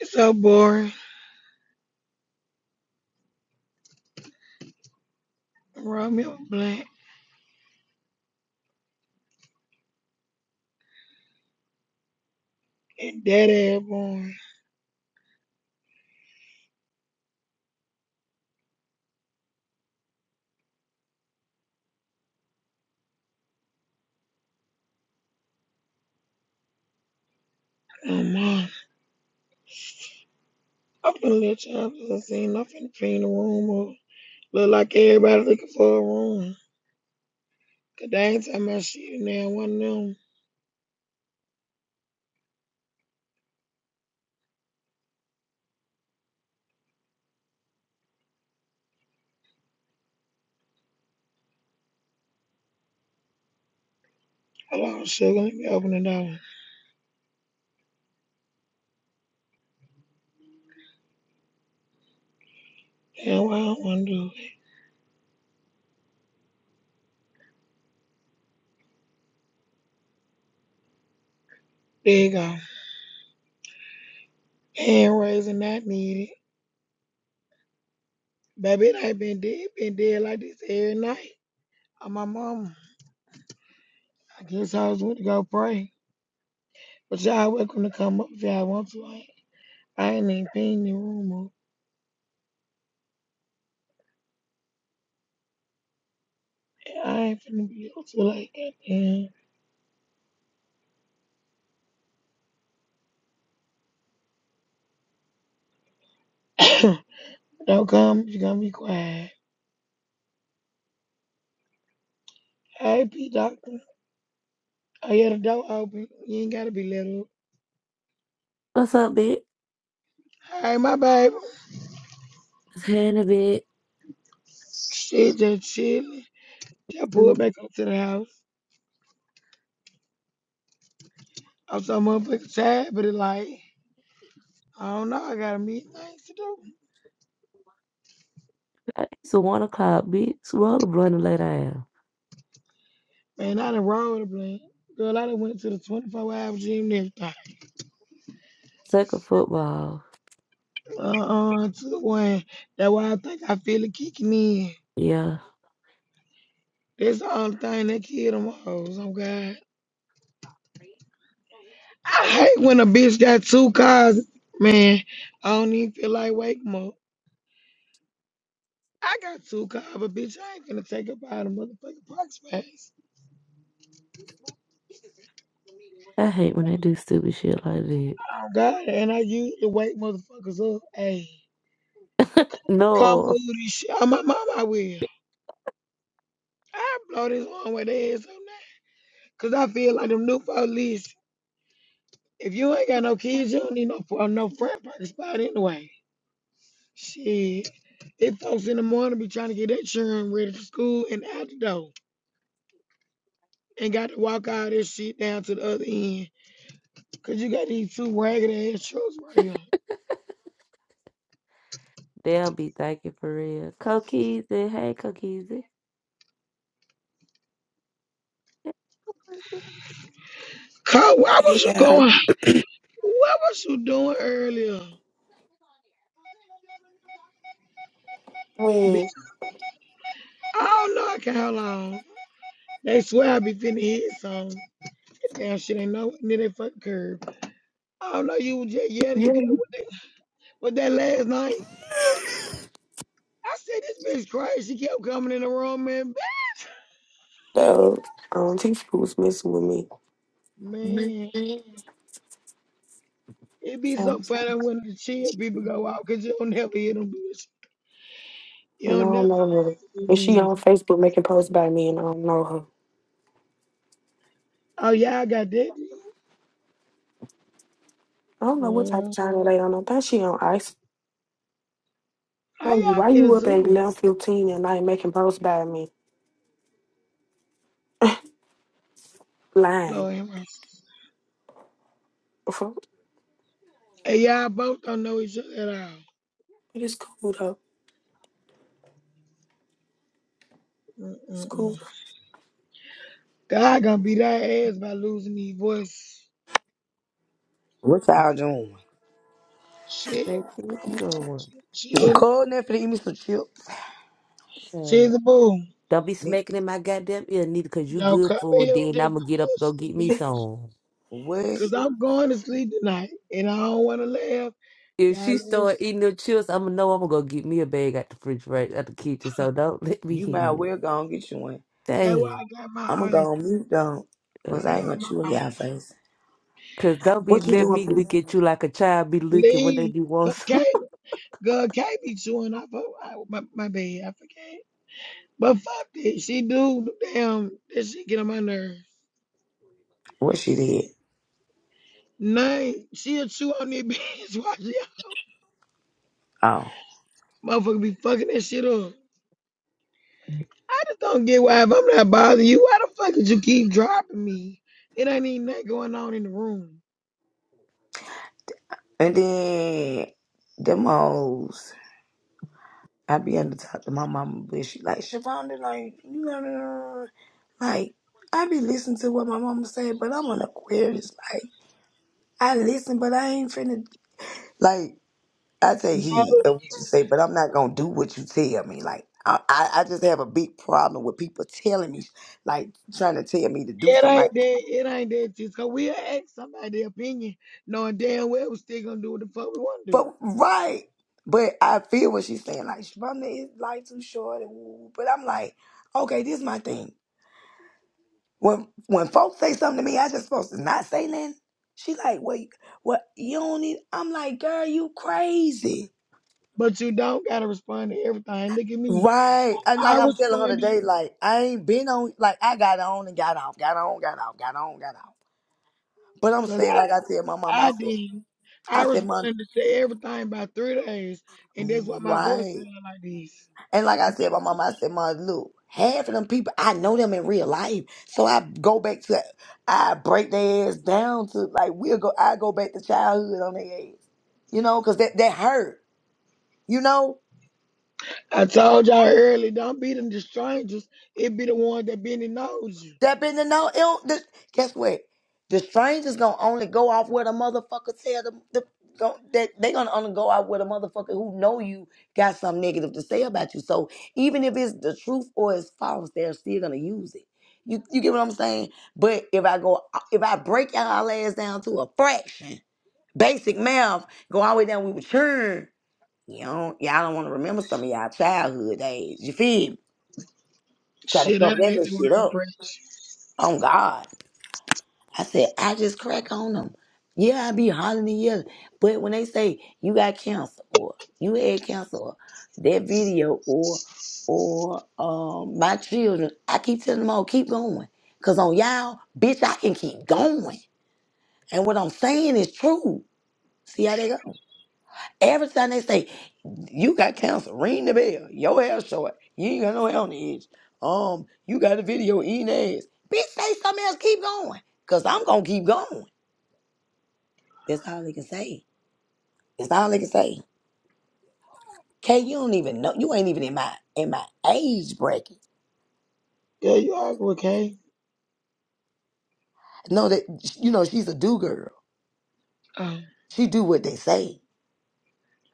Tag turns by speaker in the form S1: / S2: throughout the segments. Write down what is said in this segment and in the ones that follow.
S1: It's so boring. Romeo Black and that ass boring. Oh my. I'm finna let y'all do a scene. I'm finna clean the room up. Look like everybody looking for a room. Cause they ain't talking about shit now. One of them. Hold on, sugar. Let me open the door. Damn, why I don't wanna do it. There you go. Hand raising not needed. Baby, it ain't been dead. Been dead like this every night. I'm my mama. I guess I was going to go pray. But y'all welcome to come up if y'all want to. I ain't I ain't even paying the room up. I ain't finna be up to like goddamn. don't come, you gonna be quiet. Hey, P Doctor. I hear the door open. You ain't gotta be little.
S2: What's up, bitch?
S1: Hey, my baby.
S2: Hand a bit.
S1: Shit, just chilling. Just pulled back up to the house. I'm so motherfucking tired, but it like, I don't know, I got a meeting things to do.
S2: It's a one o'clock, bitch. Roll a blunt and lay down.
S1: Man, I done rolled a blunt. Girl, I done went to the 24 hour gym and everything.
S2: Take a football.
S1: Uh-uh, to the one. That's why I think I feel it kicking in.
S2: Yeah.
S1: That's the only thing that killed them hoes, i God. I hate when a bitch got two cars, man. I don't even feel like waking 'em up. I got two cars, but bitch, I ain't gonna take up out of motherfucking park space.
S2: I hate when they do stupid shit like that.
S1: Oh God, and I usually wake motherfuckers up. Hey, come move
S2: No.
S1: this shit. Oh, my mama will. I blow this one with their ass up now. Cause I feel like them new police. If you ain't got no kids, you don't need no fr- no front parking spot anyway. Shit. If folks in the morning be trying to get that children ready for school and out the door. and got to walk all this shit down to the other end. Cause you got these two ragged ass trucks right here.
S2: They'll be thinking for real. Cokeezy. Hey, Cokeezy.
S1: Cause where was
S3: Hey,
S1: you
S3: yeah.
S1: going? What was you doing earlier? Bitch, I don't know I can how long. They swear I be finna hit some. That damn shit ain't nowhere near that fucking curb. I don't know you was just yelling. You
S2: Yeah.
S1: kept with that, with that last night. I said this bitch crazy. She kept coming in the room, man.
S3: So, um, these people was messing with me.
S1: Man, it be
S3: So,
S1: so
S3: And
S1: funny when the chill people go out because you don't never hear them bitch. You
S3: I
S1: don't
S3: don't
S1: never
S3: know her.
S1: hear
S3: And
S1: them
S3: she on Facebook making posts about me, and I don't know her.
S1: Oh, y'all got that?
S3: I don't know what type of
S1: Girl.
S3: channel they on. I think she on ice.
S1: How
S3: Oh, you
S1: y'all
S3: why
S1: get
S3: you up at
S1: into it?
S3: eleven fifteen at night making posts about me? Lying.
S1: Lord have mercy.
S3: Fuck,
S1: And y'all both don't know each other at all.
S3: It is cool though. It's
S1: Mm-mm-mm.
S3: cool.
S1: God gonna beat our ass by losing these voice.
S4: What y'all doing?
S1: Shit,
S2: Baby, what you doing?
S1: shit,
S4: Cold enough to eat me some chips.
S1: she's
S2: Uh,
S1: a boo.
S2: Don't be
S4: Nick,
S2: smacking in my goddamn ear, neither, because you
S1: Don't
S2: good
S1: come
S2: for it.
S1: here with
S2: Then
S1: that
S2: I'm going to get up and go get
S1: bullshit,
S2: me
S1: bitch.
S2: some.
S4: What?
S1: Cause I'm going to sleep tonight and I don't wanna laugh.
S2: If
S1: Y'all
S2: she
S1: laugh.
S2: start eating her chips, I'ma know I'ma go get me a bag out the fridge right out the kitchen. So don't let me
S4: You
S2: hit
S4: might
S2: you.
S4: well go and get you one.
S1: That's why
S2: Damn.
S1: I got my
S4: I'ma
S1: eyes.
S4: go on mute though, cause
S1: I
S4: I
S1: got
S4: ain't
S2: Okay.
S4: gonna chew
S1: my
S4: in y'all
S1: eyes.
S4: face.
S2: Cause don't be
S4: What you
S2: let
S4: doing,
S2: me
S4: please?
S2: look at you like a child be looking when they
S1: Leave.
S2: be want
S1: Cause
S2: some.
S1: Kate, girl, Kate be chewing off her- I- my, my bed. I forget. But fuck it, she do the damn that shit get on my nerves.
S4: What she did?
S1: Nine, she'll chew on that bitch. Why she
S4: Oh,
S1: motherfucker be fucking that shit up? I just don't get why if I'm not bothering you, why the fuck did you keep dropping me? It ain't even nothing going on in the room.
S4: and then them hoes. I be under talk to my mama, but she like Shavonda, like you know, like I be listening to what my mama said, but I'm an Aquarius. Like I listen, but I ain't finna like. I take heed of what you say, but I'm not gonna do what you tell me. Like I, I I just have a big problem with people telling me, like trying to tell me to do
S1: It
S4: something.
S1: ain't
S4: Like,
S1: that. It ain't that. Just cause we'll ask somebody their opinion, knowing damn well we still gonna do what the fuck we want to do.
S4: but right, but I feel what she's saying. Like, Sharonda, is life too short, and woo. but I'm like, okay, this is my thing. When when folks say something to me, I just supposed to not say nothing. She like, wait, what? You don't need. I'm like, girl, you crazy.
S1: But you don't gotta respond to everything. Look at me.
S4: Right. And
S1: I
S4: like I'm telling her
S1: responded.
S4: today, like I ain't been on like I got on and got off, got on, got off, got on, got off. But I'm
S1: Cause
S4: saying,
S1: I,
S4: like I said, my mama, I
S1: I
S4: said,
S1: did. I
S4: I said, Mom,
S1: responded to everything by three days, and that's why my voice
S4: right.
S1: sounded like this.
S4: And like I said, my mama, I said, Mom, look, half of them people, I know them in real life. So I go back to I break their ass down to like we'll go I go back to childhood on their ass. You know, cause that that hurt, you know?
S1: I told y'all early, don't be them the strangers. It be the one that been and knows you.
S4: Step into no ill. The, guess what? The strangers gonna only go off where the motherfucker tell them. The, go, that they gonna only go out with a motherfucker who know you got something negative to say about you. So even if it's the truth or it's false, they're still gonna use it. You you get what I'm saying? But if I go, if I break y'all ass down to a fraction, basic math, go all the way down, we would churn. You know, y'all don't want to remember some of y'all childhood days. You feel me? Try to
S1: Shit, I
S4: cover that
S1: hate
S4: little
S1: the
S4: shit
S1: word
S4: up.
S1: preach.
S4: On God. I said, I just crack on them. Yeah, I be hollering and yelling. But when they say you got cancer or you had cancer or that video or or um my children, I keep telling them all, keep going. Cause on y'all, bitch, I can keep going. And what I'm saying is true. See how they go. Every time they say, you got cancer, ring the bell, your hair short, you ain't got no hair on the edge. Um, you got a video eating ass. Bitch, say something else, keep going. Cause I'm gonna keep going. That's all they can say. That's all they can say. Kay, you don't even know. You ain't even in my in my age bracket.
S1: Yeah, you are okay.
S4: No, that you know she's a do girl.
S1: Oh,
S4: She do what they say.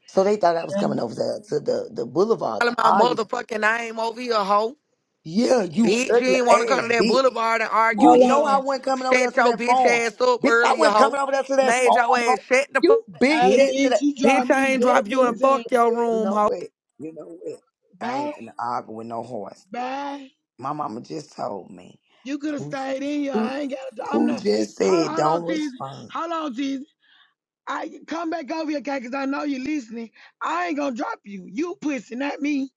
S4: So they thought I was
S1: yeah.
S4: coming over to, to the the boulevard to
S5: calling my
S4: argue.
S5: motherfucking name over here, hoe.
S4: Yeah, you
S5: Bitch, you
S4: ugly
S5: ain't want to come to
S4: ass
S5: that
S4: bitch.
S5: boulevard and argue,
S4: You
S1: Hold
S4: know
S5: bitch.
S4: I
S1: on.
S4: wasn't coming over there
S5: Shut
S4: to
S5: your
S4: that
S5: bitch
S4: farm,
S5: ass up
S4: bitch. I
S5: earlier,
S4: wasn't
S5: hoe.
S4: coming over there to that
S5: Made
S4: farm.
S5: your
S4: bro.
S5: ass shut the
S4: You
S5: fuck,
S4: big
S1: I
S5: bitch.
S4: chested.
S1: bitch,
S4: a-
S1: you
S5: Bitch,
S1: drive
S5: I
S1: me
S5: ain't
S1: that
S5: drop you
S1: many times,
S5: and
S4: You
S5: fuck your
S1: girl.
S4: you
S5: room,
S4: know
S5: hoe.
S4: what? You know what? I
S1: Bye,
S4: ain't finna argue with no horse.
S1: bye.
S4: My mama just told me.
S1: You could have
S4: Pooh,
S1: stayed in here. I
S4: Pooh,
S1: ain't got. I'm
S4: Pooh
S1: not.
S4: just
S1: Hold on,
S4: said,
S1: hold on,
S4: don't
S1: Teasy.
S4: respond.
S1: Hold on, Teasy. I come back over here, Cat, because I know you're listening. I ain't gonna drop you. You pussy, not me.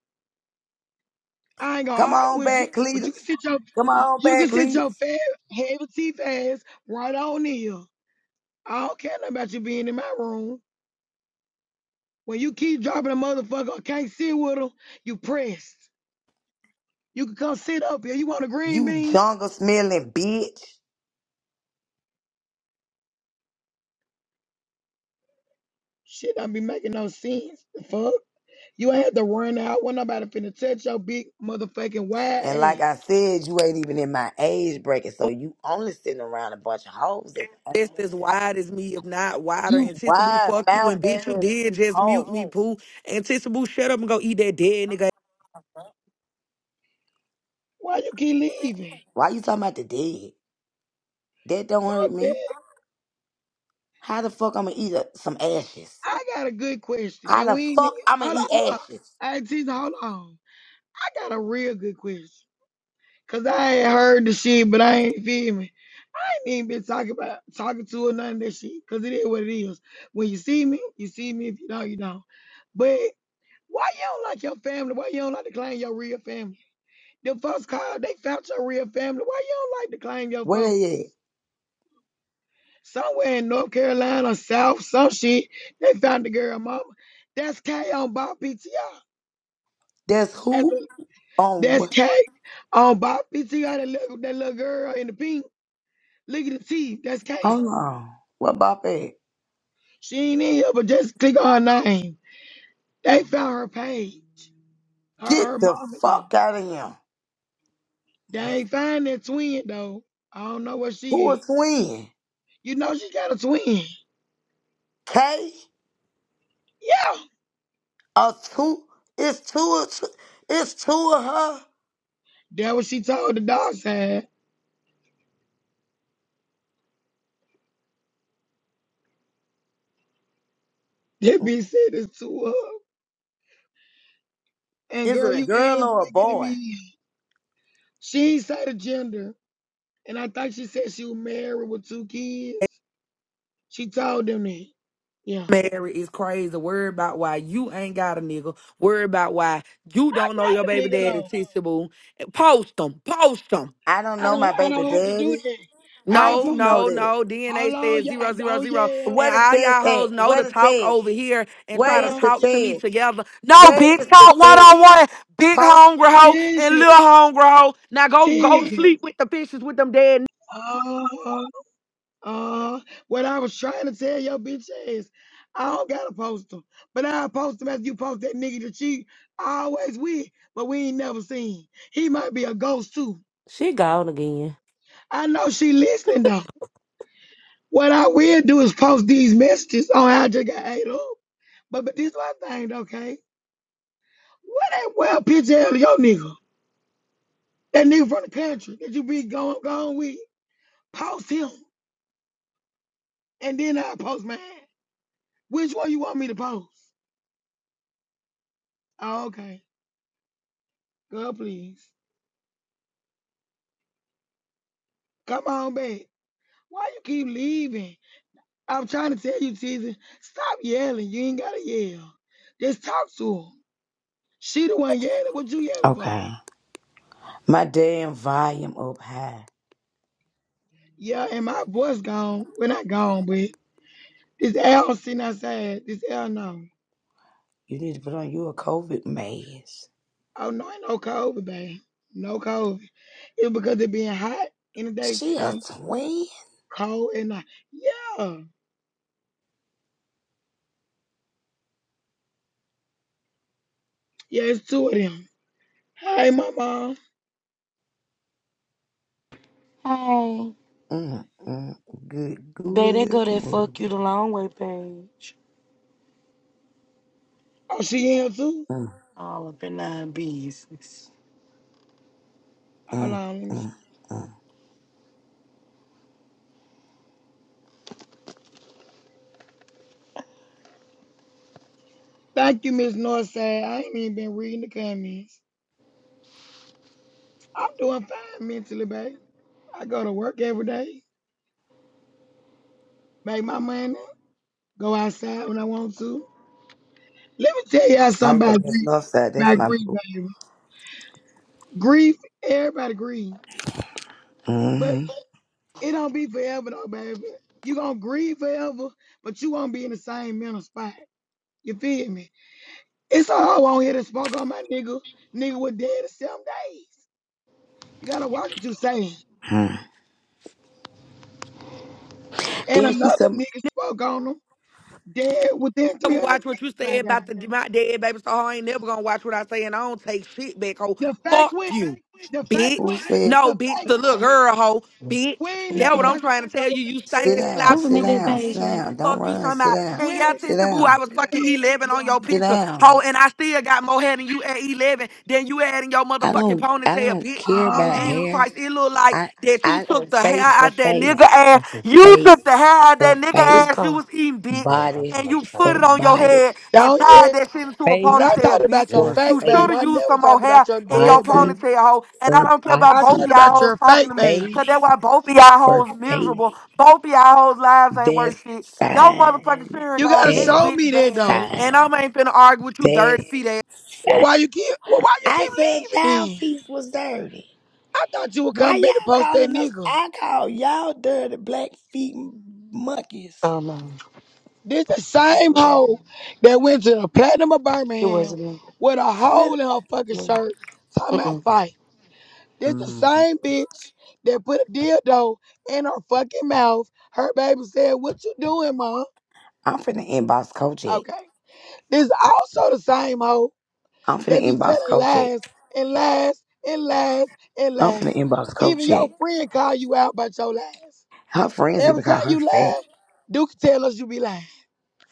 S1: I ain't gonna
S4: Come
S1: argue
S4: on
S1: with you,
S4: back,
S1: but you can
S4: Cletus.
S1: sit your
S4: Come on
S1: you can
S4: back,
S1: sit your
S4: Cletus.
S1: fat heavy teeth ass right on here. I don't care nothing about you being in my room. When you keep dropping a motherfucker, I can't sit with him. You pressed. You can come sit up here. You want a green
S4: You
S1: bean?
S4: jungle smelling bitch.
S1: Shit, don't be making no sense. The fuck? You had to run out. When nobody finna touch your big motherfucking
S4: And like
S1: wide
S4: I
S1: ass.
S4: said, you ain't even in my age bracket, so you only sitting around a bunch of hoes. That ain't
S5: Just as
S4: nothing like
S5: wide as me, if not wider.
S4: you
S5: And Tissa
S4: wide
S5: fuck you.
S4: mouth
S5: And bitch, you
S4: ass
S5: did just mute
S4: hoe.
S5: me, poo. And Tissa shut up and go eat that dead nigga
S1: Why you keep leaving?
S4: Why you talking about the dead? That don't
S1: Fuck
S4: hurt me.
S1: that.
S4: How the fuck I'ma eat a, some ashes?
S1: I got a good question,
S4: How
S1: and
S4: the
S1: we need
S4: fuck I'ma
S1: hold on,
S4: eat
S1: hold on.
S4: ashes?
S1: Hey, Tisa, hold on. I got a real good question, cause I ain't heard the shit, but I ain't feel me. I ain't even been talking about talking to her none of that shit, cause it is what it is. When you see me, you see me. If you don't, you don't. But why you don't like your family? Why you don't like to claim your real family? Them folks called, they found your real family. Why you don't like to claim your
S4: Where
S1: folks?
S4: they at?
S1: Somewhere in North Carolina, South, some shit, they found the girl mama. That's K on Bob PTR.
S4: That's
S1: That's
S4: who? on
S1: that's
S4: what?
S1: Kay. Um, Bob PTR, that little, that little girl in the pink. Look at the teeth. That's Kay.
S4: Hold on. What about that?
S1: She ain't in here, but just click on her name. They found her page. Her, her
S4: Get the
S1: mom and them.
S4: fuck out of here.
S1: They ain't find that twin, though. I don't know where she
S4: Who
S1: is.
S4: is when?
S1: You know she got a twin.
S4: Kay?
S1: Yeah.
S4: Or two? It's two. of- It's two of her.
S1: That what she told the dog side. That bitch said it's to her. And
S4: Is
S1: girl,
S4: it a
S1: you
S4: girl
S1: is
S4: or a
S1: bigger than
S4: boy?
S1: me. She ain't say the gender. And I think she said she was married with two kids. She told them that. Yeah.
S5: married is crazy. Worry about why you ain't got a nigga. Worry about why you
S1: I
S5: don't know
S1: got
S5: your
S1: a
S5: baby
S1: nigga
S5: daddy,
S1: though.
S5: Tissy Boo. Post them. Post them.
S4: I don't
S1: I
S4: know
S1: don't
S4: my
S1: I
S4: baby
S1: don't have to do
S4: daddy.
S1: that.
S4: How
S1: I
S5: No,
S4: you
S1: posted
S4: know
S5: no,
S4: that?
S5: no.
S1: how
S5: DNA
S1: long
S5: says
S1: y'all
S5: zero, zero,
S1: don't
S5: zero.
S1: yell.
S5: And
S4: Where the
S5: all y'all
S4: test at?
S5: hoes know
S4: Where
S5: to
S4: the
S5: talk
S4: test?
S5: over here and
S1: How
S5: try
S4: Where
S5: to
S4: is
S1: long
S4: the
S5: talk to me
S1: Tizzy?
S4: test?
S5: together. No,
S4: Where
S5: bitch,
S4: is the
S5: talk one
S4: test?
S5: on one. Big
S4: Post.
S5: hungry hoe and
S1: Tizzy.
S5: little hungry hoe. Now go go to
S1: Tizzy.
S5: sleep with the fishes with them dead
S1: Uh uh uh what I was trying to tell your bitch is I don't gotta post them. But I post them after you post that nigga that she always with, but we ain't never seen. He might be a ghost too.
S2: she gone again.
S1: I know she listening though. What I will do is post these messages on how I just got ate up. But but this one thing, okay? What that well picture of your nigga? That nigga from the country that you be going going with? Post him, and then I post mine. Which one you want me to post? Oh, okay. Girl, please come on back. Why you keep leaving? I'm trying to tell you, Tizzy, stop yelling. You ain't gotta yell. Just talk to him. She the one yelling. What you yelling for?
S4: Okay. My damn volume up high.
S1: Yeah, and my voice gone. We're not gone, but this L sitting outside. This L no.
S4: You need to put on you a COVID mask.
S1: Oh no, ain't no COVID, babe. No COVID. It's because it being hot in the
S4: She a
S1: daytime,
S4: twin?
S1: cold at night. Yeah. Yeah, it's two of them. Hey, my mom.
S6: Hey,
S4: Mm, mm, good
S6: they
S4: Google
S6: they
S4: it,
S6: go that fuck you
S4: movie.
S6: the long way page.
S1: Oh, she in here too?
S4: Mm,
S6: All up in nine business.
S1: Hold
S4: mm,
S1: on. Let me see.
S4: mm, mm.
S1: Thank you, Miss Northside. I ain't even been reading the comments. I'm doing fine mentally, babe. I go to work every day, make my money, go outside when I want to. Let me tell y'all
S4: Oh
S1: something
S4: yeah,
S1: about
S4: Miss
S1: grief,
S4: Northside, that's
S1: about
S4: my
S1: grief,
S4: boo.
S1: baby. Grief, everybody grieve. But
S4: hmm
S1: It don't be forever though, baby. You gonna grieve forever, but you won't be in the same mental spot. You feel me? It's a hoe on here that spoke on my nigga. Nigga was dead in seven days. You gotta watch what you saying. And
S4: Then she
S1: another
S4: some
S1: nigga spoke on him dead within
S5: never watch what you said
S1: 365 days.
S5: about the my dead baby, so I ain't never gonna watch what I say, and I don't take shit back, hoe.
S1: The fake
S5: Fuck
S1: win,
S5: you,
S1: the fake
S5: bitch.
S4: who
S1: win,
S4: says,
S1: the
S5: No, bitch,
S1: fake.
S5: the little girl, hoe. Bitch,
S1: We ain't
S5: that's
S1: never talking
S5: what
S6: Mhm.
S5: I'm
S1: about
S5: trying to tell you. You
S1: y'all.
S5: stink
S4: "Sit
S5: and
S1: Girl,
S4: down,
S5: slouch, you
S6: Wasn't
S4: sit
S6: it
S5: do,
S6: that
S4: down, sit
S6: page,
S5: bitch.
S6: man?
S4: down. Don't
S5: Fuck you,
S4: run.
S5: talking
S4: Sit
S5: about.
S4: down,
S5: And
S1: when,
S5: yeah,
S4: sit
S5: Tista Boo, I
S4: down,
S5: was fucking
S1: when,
S5: 11 on your
S1: yeah.
S4: sit
S5: picture, hoe,
S4: down."
S5: and I still got more hair than you at 11 than you had in your
S4: I
S5: motherfucking
S4: don't, I
S5: ponytail,
S4: don't
S5: bitch.
S4: care
S5: On
S4: about
S1: Uh,
S5: Jesus
S4: hair.
S5: Christ, it look like
S4: I,
S5: that you
S4: I
S5: took the hair
S4: face for
S5: out that
S4: face,
S5: nigga ass. You
S4: face
S5: took the hair out that
S4: for
S5: nigga
S6: This
S5: ass
S4: face,
S5: you
S6: call.
S5: was eating, bitch
S4: body
S5: and you put
S4: for
S5: it on your
S4: body,
S5: head and
S1: don't
S5: tied
S1: yet.
S5: that shit into a
S1: But
S4: face
S1: I talked
S5: ponytail, bitch.
S1: about your
S4: for
S1: fake,
S5: You should
S1: baby.
S5: have
S1: I
S4: face,
S5: used
S1: never
S5: some more
S1: talked
S5: hair
S1: about your
S5: in your
S1: dead, baby.
S4: body
S5: ponytail, hoe. And I
S4: for
S5: don't care about
S1: I
S5: both of
S1: thought
S4: body,
S5: y'all
S1: about
S5: hoes
S1: your
S5: talking
S1: fake
S5: to me,
S1: baby.
S5: cause that's
S4: face
S5: why both of y'all
S4: for
S5: hoes
S4: face.
S5: miserable. Both of y'all hoes lives ain't worth
S4: That's
S5: shit. Yo motherfucking
S4: fine.
S5: fearing
S1: You gotta
S5: on this
S4: That's
S1: show
S5: bitch
S1: me that
S5: Baron,
S1: though.
S5: and I
S4: fine.
S5: am ain't finna argue with you dirty
S4: That's
S5: feet
S1: Well,
S4: fine.
S1: why you keep well, why you
S4: I
S1: keep
S4: said
S1: leaving
S4: child
S1: then?
S4: feet was dirty.
S1: I thought you would
S4: Why
S1: come back to
S4: y'all
S1: post that
S4: calling us?
S1: nigga.
S4: I call y'all dirty black feet monkeys.
S6: Oh no,
S1: This the same hoe that went to the Platinum of
S6: it
S1: Birmingham
S6: wasn't
S1: with a hole
S4: Smell.
S1: in her fucking
S6: me.
S1: shirt talking about
S6: Mm-mm.
S1: fight. This the
S4: hmm
S1: same bitch that put a dildo in her fucking mouth. Her baby said, What you doing, ma?"
S4: I'm finna inbox Kojak.
S1: Okay. This also the same hoe
S4: I'm
S1: They
S4: finna
S1: be telling
S4: inbox Kojak.
S1: lies and lies and lies and
S4: I'm finna
S1: lies.
S4: inbox
S1: Even your
S4: Kojak.
S1: friend call you out about your lies.
S4: Her friends
S1: Every
S4: even
S1: time
S4: call her
S1: you
S4: fat.
S1: lie, Duke tell us you be lying.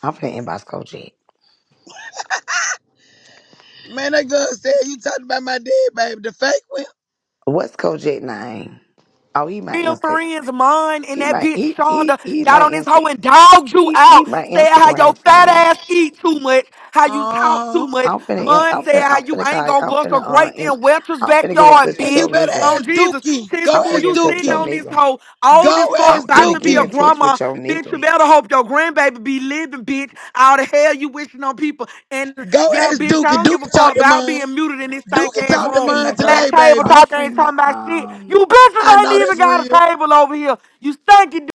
S4: I'm finna inbox Kojak.
S1: Man, that girl said you talking about my dead baby, the fake one.
S4: What's Kojak name? Oh, he my
S5: real
S4: Insta.
S5: friends, mine, and
S4: He
S5: that
S4: my
S5: bitch
S4: he he
S5: Shonda
S4: he
S5: got
S4: my
S5: on this
S4: insta
S5: hoe and dogged you
S4: he he
S5: out.
S4: my
S5: Said how your
S4: Instagram
S5: fat
S4: friend.
S5: ass eat too much, how you
S1: Uh
S5: talk too
S1: huh.
S5: much.
S4: I'm finna in-
S5: Mine
S4: I'm
S5: said
S4: finna
S5: how
S4: I'm
S5: you
S4: finna
S5: ain't
S4: call
S5: gonna
S4: I'm
S5: bust a
S4: finna uh
S5: grape
S4: in,
S5: in Welch's
S4: I'm finna get in
S5: backyard,
S4: touch with
S1: And you
S5: bitch.
S4: your
S1: better
S4: nigga.
S5: On
S1: ask
S5: Jesus,
S1: Dookie.
S5: Sister
S1: Go
S4: I'm
S5: Boo,
S4: finna
S1: ask
S4: get
S5: you
S4: in touch with
S5: sitting
S4: your
S5: on
S1: Dookie.
S5: this
S4: nigga.
S5: hoe oldest
S1: Go
S4: I'm
S5: fuck,
S1: ask
S5: about
S4: finna
S5: to be
S4: get
S5: a
S4: in
S1: Dookie.
S4: touch
S5: grandma.
S4: with your
S5: Bitch, you
S4: nigga.
S5: better hope your grandbaby be living, bitch. All the hell you wishing on people. And
S1: Go
S5: yeah,
S1: ask
S5: bitch, I
S1: Dookie.
S5: don't give a
S1: Dookie talk
S5: fuck
S1: to
S5: about
S1: mine.
S5: being muted in this stank
S1: Dookie
S5: ass
S1: talk
S4: I'm
S1: to
S5: room.
S1: mine
S4: finna
S5: Black
S1: today,
S4: go.
S5: table
S1: baby.
S4: I'm
S5: talk ain't
S4: finna
S5: talking about shit.
S4: um.
S5: You
S1: I
S5: bitches ain't
S1: know
S5: even
S1: that's
S5: got a
S1: real.
S5: table over here. You stinking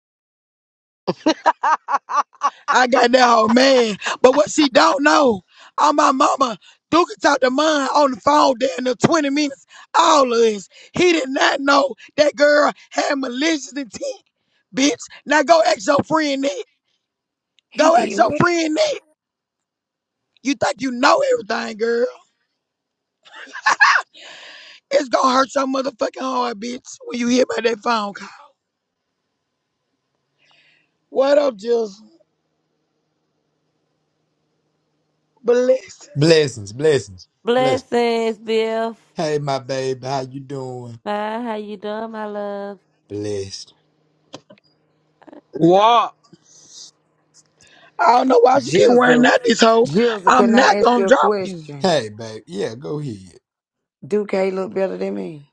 S1: I got that old man. But what she don't know, on my mama, Duke talked to mine on the phone there in the 20 minutes, all of us. He did not know that girl had malicious intent, bitch. Now go ask your friend that.
S4: He
S1: Go ask
S4: did
S1: your
S4: what?
S1: friend that. You think you know everything, girl. It's gonna hurt your motherfucking heart, bitch, when you hear about that phone call. What up, just blessings?
S7: Blessings, blessings, blessings.
S2: Blessings, Biff.
S7: Hey, my baby, how you doing?
S2: Hi, how you doing, my love?
S7: Blessed.
S8: What?
S1: I don't know why she keep wearing
S4: Jizzle,
S1: out this hoe.
S4: Jizzle.
S1: I'm
S4: Can I
S1: not
S4: ask you
S1: gonna
S4: a
S1: drop you.
S4: question?
S7: Hey, babe, yeah, go ahead.
S4: Do K look better than me?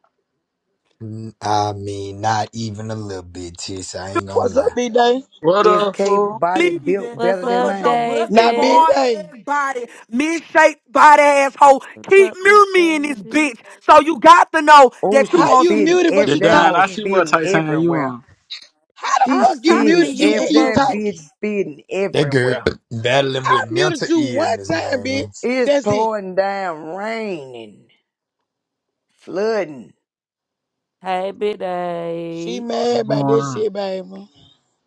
S7: Mm, I mean, not even a little bit, sis. I ain't gonna
S1: What's
S7: lie.
S1: up, B-Day?
S8: What
S4: Is
S8: up,
S4: K
S8: fool?
S4: body
S5: leaving
S4: built
S2: What's
S4: better than
S5: because
S2: up,
S5: your
S4: mine?
S5: busted
S1: Now, Big
S2: Davis?
S5: bar
S1: Day,
S5: ass body, misshaped body asshole,
S2: What's
S5: keep
S2: up, Big
S5: mirroring me in this
S2: Davis?
S5: bitch. So you got to know
S4: Oh,
S5: that you
S1: how
S4: she's
S5: won't
S1: you
S5: see
S4: spitting
S1: muted but
S8: The
S4: every
S1: you
S4: that
S8: dime.
S4: whole
S8: I see
S1: talking?
S8: what
S4: spitting
S8: type time you
S4: everywhere.
S8: on.
S1: How the
S4: She
S2: I
S1: fuck
S2: was
S1: you
S2: talking to
S4: spitting
S1: muted
S2: you
S1: G and
S4: ev
S1: you
S2: before.
S4: that
S2: Ca-
S4: bitch
S1: talking?
S4: spitting
S7: That girl
S4: everywhere.
S7: battling
S1: I
S7: with
S1: muted
S7: mental
S1: you one
S7: illness,
S1: time,
S7: man.
S1: bitch.
S4: It's
S1: That's it.
S4: pouring down, raining, flooding.
S2: hey, Big
S1: She
S2: Dave.
S1: mad
S8: What's going
S1: about this
S8: on?
S1: shit, baby.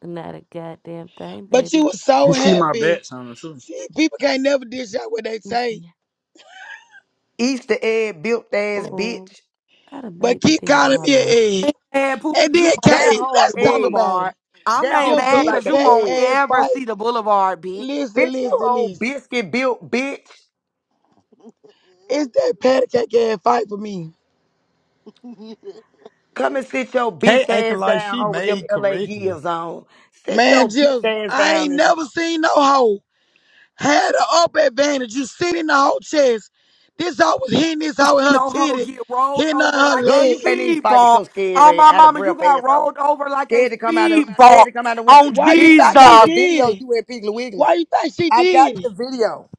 S2: Not a goddamn thing,
S1: But you
S2: baby.
S1: was
S8: You
S1: so
S8: see my
S1: happy.
S8: bets on it too.
S1: See, people can't never dish out what they say.
S2: Uh
S4: Easter egg built ass
S2: oh.
S4: bitch.
S2: I'd have
S1: But
S2: made me
S1: keep
S2: damn
S1: calling me an
S2: moderator.
S1: egg.
S5: mad, Pooh,
S1: And
S5: because you
S1: then,
S5: won't never
S4: That
S1: Kate,
S4: whole
S5: see
S1: let's
S5: the
S1: talk
S4: egg.
S1: about
S5: boulevard.
S1: it.
S5: I'm
S4: That
S5: ain't
S4: whole
S1: Them
S4: built
S5: mad
S1: Peter
S4: like
S5: because
S4: an
S5: you
S1: Pan
S5: won't
S4: egg.
S1: ass
S5: ever
S1: fight.
S5: see the boulevard, bitch.
S1: Listen,
S4: Bitch, you
S1: listen,
S4: old
S1: listen.
S4: biscuit built bitch.
S1: It's that patty cake ass fight for me.
S4: Come and sit your
S7: Hey,
S4: bitch
S7: acting
S4: ass
S7: like
S4: down
S7: she
S4: hoe with them
S7: made
S4: LA
S7: correctly.
S4: gears on. Sit
S1: Man,
S4: your bitch
S1: Jizzle,
S4: ass
S1: I ain't
S4: down in here.
S1: never seen no hoe. had an up advantage. You sitting in the whole chest. This hoe was hitting this hoe with her
S5: No hoe
S1: titty,
S5: get rolled
S1: hitting her,
S5: over
S1: her
S5: like
S4: Girl,
S5: a
S1: leg.
S4: you can't even
S5: speed
S4: fight with
S5: bump.
S4: your
S5: Oh,
S4: scary
S5: my
S4: out of
S5: mama, you
S4: breath
S5: got
S4: asshole.
S5: rolled over like a
S4: Scared to come out of
S5: speed
S4: scared
S5: bump
S4: to come out of the wind.
S5: on
S1: Why you
S4: Bitch, I
S1: think she
S4: got
S5: Jesus.
S4: the
S1: did
S4: video
S1: it?
S4: you and Piggly Wiggly.
S1: Why you think she
S4: I got
S1: did it?
S4: the video.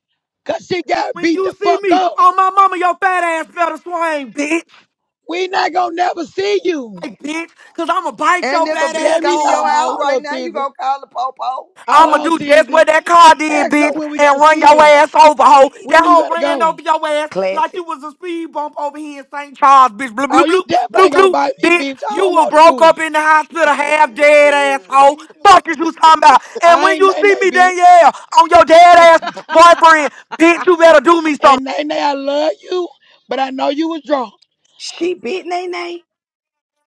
S1: Cause she got
S5: When
S1: beat
S5: you
S1: the
S5: see
S1: fuck
S5: me,
S1: up.
S5: oh, my mama, your fat ass better swing, bitch.
S1: We not gonna never see you.
S5: Like, bitch, because I'm going to bite
S4: And
S5: your
S4: if a
S5: fat
S4: bitch
S5: ass
S1: Let me
S4: come to
S1: know.
S5: arm,
S4: your house
S5: hoe.
S4: right
S1: Hold on,
S4: now, you
S1: Tizzy.
S4: gonna call the popo.
S1: Hold
S5: I'ma
S4: Ho.
S1: on,
S5: do just what
S1: Tizzy.
S5: that car did,
S1: Ask her
S5: bitch,
S1: when we
S5: and
S1: gonna
S5: run
S1: see
S5: your
S1: her.
S5: ass over, hoe. That
S1: When are you
S5: hoe
S1: gonna
S5: ran
S1: go?
S5: over your ass like you
S4: Classic.
S5: was a speed bump over here in St. Charles, bitch. Blue, blue,
S1: Oh, you
S5: blue,
S1: definitely
S5: blue,
S1: ain't gonna
S5: blue,
S1: bite me,
S5: bitch.
S1: bitch. I
S5: You
S1: don't
S5: were
S1: want the
S5: broke up
S1: cooties.
S5: in the hospital, half dead asshole. Fuck is you talking about? And
S1: I
S5: when
S1: ain't
S5: you
S1: nay
S5: see
S1: nay,
S5: me,
S1: bitch.
S5: Danielle, on your dead ass boyfriend, bitch, you better do me something.
S1: And nay nay, I love you, but I know you was drunk.
S4: She bit Nay Nay.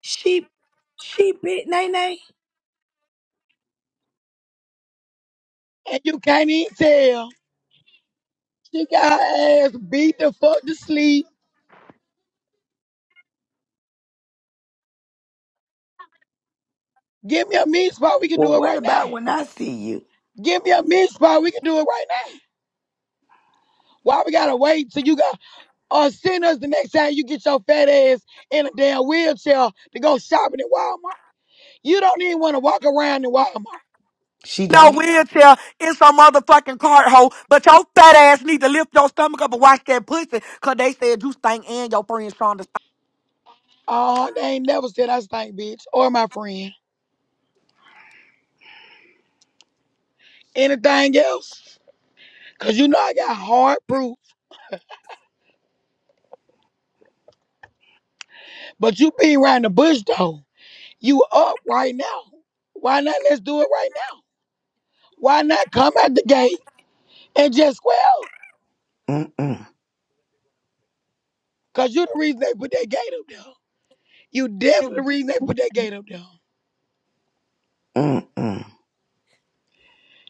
S4: She she bit Nay Nay.
S1: And you can't even tell. She got her ass beat the fuck to sleep. Give me a meat spot, we can
S4: Well,
S1: do it
S4: what
S1: right now.
S4: about when I see you?
S1: Give me a meat spot, we can do it right now. Why we gotta wait till you got or send us the next time you get your fat ass in a damn wheelchair to go shopping at Walmart? You don't even wanna walk around in Walmart.
S4: She
S5: No
S4: don't.
S5: wheelchair in some motherfucking cart hole, but your fat ass need to lift your stomach up and watch that pussy, cause they said you stank and your friend Shonda
S1: Oh, they ain't never said I stink, bitch, or my friend. Anything else? Cause you know I got hard proof. But you be around the bush though. You up right now. Why not? Let's do it right now. Why not come out the gate and just quell?
S4: Mm-mm.
S1: Cause you the reason they put that gate up there. You definitely the reason they put that gate up there.
S4: Mm-mm.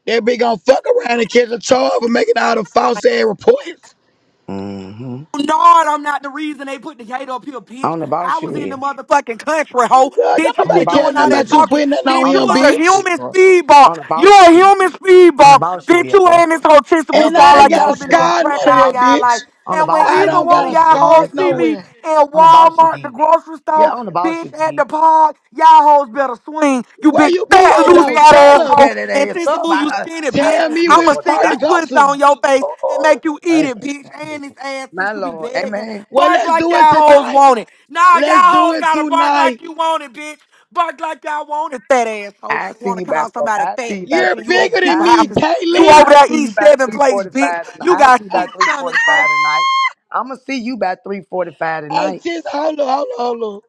S1: They be gonna fuck around and catch a charge for making all the false ass reports.
S4: Mm-hmm.
S5: Nard, I'm not the reason they put the gate up here, bitch.
S4: On the
S5: I
S4: boss you
S5: was in the
S4: will.
S5: motherfucking country, hoe.
S1: Oh God,
S5: Bitch,
S1: don't
S5: you
S4: On the
S1: nobody
S5: keep
S1: care
S5: doing
S4: boss you
S5: all
S1: nothing
S4: will,
S5: that
S1: about you
S4: bro.
S5: talking.
S1: putting nothing on
S5: Bitch,
S4: On the
S5: you
S1: him,
S5: was a
S4: boss you
S1: bitch.
S4: will,
S5: human
S4: bro.
S5: speed bump.
S4: On the
S5: You
S4: boss you
S5: a
S4: will.
S5: human speed
S4: On the
S5: bump.
S4: boss you
S5: Bitch,
S4: will,
S5: you
S4: bro.
S5: and this whole Tissa
S4: Hell,
S5: Boo
S1: And
S5: sound
S1: I
S4: before
S1: ain't
S5: like
S4: you
S1: got
S5: y'all
S1: a
S4: went to
S5: been
S4: the
S5: doing
S1: scar,
S4: country, bro,
S5: crack
S4: on
S1: none
S4: the
S1: of
S5: all
S1: that,
S4: boss you
S5: y'all
S4: will.
S5: life.
S1: bitch.
S4: On the
S5: And when
S4: boss you
S1: I
S5: either
S1: don't
S4: did,
S5: one
S4: bro.
S1: got
S5: of
S1: a
S4: Hell,
S5: y'all
S4: Before you
S1: scar
S5: hoes
S4: went to the
S5: see me
S4: country,
S5: in
S4: bro.
S1: nowhere.
S4: On the boss you
S5: Walmart, the
S4: did.
S5: grocery
S4: Yeah,
S5: store,
S4: on the not about you,
S5: bitch, at the park, y'all hoes better swing. You
S1: Where
S5: big
S1: you be
S5: Fat,
S1: at
S4: Oh,
S5: loose,
S1: though?
S4: bitch,
S5: fat
S4: I'm
S1: Tell
S4: gonna
S1: us.
S5: asshole.
S4: tear that ass up.
S5: Invincible,
S4: I
S5: you
S4: I,
S5: skinny,
S4: I
S5: bitch.
S1: Tell
S4: don't
S1: me
S4: give
S5: I'ma
S1: which
S4: a
S5: stick
S1: part to
S4: damn.
S5: this
S1: go
S5: pussy
S1: to.
S5: on your face and
S4: Oh,
S5: make you eat
S4: hey,
S5: it, bitch.
S4: boy.
S5: And this ass since
S4: my
S5: you be
S4: lord,
S5: begging.
S4: amen.
S1: Well,
S5: Bark
S1: let's
S5: like
S1: do it
S5: y'all hoes
S1: tonight.
S5: want it. Nah, y'all
S1: Let's do
S5: hoes
S1: it
S5: gotta bark
S1: tonight.
S5: like you want it, bitch. Bark like y'all want it, fat asshole.
S4: I see
S5: Wanna
S4: you by
S5: call
S4: four.
S5: somebody
S4: I see
S5: fat,
S4: you by
S5: bitch,
S1: You're
S4: three.
S5: and you over
S1: bigger than
S5: people
S4: I
S1: me,
S4: see.
S5: houses. You
S1: Caitlin.
S5: over
S4: I
S5: there
S4: see
S5: eat
S4: you by
S5: seven
S4: three
S5: plates, bitch.
S4: forty-five. tonight.
S5: You
S4: I
S5: got
S4: see you by
S5: six
S4: three
S5: stomachs, whole
S4: forty-five tonight. I'm gonna see you by three forty-five
S1: Hey,
S4: tonight.
S1: Tis, hold on, hold on, hold on.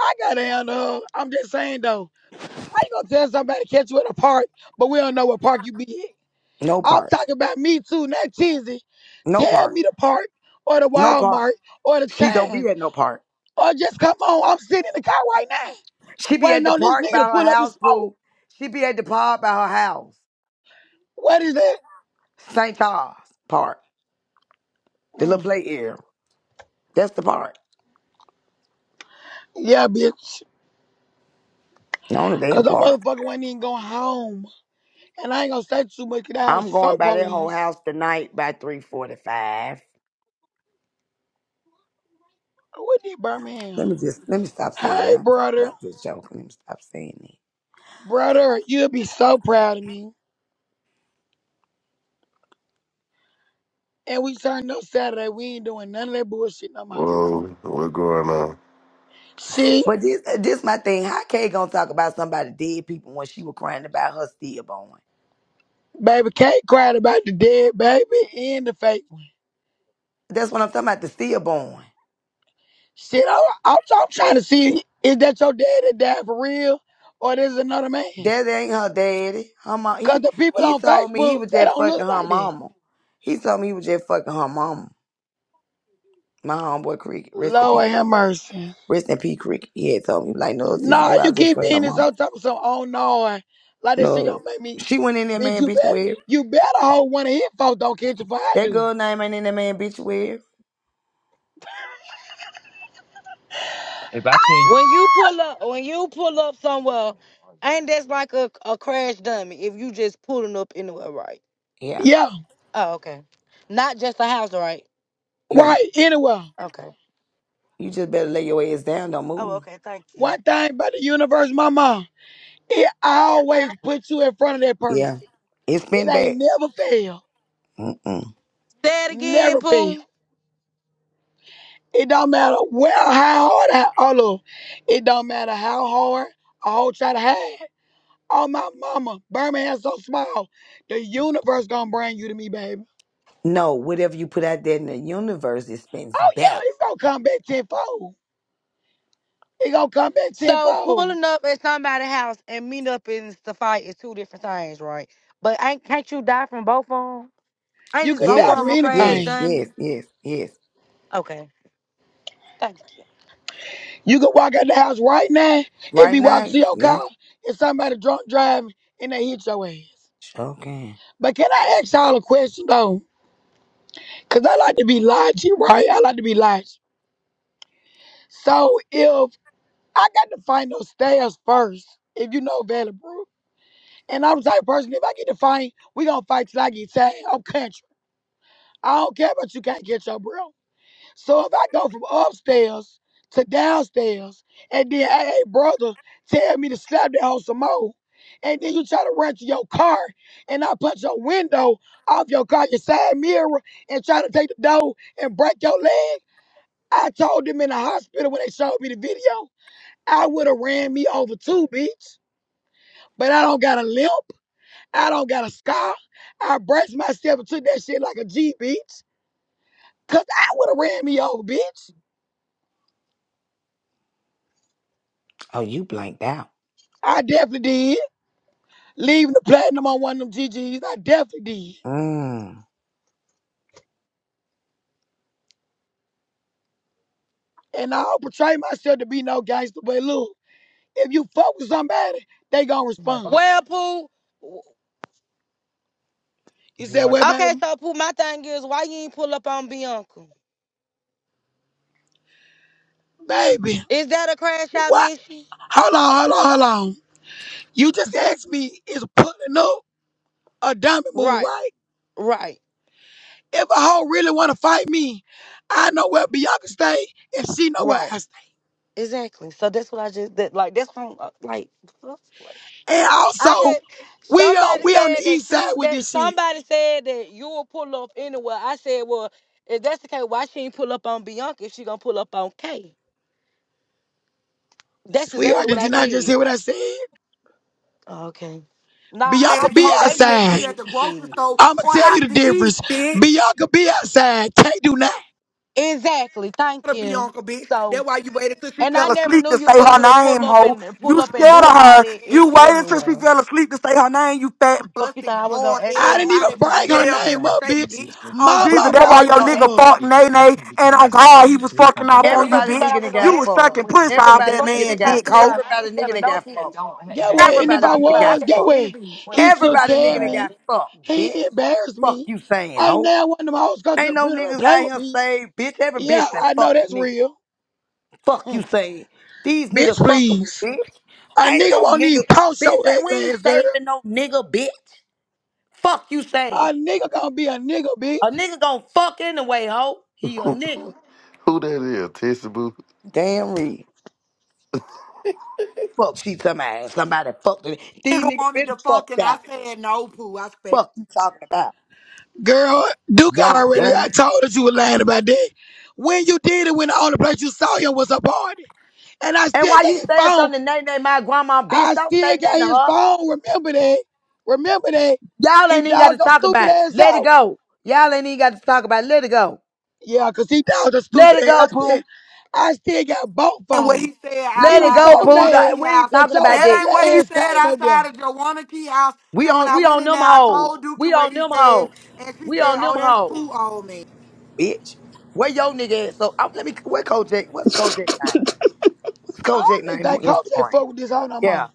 S1: I gotta handle her. I'm just saying though, how you gonna tell somebody to catch you in a park, but we don't know what park you be in?
S4: No
S1: I'm
S4: part.
S1: talking about me too, not Tizzy.
S4: No
S1: Tell
S4: part.
S1: me the park or the
S4: No part.
S1: Walmart or the
S4: She don't
S1: time.
S4: be at no part.
S1: Or just come on, I'm sitting in the car right now.
S4: She be at
S1: Waiting
S4: the
S1: on this
S4: park
S1: nigga
S4: by
S1: to pull
S4: her
S1: up and
S4: house,
S1: smoke.
S4: pool. She be at the park by her house,
S1: What is that?
S4: St. Charles Park. The little
S1: Mm.
S4: play area. That's the part.
S1: Yeah, bitch.
S4: The only damn
S1: Cause that
S4: park.
S1: motherfucker wasn't even going home. And I ain't gonna say too much much 'cause I was
S4: I'm
S1: so
S4: going by that whole
S1: police.
S4: house tonight by 345.
S1: What did Birmingham?
S4: Let me just, let me stop saying
S1: Hey,
S4: it. I'm
S1: brother.
S4: stop this joke. Let me stop saying it.
S1: Brother, you'll be so proud of me. And we turned up Saturday. We ain't doing none of that bullshit no more.
S9: Whoa, what going on?
S1: She,
S4: But this, uh, this my thing. How Kay gonna talk about somebody dead people when she was crying about her stillborn?
S1: baby, Kate cried about the dead baby and the fake one.
S4: That's what I'm talking about, the stillborn.
S1: Shit, I, I'm, I'm trying to see is that your dad that died for real or this is another man?
S4: That ain't her daddy. Her mom,
S1: Because
S4: he,
S1: the people
S4: he
S1: on
S4: told me he
S1: Facebook,
S4: was
S1: they
S4: just
S1: don't look
S4: fucking her
S1: like that.
S4: mama. He told me he was just fucking her mama. My homeboy Cricket, rest in peace,
S1: Lord
S4: Cricket.
S1: have mercy.
S4: Rest in peace, Crick. He had told me, like, no, sis,
S1: Nah,
S4: boo, I
S1: you
S4: was just
S1: keep
S4: fucking her
S1: being this
S4: mama.
S1: whole type of some, oh no, like this shit gonna
S4: No.
S1: make me
S4: She went in that
S1: Bitch,
S4: man
S1: you
S4: bitch
S1: better
S4: web.
S1: you better hold one of his folks don't catch it before I
S4: That
S1: do.
S4: girl name ain't in that man bitch web.
S6: Hey, When you pull up, when you pull up somewhere, ain't that's like a, a crash dummy if you just pulling up anywhere, right?
S4: Yeah,
S1: Yeah.
S6: Oh, okay. Not just a house, right?
S4: yeah.
S1: Right, anyway.
S6: Okay.
S4: You just better lay your ass down. Don't
S6: Oh,
S4: move.
S6: okay. Thank you.
S1: One thing about the universe, my mom, it always puts you in front of that
S4: Yeah.
S1: person.
S4: It
S1: It
S4: spin
S1: ain't
S4: back.
S1: never fail.
S4: Mm-mm.
S6: Say it
S1: Never
S6: again,
S1: fail.
S6: Pooh.
S1: It don't matter where how hard I oh look. It don't matter how hard I whole try to hide. Oh my mama, Birmingham so small. The universe gonna bring you to me, baby.
S4: No, whatever you put out there in the universe, it spins
S1: Oh yeah,
S4: back.
S1: it's gonna come back tenfold. It gonna come back
S6: So
S1: tenfold.
S6: pulling up at somebody's house and meeting up in the fight is two different things, right? But ain't can't you die from both of them? Ain't
S1: You
S6: this
S1: could
S6: both of
S1: die
S4: Yes,
S1: from
S6: them a crash
S4: yes,
S1: anything.
S4: yes,
S6: dummy?
S4: yes, yes.
S6: Okay, thank you.
S1: You could walk out the house right now and
S4: Right
S1: be walking
S4: now,
S1: to your car
S4: yeah.
S1: and somebody drunk driving and they hit your ass.
S4: Okay.
S1: But can I ask y'all a question though? Cause I like to be logical, right? I like to be logical. So if I got to find those stairs first, if you know Valley Brook, and I'm the type of person, if I get to fight, we gonna fight till I get tired. I'm country. I don't care about you can't get your breath. So if I go from upstairs to downstairs and then, hey, hey, brother, tell me to slap that hoe some more, and then you try to run to your car and I punch your window off your car, your side mirror, and try to take the door and break your leg, I told them in the hospital when they showed me the video, I would have ran me over too, bitch. But I don't got a limp. I don't got a scar. I braced myself and took that shit like a G, bitch. Cause I would have ran me over, bitch.
S4: Oh, you blanked out.
S1: I definitely did. Leaving the platinum on one of them GGs, I definitely did.
S4: Mm.
S1: And I don't portray myself to be no gangster, but look, if you fuck with somebody, they gonna respond.
S6: Well, Pooh. w-
S1: You said, well,
S6: Okay,
S1: baby,
S6: so Pooh, my thing is, why you ain't pull up on Bianca?
S1: baby,
S6: Is that a crash out
S1: what?
S6: mission?
S1: Hold on, hold on, hold on. You just asked me, is pulling up a diamond move,
S6: Right,
S1: right?
S6: right,
S1: If a hoe really wanna fight me, I know where Bianca stay, and she know where
S6: right.
S1: I stay.
S6: Exactly. So that's what I just that like. That's what I'm, uh, like.
S1: And
S6: I
S1: also,
S6: just
S1: we on,
S6: somebody
S1: we on
S6: said
S1: the
S6: that
S1: east side
S6: you
S1: with
S6: that
S1: this shit.
S6: somebody said that you will pull up anywhere. I said, well, if that's the case, why she ain't pull up on Bianca if she gonna pull up on Kay? That's exactly
S1: Sweetheart,
S6: what
S1: did you
S6: I
S1: not just
S6: said.
S1: hear what I said?
S6: Okay. Nah, I I
S1: Bianca be
S6: think
S5: asshole
S6: they
S5: better
S6: need to
S5: catch
S1: outside.
S6: hear
S5: me at the
S6: what you
S5: grocery
S6: said.
S5: store
S1: I'ma
S5: or
S1: tell you
S5: out
S1: the
S5: to eat,
S1: difference.
S5: bitch.
S1: Bianca be outside. Can't do nothing.
S6: Exactly. Thank
S5: to be
S6: you.
S5: Uncle Bitch.
S6: So,
S5: That's why you waited till she
S6: and I
S5: fell
S6: never
S5: asleep
S6: knew
S5: to
S6: you
S5: say
S6: for
S5: her
S6: you to pull
S5: name,
S6: up
S5: ho.
S6: and
S5: You
S6: pull up and
S5: scared
S6: do
S5: of
S6: all
S5: her.
S6: that in,
S5: You waited till she
S6: anywhere.
S5: fell asleep to say her name, you fat,
S6: Fuck, you thought
S5: busted,
S6: I was
S5: bald,
S6: gonna ask
S1: I
S6: her?
S5: egg,
S1: didn't even
S5: body,
S1: bring her
S5: bell,
S1: name
S5: pepper
S1: up,
S5: shaped
S1: bitch.
S5: bitch. On Jesus,
S6: But
S1: Mama
S6: you
S5: that's
S6: thought
S1: brought
S6: I
S5: why
S1: her
S6: was
S5: your
S6: gonna
S1: name
S5: nigga
S6: ask
S1: up.
S6: her?
S5: fucked Nay Nay, and on God, he was fucking off
S6: Yeah,
S5: on you,
S6: because he
S4: Everybody
S5: bitch.
S6: thought I
S4: nigga that
S6: was on
S5: You
S4: got
S5: was
S4: fucked.
S5: sucking pussy off
S6: Exo.
S4: Everybody
S5: that
S6: Fuck
S4: nigga
S6: is you
S4: that
S5: man,
S4: got
S5: dick,
S6: talking
S5: ho.
S6: about? I ain't
S4: everybody
S6: scared
S4: nigga
S6: of
S4: that
S6: no
S4: got fucked.
S6: bitch.
S1: Get what?
S5: That
S6: Fuck is
S1: And
S6: you
S1: if
S4: Everybody
S1: I
S6: talking
S4: nigga
S6: about? I
S4: got
S1: was,
S6: can
S1: get
S6: ask
S4: fucked.
S6: any
S1: what?
S6: bitch. Fuck
S1: He
S6: is you
S1: took
S6: talking
S4: Everybody
S1: care
S4: nigga
S1: of
S4: that
S1: me.
S6: about?
S4: got fucked, bitch.
S1: He embarrassed
S4: Fuck
S1: me.
S4: you saying,
S1: Ain't
S4: ho.
S1: now one of them hoes come to
S4: Ain't
S1: the
S4: no
S1: freedom and
S4: niggas
S1: play
S4: out
S1: with
S4: here
S1: me.
S4: saved, bitch. Every
S1: Yeah,
S4: bitch that
S1: I know
S4: fucked a
S1: that's
S4: nigga.
S1: real.
S4: Fuck you saying. These
S1: bitch,
S4: niggas fuckable,
S1: please.
S4: bitch.
S1: A
S4: Ain't
S1: nigga
S4: no
S1: won't even
S4: nigga,
S1: post your
S4: bitch. ain't- We
S1: ugly
S4: ain't
S1: ass, girl.
S4: saving no nigga, bitch. Fuck you saying.
S1: A nigga gonna be a nigga, bitch.
S4: A nigga gonna fuck anyway, ho. He a
S9: Who,
S4: nigga.
S9: who who that is? Tissy Boo?
S4: Damn real. Fuck, she somebody. Somebody fucked it. These
S5: nigga
S4: niggas
S5: wanted
S4: been
S5: to
S4: fucked
S5: fucking, I
S4: out.
S5: said no, poo. I
S4: Fuck you talking about.
S1: Girl, Duke
S4: Young
S1: already I
S4: dummy.
S1: told her you were lying about that. When you did it, when the only place you saw him was a party. And I
S4: And
S1: still
S4: why
S1: got
S4: you
S1: his
S4: saying
S1: phone.
S4: something to Nay my grandma, bitch?
S1: I
S4: Don't say
S1: still got
S4: nothing to
S1: his
S4: her.
S1: phone. Remember that. Remember that.
S4: Y'all
S1: He
S4: ain't even got to
S1: dogged your
S4: talk
S1: stupid
S4: about it.
S1: ass
S4: Let it
S1: out.
S4: go. Y'all ain't even got to talk about it. Let it go.
S1: Yeah, 'cause he dogged your
S4: Let
S1: stupid
S4: it
S1: ass. I
S4: go,
S1: still,
S4: Pooh.
S1: I still got both
S5: ain't what
S1: phones.
S5: he said
S1: He
S4: Let it
S1: was
S5: outside of
S4: go,
S1: so
S4: Pooh.
S5: Joanna
S1: mad
S4: Like,
S5: Key
S4: We ain't
S5: House.
S1: that
S4: talking
S1: your
S4: about
S5: That
S4: that.
S5: ain't
S1: ugly
S5: what he
S1: ass
S5: said
S1: came up there.
S5: outside of Joanna Key House.
S4: We
S5: And when
S4: on
S5: I
S4: we
S5: went
S4: on
S5: in there,
S4: them
S5: I
S4: hoes.
S5: told Dookie
S4: We
S5: what
S4: on
S5: he
S4: them
S5: said,
S4: hoes.
S5: and she
S4: We
S5: said,
S4: on them
S5: "Oh, that's
S4: hoes,
S5: poo on me."
S4: bitch. Where your nigga at? So I, let me. Where Kojak? What's Kojak name? What's
S1: I
S4: Kojak
S1: don't even
S4: name on
S1: think coach ain't
S4: Instagram?
S1: fuck with this hoe no
S4: Yeah,
S1: more.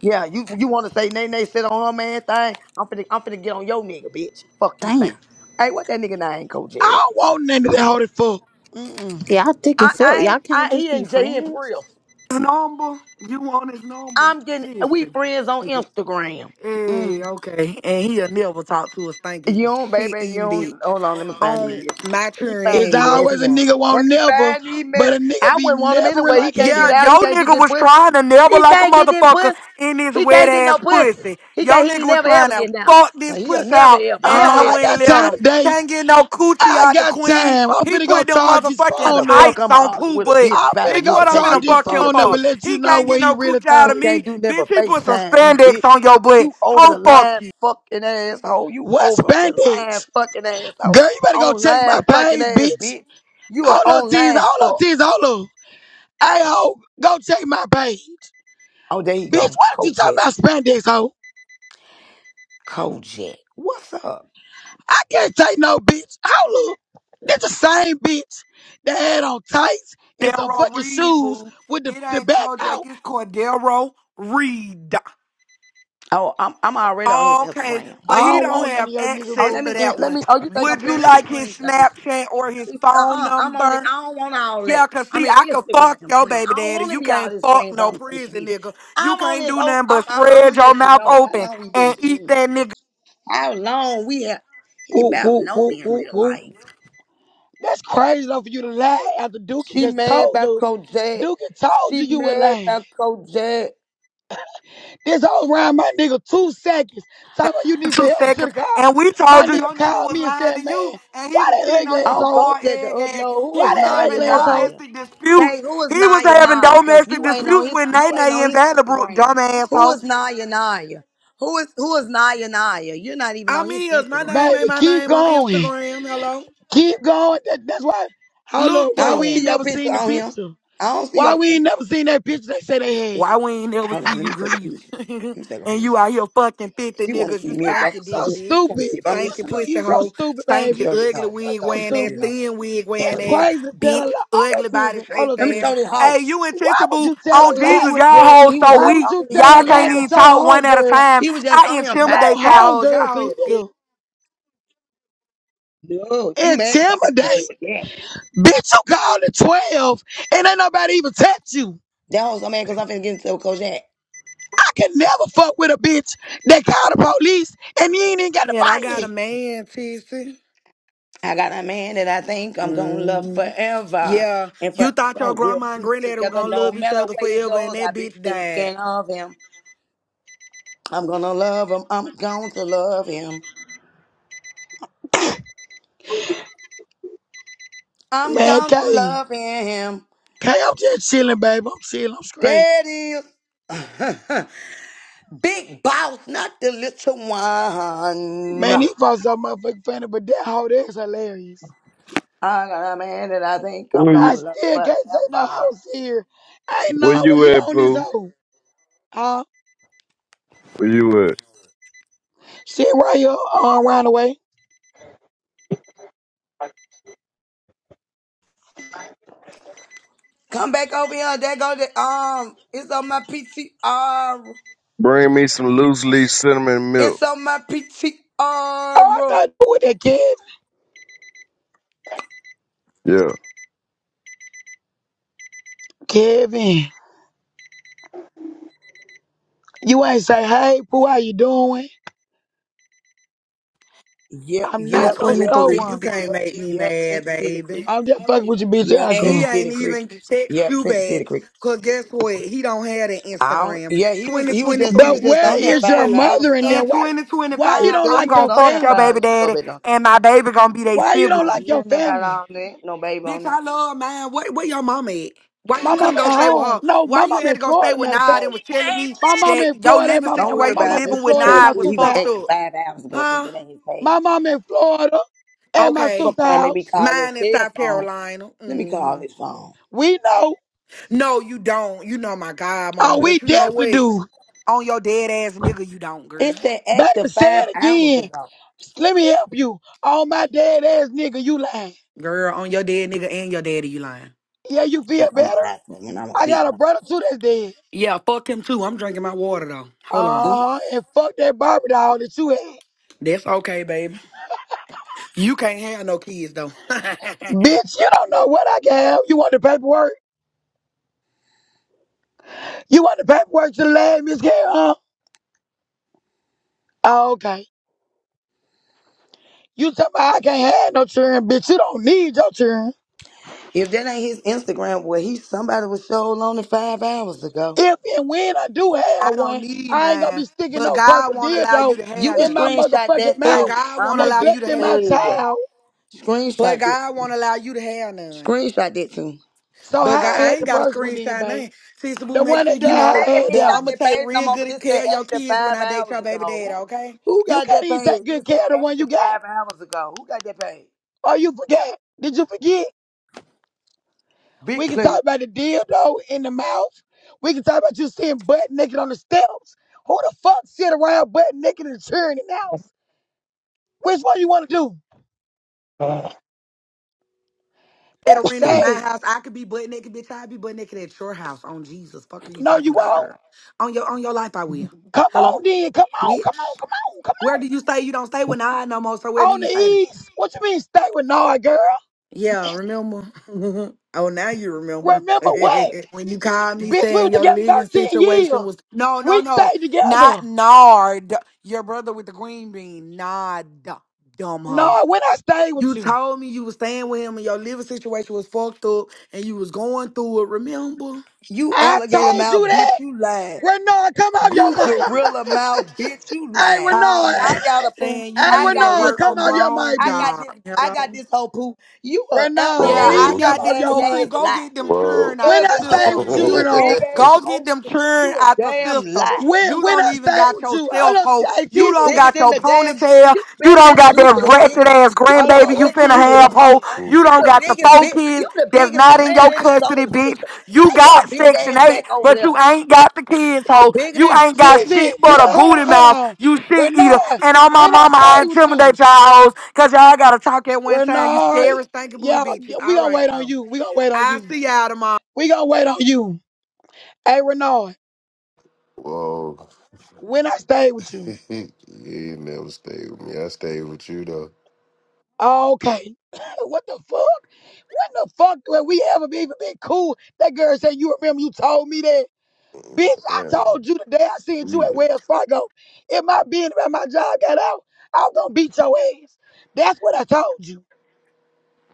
S4: yeah. You you want to say Nay Nay sit on her man thing? I'm finna I'm finna get on your nigga, bitch. Fuck you saying.
S10: Damn.
S4: Hey, what that nigga name,
S1: I
S4: Kojak?
S1: don't want none of that hoe that fuck. Mm-mm.
S10: Y'all thick
S4: I,
S10: and fuck.
S4: I,
S10: Y'all can't
S4: I,
S10: just
S4: he
S10: be
S4: and Jay he and
S10: friends.
S4: Prius.
S5: His number, you want his number?
S4: I'm getting, we
S5: Listen.
S4: friends on Instagram.
S10: Mm.
S5: Hey, okay, and he'll never talk to a stanky
S4: You don't,
S5: shit
S4: baby, you
S5: eating bitch
S4: don't, hold on, let me find these
S5: on
S4: messages.
S5: my
S4: Let me
S5: turn
S4: find
S1: It's
S5: and
S4: these
S5: yours. He
S1: always a
S4: messages.
S5: won't.
S1: nigga won't
S4: Let me
S1: never,
S4: find these
S1: but a
S4: messages.
S1: nigga
S4: I
S1: be
S4: wouldn't want him
S1: nevering
S4: anyway. He
S1: like
S4: can't get
S5: Yeah,
S1: hell.
S5: yo
S4: out. He can't get
S5: nigga
S4: that
S5: was
S4: pussy.
S5: trying to never
S4: He
S5: like a
S4: can't get that
S5: motherfucker
S4: pussy.
S5: in this
S4: He
S5: wet
S4: can't get no
S5: ass
S4: pussy.
S5: pussy.
S4: He
S5: Yo
S4: can't, he
S5: nigga
S4: ain't
S5: was
S4: never
S5: trying
S4: ever
S5: to
S4: getting out.
S5: fuck
S4: Now,
S5: this
S4: He'll
S5: pussy
S4: never
S5: out,
S4: ever,
S5: and
S4: never
S5: I
S1: Uh, I
S4: ever.
S5: wouldn't
S1: got
S5: let
S1: time
S5: him.
S1: today.
S5: Can't get no coochie
S1: I
S5: out the
S1: got
S5: queen.
S1: time. I'm
S5: He
S1: finna go
S5: put them
S1: charge this
S4: How
S5: motherfucking
S4: the
S1: phone up.
S4: fuck
S5: tights
S4: I'm going to
S5: on
S4: argue
S5: poo
S4: with a
S5: butt.
S4: bitch
S1: I'm
S4: about a
S1: finna
S5: Bitch,
S1: go
S4: nigga
S5: what I'm
S4: can't
S1: charge
S5: finna
S4: get
S1: this
S4: no
S5: fuck him
S4: real
S1: phone up
S5: for?
S1: and
S4: pussy?
S1: let
S5: He
S1: you know
S5: can't get
S1: what he
S5: no
S1: really
S5: coochie out
S1: thought.
S5: of
S4: You
S5: me.
S4: can't do nothing
S5: Bitch,
S4: but
S5: he put some
S4: FaceTime, you
S5: spandex
S4: bitch.
S5: on your butt.
S4: You over the
S5: Ho fuck
S4: line,
S5: you.
S4: fucking asshole. You
S1: What
S4: over the line,
S1: spandex?
S4: fucking
S1: Girl,
S4: asshole.
S1: you better go check my
S4: Online, fucking
S1: page,
S4: ass,
S1: bitch.
S4: bitch. You are
S1: All of these,
S4: online,
S1: all of
S4: fuck.
S1: these, all of. Hey, ho, go check my page.
S4: Oh, there you
S1: Bitch,
S4: go.
S1: why don't you talk
S4: Kojak.
S1: about spandex, ho?
S4: Kojak. What's up?
S1: I can't take no bitch. Hold up. That's the same bitch that had on tights and some
S5: Cordero
S1: fucking
S5: Reed,
S1: shoes
S5: boo.
S1: with the,
S5: It
S1: the
S5: ain't
S1: back
S5: Kojak,
S1: out.
S5: it's Cordero Reed.
S4: Oh, I'm I'm already on his
S5: Okay,
S4: Instagram.
S1: I
S5: but he
S1: don't
S5: don't
S1: want none
S5: have
S1: of your nigga
S4: Oh,
S5: access
S4: let
S1: boo.
S5: to
S4: me in-
S5: that
S4: let
S5: one.
S4: me. Oh, you think I'm
S5: Would
S4: playing?
S5: you
S4: Let me
S5: like his
S4: screenshot this shit.
S5: Snapchat or his
S4: Please,
S5: phone
S4: Uh-uh, I'm on it.
S5: number?
S4: I don't want all
S5: Yeah,
S4: that.
S5: cause
S4: I'm
S5: see,
S4: an
S5: I could fuck
S4: Instagram
S5: your
S4: friend. I
S5: baby
S4: don't
S5: daddy.
S4: want to
S5: You
S4: be all
S5: can't
S4: his
S5: fuck
S4: friends
S5: no
S4: on social
S5: prison
S4: media.
S5: nigga. You
S4: I'm on
S5: can't
S4: this.
S5: do
S4: Oh,
S5: nothing
S4: I'm
S5: but
S4: I'm,
S5: spread
S4: I'm
S5: your
S4: let you
S5: mouth
S4: know how
S5: open
S4: long we been
S5: and eat
S4: friends.
S5: that nigga
S4: How long we have? He
S1: Woo,
S4: about
S1: woo,
S4: know
S1: woo,
S4: me in
S1: woo,
S4: real
S1: woo.
S4: life.
S1: That's crazy though for you to lie after Dookie
S4: She
S1: just
S4: mad
S1: told
S4: about
S1: you.
S4: Kojak.
S1: Dookie told
S4: She
S1: you you were
S4: mad
S1: lying.
S4: about Kojak.
S1: This whole round, my nigga, two seconds. Talking about you
S5: in
S1: need some
S5: two
S1: help to the
S5: seconds.
S1: car.
S5: And we
S1: My
S5: told you
S1: nigga
S5: your nigga
S1: called
S5: was
S1: me and
S5: lying
S1: said,
S5: to
S1: man,
S5: you, and he
S1: why
S5: was
S1: that
S5: cheating
S1: ugly
S5: on your
S4: Oh,
S1: asshole?
S5: boy
S4: Kojak to
S5: egg ass.
S4: upload. Who
S5: He
S1: Why
S4: is
S5: was
S1: that
S5: having
S4: Naya
S1: ugly asshole?
S4: Naya?
S5: domestic
S4: Kay,
S5: disputes.
S4: who is
S5: He was
S4: Naya
S5: having
S4: Naya? Cause
S5: domestic
S4: you ain't on
S5: disputes
S4: his
S5: with
S4: you ain't
S5: Nene
S4: on
S5: in
S4: his
S5: Vanderbrook,
S4: Instagram.
S5: dumb
S4: Who
S5: asshole.
S4: is Naya Naya? Who is who is Naya Naya? You're not even on
S5: I'm
S4: his
S5: is. My
S4: Instagram.
S5: name ain't
S1: Baby,
S5: my
S1: keep
S5: name on
S1: going.
S5: Instagram. Hello.
S1: Keep going. That- that's why. Hold up.
S5: Look
S4: I
S1: Why
S4: don't
S5: through
S1: we ain't
S4: see
S5: 'em.
S4: your
S1: never
S4: picture
S1: seen the
S4: on him.
S1: picture?
S4: I don't see your
S1: Why
S4: let
S1: we
S4: me-
S1: ain't never seen that picture they say they had?
S5: Why
S1: You
S5: we ain't never
S4: hold
S5: see
S4: on, let
S5: you
S4: me take a
S5: grieving?
S4: picture. Let me take a
S5: and
S4: picture.
S5: you out here fucking 50
S4: She want to
S5: niggas.
S4: see
S5: You
S4: me if I'm,
S5: stanky
S4: i
S1: so
S5: dick
S4: here-
S5: bitch.
S4: she want to
S1: stupid.
S4: see if I'm here
S1: You,
S5: Stanky
S4: trying
S1: stu-
S5: pussy
S4: for
S1: you
S4: real.
S1: so
S5: hoe.
S1: stupid,
S4: Let me
S5: Stanky
S1: baby.
S4: show this
S5: ugly
S4: hoe.
S1: You
S5: wig
S1: so
S4: Let me
S5: wearing
S4: show
S5: ass.
S4: this
S1: stupid.
S4: hoe.
S5: Thin wig
S4: Let me
S1: It's
S4: show
S5: wearing
S4: this
S5: ass.
S4: hoe.
S1: crazy to tell a
S5: Bitch.
S1: lie. Hold on,
S5: Ugly body
S1: Tizzy. Hold
S5: shaped
S1: on,
S4: Let me
S5: ass.
S4: show
S1: Tizzy.
S4: this
S5: Hey,
S4: hoe.
S5: you
S1: Why would
S5: intimidable
S1: you tell a
S5: on
S4: He
S1: lie?
S5: Jesus.
S4: was just,
S5: Y'all hoes
S4: he was
S5: so
S1: Why
S4: just
S1: would
S5: weak.
S4: on
S1: you
S4: him
S1: tell a
S5: Y'all
S4: how many
S5: can't
S1: lie that
S4: hours
S5: even
S1: your
S4: ago?
S5: talk one at a
S1: homegirl,
S5: time.
S4: He was just
S5: I
S4: on him five
S1: your
S5: intimidate
S4: hours
S5: y'all hoes.
S1: homegirl
S5: Y'all
S4: ago.
S5: hoes
S1: cleared it
S5: scared.
S1: up?
S4: No, you mad because I'm finna get into
S1: Intimidate.
S4: a jack.
S1: Bitch, you called at 12 and ain't nobody even touch you.
S4: That hoe's so mad because I'm finna get into a Kojak.
S1: I can never fuck with a bitch that called the police and you ain't even got to
S5: And I
S1: find
S5: got a
S1: yet.
S5: man, TC.
S4: I got a man that I think I'm gonna love
S5: hmm
S4: forever.
S5: Yeah,
S4: And
S5: you thought
S4: forever
S5: your
S4: we'll
S5: grandma and
S4: be
S5: granddaddy were
S4: together.
S5: gonna
S4: No
S5: love each
S4: matter
S5: other
S4: where he
S5: forever, and
S4: goes, I
S5: that
S4: be
S5: bitch died.
S4: thinking of him. I'm gonna love him. I'm going to love him. I'm
S1: Man,
S4: going to
S1: Kay.
S4: love him.
S1: Kay, I'm just chilling, baby. I'm chilling. I'm straight.
S4: That is big boss, not the little one.
S1: Man, these folks so motherfucking funny, but that hoe there's hilarious.
S4: I got a man that I think I'm
S11: Where you,
S1: I
S4: gonna love
S1: still can't say no
S4: forever.
S1: hoe here. I ain't know
S11: where
S1: what
S11: you
S1: you
S11: at,
S1: on this
S11: Pooh?
S1: hoe. Huh?
S11: Where you at?
S1: Shit right here on round the way.
S4: Come back over here. There go the um. It's on my PTR.
S11: Bring me some loose leaf cinnamon milk.
S4: It's on my
S1: Oh, I
S4: PTR.
S1: thought you with that Kevin.
S11: Yeah.
S1: Kevin, you ain't say, hey, Pooh, how you doing?
S4: Yep,
S1: I'm not
S4: yep,
S1: no
S4: yep.
S1: store
S5: 2023,
S4: Central
S5: you
S1: runner.
S4: City.
S5: can't
S4: Yep,
S5: make me
S4: yep.
S5: mad,
S4: Central City
S5: baby.
S4: Creek.
S1: I'm just fucking with your bitch
S4: Yep,
S5: And he
S4: Central
S1: icon.
S5: ain't
S4: City Creek.
S5: even text
S4: Yep,
S5: you
S4: Central City
S5: back,
S4: Creek.
S5: cause guess what? He don't have an
S4: I don't,
S5: Instagram.
S4: yeah, he was he was just he was
S5: 2023,
S1: But
S4: just
S1: where
S5: and
S4: on there
S5: guess
S1: is your
S4: five
S5: what?
S4: hours
S1: mother in
S4: ago.
S1: there?
S5: In
S1: Why why you
S4: It
S5: 2025,
S1: don't
S4: said
S5: I'm
S4: you
S1: like
S4: was
S5: gonna
S1: your
S4: on
S5: fuck
S4: that
S5: your
S4: five.
S5: baby
S1: family?
S4: Let me go
S5: daddy,
S4: back on.
S5: and my baby gonna be their
S1: Why you
S4: that.
S1: don't
S5: sibling,
S4: I
S1: like
S4: don't
S5: bitch.
S1: your
S4: care nothing about
S1: family?
S4: all that. No baby
S5: Bitch,
S4: on
S5: I
S4: there.
S5: love man. Where, where your mama at? Why you
S1: My
S5: couldn't
S1: mom at
S5: go stay with her?
S1: home. No,
S5: Why
S1: my
S5: you
S1: mom
S5: had
S1: in
S5: to go stay
S1: Florida,
S5: with
S1: matter of fact.
S5: Nod and was telling me
S1: My mom
S5: that
S1: in
S5: your
S1: Florida and
S5: living
S1: my
S4: Don't
S1: mom
S4: worry
S1: my
S5: situation,
S4: about
S1: mom
S4: it, boo.
S1: in
S5: living
S4: Let
S5: with
S4: me show
S1: Florida at
S4: you
S1: my
S5: Nod,
S4: where
S5: was
S4: he
S1: sister's
S4: was
S1: house.
S5: fucked
S4: acting
S5: up?
S4: five hours ago since
S5: Huh?
S4: that ain't his
S1: My
S4: page.
S1: mom in Florida at my sister's
S5: Okay.
S4: Fuck around, made me
S1: house.
S4: call his
S5: Mine in
S4: cell
S5: South
S4: phone.
S5: Carolina.
S4: Let me call
S5: hmm
S4: his phone.
S1: We know.
S5: No, you don't. You know my God,
S1: Oh,
S5: mama.
S1: we
S5: But you know
S1: definitely
S5: what?
S1: do.
S5: On your dead ass nigga, you don't, girl.
S4: It said
S1: Baby,
S4: active
S1: say
S4: five
S1: it
S4: hours
S1: again.
S4: ago.
S1: Let me help you. Oh my dead ass nigga, you lying.
S5: Girl, on your dead nigga and your daddy, you lying.
S1: Yeah, you feel
S4: Look, I'm a
S1: better?
S4: nice woman. I'm a
S1: I got
S4: big
S1: a
S4: boss.
S1: brother too that's dead.
S5: Yeah, fuck him too. I'm drinking my water though. Hold on.
S4: Mm.
S1: Uh huh. And fuck that Barbie doll that you had.
S5: That's okay, baby. You can't have no kids though.
S1: Bitch, you don't know what I gave. You want the paperwork? You want the paperwork to the lab, Miss Gail, huh? Oh, okay. You talking about I can't have no children, bitch. You don't need your children.
S4: If that ain't his Instagram, well, he somebody was showing on it five hours ago.
S1: If and when I do
S5: I
S1: have
S5: don't
S1: one,
S5: need
S1: I ain't gonna
S5: mine,
S1: be sticking
S5: but
S1: no purple
S5: God won't allow
S1: dildo
S5: you to
S4: You
S5: have
S4: can
S1: in my
S5: none.
S4: screenshot
S1: motherfucking
S4: that
S5: But
S1: mouth,
S4: too.
S5: God
S4: I'm
S5: won't
S4: a
S5: allow
S4: big
S5: you to
S1: neglecting my
S5: have
S4: fail.
S5: none.
S1: child.
S5: But
S4: Screenshot this.
S5: God won't allow you to have none.
S4: Screenshot that too.
S1: So
S5: But
S1: how
S5: God,
S1: I
S5: I
S1: had
S5: ain't
S1: the
S5: got a
S1: first one then,
S5: screenshot
S1: babe?
S5: none. Sister Boo,
S1: The
S5: make
S1: one
S5: sure
S1: that died,
S5: you
S4: You
S1: how
S5: know
S1: I
S4: said
S1: had
S4: he
S5: that
S4: ain't
S1: that
S5: I'm
S4: got
S5: gonna
S1: one.
S4: that
S5: take
S4: page no
S5: real
S4: more, but
S5: good
S4: it said
S5: care of your
S4: active
S5: kids when
S4: five
S5: I date
S4: hours
S5: your baby
S4: ago.
S5: daddy,
S4: Who,
S5: okay?
S4: who
S1: You
S4: got
S1: can't
S4: that
S1: even take
S4: page?
S1: good
S4: It
S1: care
S4: said
S1: of the one you
S4: active
S1: got.
S4: five hours ago. Who got that page?
S1: Or you forgot. Did you forget?
S4: Big
S1: We can talk
S4: play.
S1: about the dildo in the mouth. We can talk about you sitting butt naked on the steps. Who the fuck sit around butt naked in the cheering in house? Which one you want to do?
S5: At
S1: That's
S5: arena at my
S1: sad.
S5: house, I could be butt naked, bitch. I be butt naked at your house. On Jesus, fuck are you
S1: No,
S5: talking
S1: you
S5: about,
S1: won't.
S5: girl? On your on your life, I will.
S1: Come
S5: Hello,
S1: on, then. Come on, come
S5: bitch.
S1: on, come on, come
S5: Where do you stay? You don't stay with I no more. So
S1: on.
S5: where do
S1: On
S5: you
S1: the
S5: stay?
S1: east. What you mean, stay with Nard, girl?
S5: Yeah, remember? oh, now you remember.
S1: Remember what?
S5: when you called me
S1: Bitch, we were
S5: saying your
S1: together
S5: living
S1: 13 years.
S5: situation was no, no,
S1: We
S5: no,
S1: stayed
S5: not
S1: together.
S5: Nard, your brother with the green bean, Nard, dumb hoe.
S1: Nard, when I stayed with
S5: You
S1: you,
S5: told me you was staying with him and your living situation was fucked up and you was going through it. Remember?
S4: You
S1: I
S4: alligator
S1: told you
S4: mouth,
S1: that.
S4: bitch, you lying.
S1: Renard, come off your
S4: You
S1: mic.
S4: gorilla mouth, bitch, you
S1: Hey,
S4: lying.
S5: Called
S1: Renard.
S4: I
S5: me
S4: got a poo.
S5: saying you
S1: Hey,
S4: I
S5: needed a
S4: got
S1: Renard,
S4: this
S5: work
S1: come
S5: from
S4: whole
S1: out
S4: poo.
S1: your
S5: home
S1: mic,
S4: I got
S1: bitch.
S5: job.
S4: this. I got
S5: Hello.
S4: this whole poo. You a
S1: Renard,
S5: Yeah,
S4: alligator
S5: I
S1: please
S9: Whoa,
S4: teeth
S1: come
S5: got
S1: out
S5: this
S1: your
S4: having
S5: whole
S1: mic.
S5: poo.
S4: ass
S5: Go
S4: lie.
S5: get them
S9: whoa.
S5: churn
S4: You
S5: out
S1: When
S5: the
S1: I
S4: ugly
S1: stay
S4: ass.
S5: system,
S1: with
S5: bitch.
S1: you,
S4: You
S1: Renard,
S4: big ass
S5: Go get them
S4: ocean.
S5: churn
S4: You a
S5: out the
S4: damn
S5: system.
S4: lie.
S1: when
S5: You
S1: when
S5: don't
S1: I
S5: even
S1: stay
S5: got
S1: with
S5: your
S1: you, hold
S5: self
S1: on, T-
S5: hoe.
S1: hey,
S5: You
S4: You
S5: don't
S1: Tizzy.
S4: bigger
S5: got
S4: than
S5: your
S4: the damn.
S5: ponytail.
S4: You
S5: You
S4: bigger than
S5: don't got that
S4: Jupiter, bitch.
S5: ratchet ass
S4: You
S1: Hold on,
S5: grandbaby
S4: bigger
S5: you
S1: where
S4: than
S5: finna
S4: Jupiter,
S5: have
S1: Tizzy?
S5: hoe.
S4: hoe.
S5: You
S4: You
S5: don't
S4: the
S5: got the
S4: biggest
S5: four
S4: bit.
S5: kids
S4: You the
S5: that's
S4: biggest
S5: not in
S4: planet
S5: your
S4: in the
S5: custody,
S4: solar
S5: bitch.
S4: system.
S5: You
S4: Take your
S5: got
S4: big
S5: section
S4: ass
S5: eight,
S4: back over
S5: but
S4: there.
S5: you ain't got the kids
S4: You
S5: hoe.
S4: bigger
S5: You
S4: than. Ju-
S5: ain't got
S1: Tizzy,
S5: shit
S1: T-
S5: but a
S1: hold on,
S5: booty
S1: hold
S5: mouth.
S1: on.
S5: You shit eater.
S1: Renard,
S5: And on my
S1: when I
S5: mama, I
S1: stay with
S5: intimidate
S1: you,
S5: y'all hoes. Cause y'all gotta talk at one time. You
S1: Renard,
S5: scary stinking booty
S1: yeah,
S5: bitches.
S1: yeah, we
S5: All
S1: gonna
S5: right
S1: wait on
S5: though.
S1: you. We gonna wait on
S5: I
S1: you.
S5: see y'all tomorrow.
S1: We gonna wait on you. Hey, Renard,
S9: whoa.
S1: when I stay with you.
S9: you ain't never stayed with me. I stayed with you, though.
S1: Okay. what the fuck? When the fuck when we ever be, even been cool? That girl said, You remember you told me that? Bitch,
S9: Yeah,
S1: I told you the day I seen you at
S9: we-
S1: Wells Fargo. If my being about my job got out, I was gonna beat your ass. That's what I told you.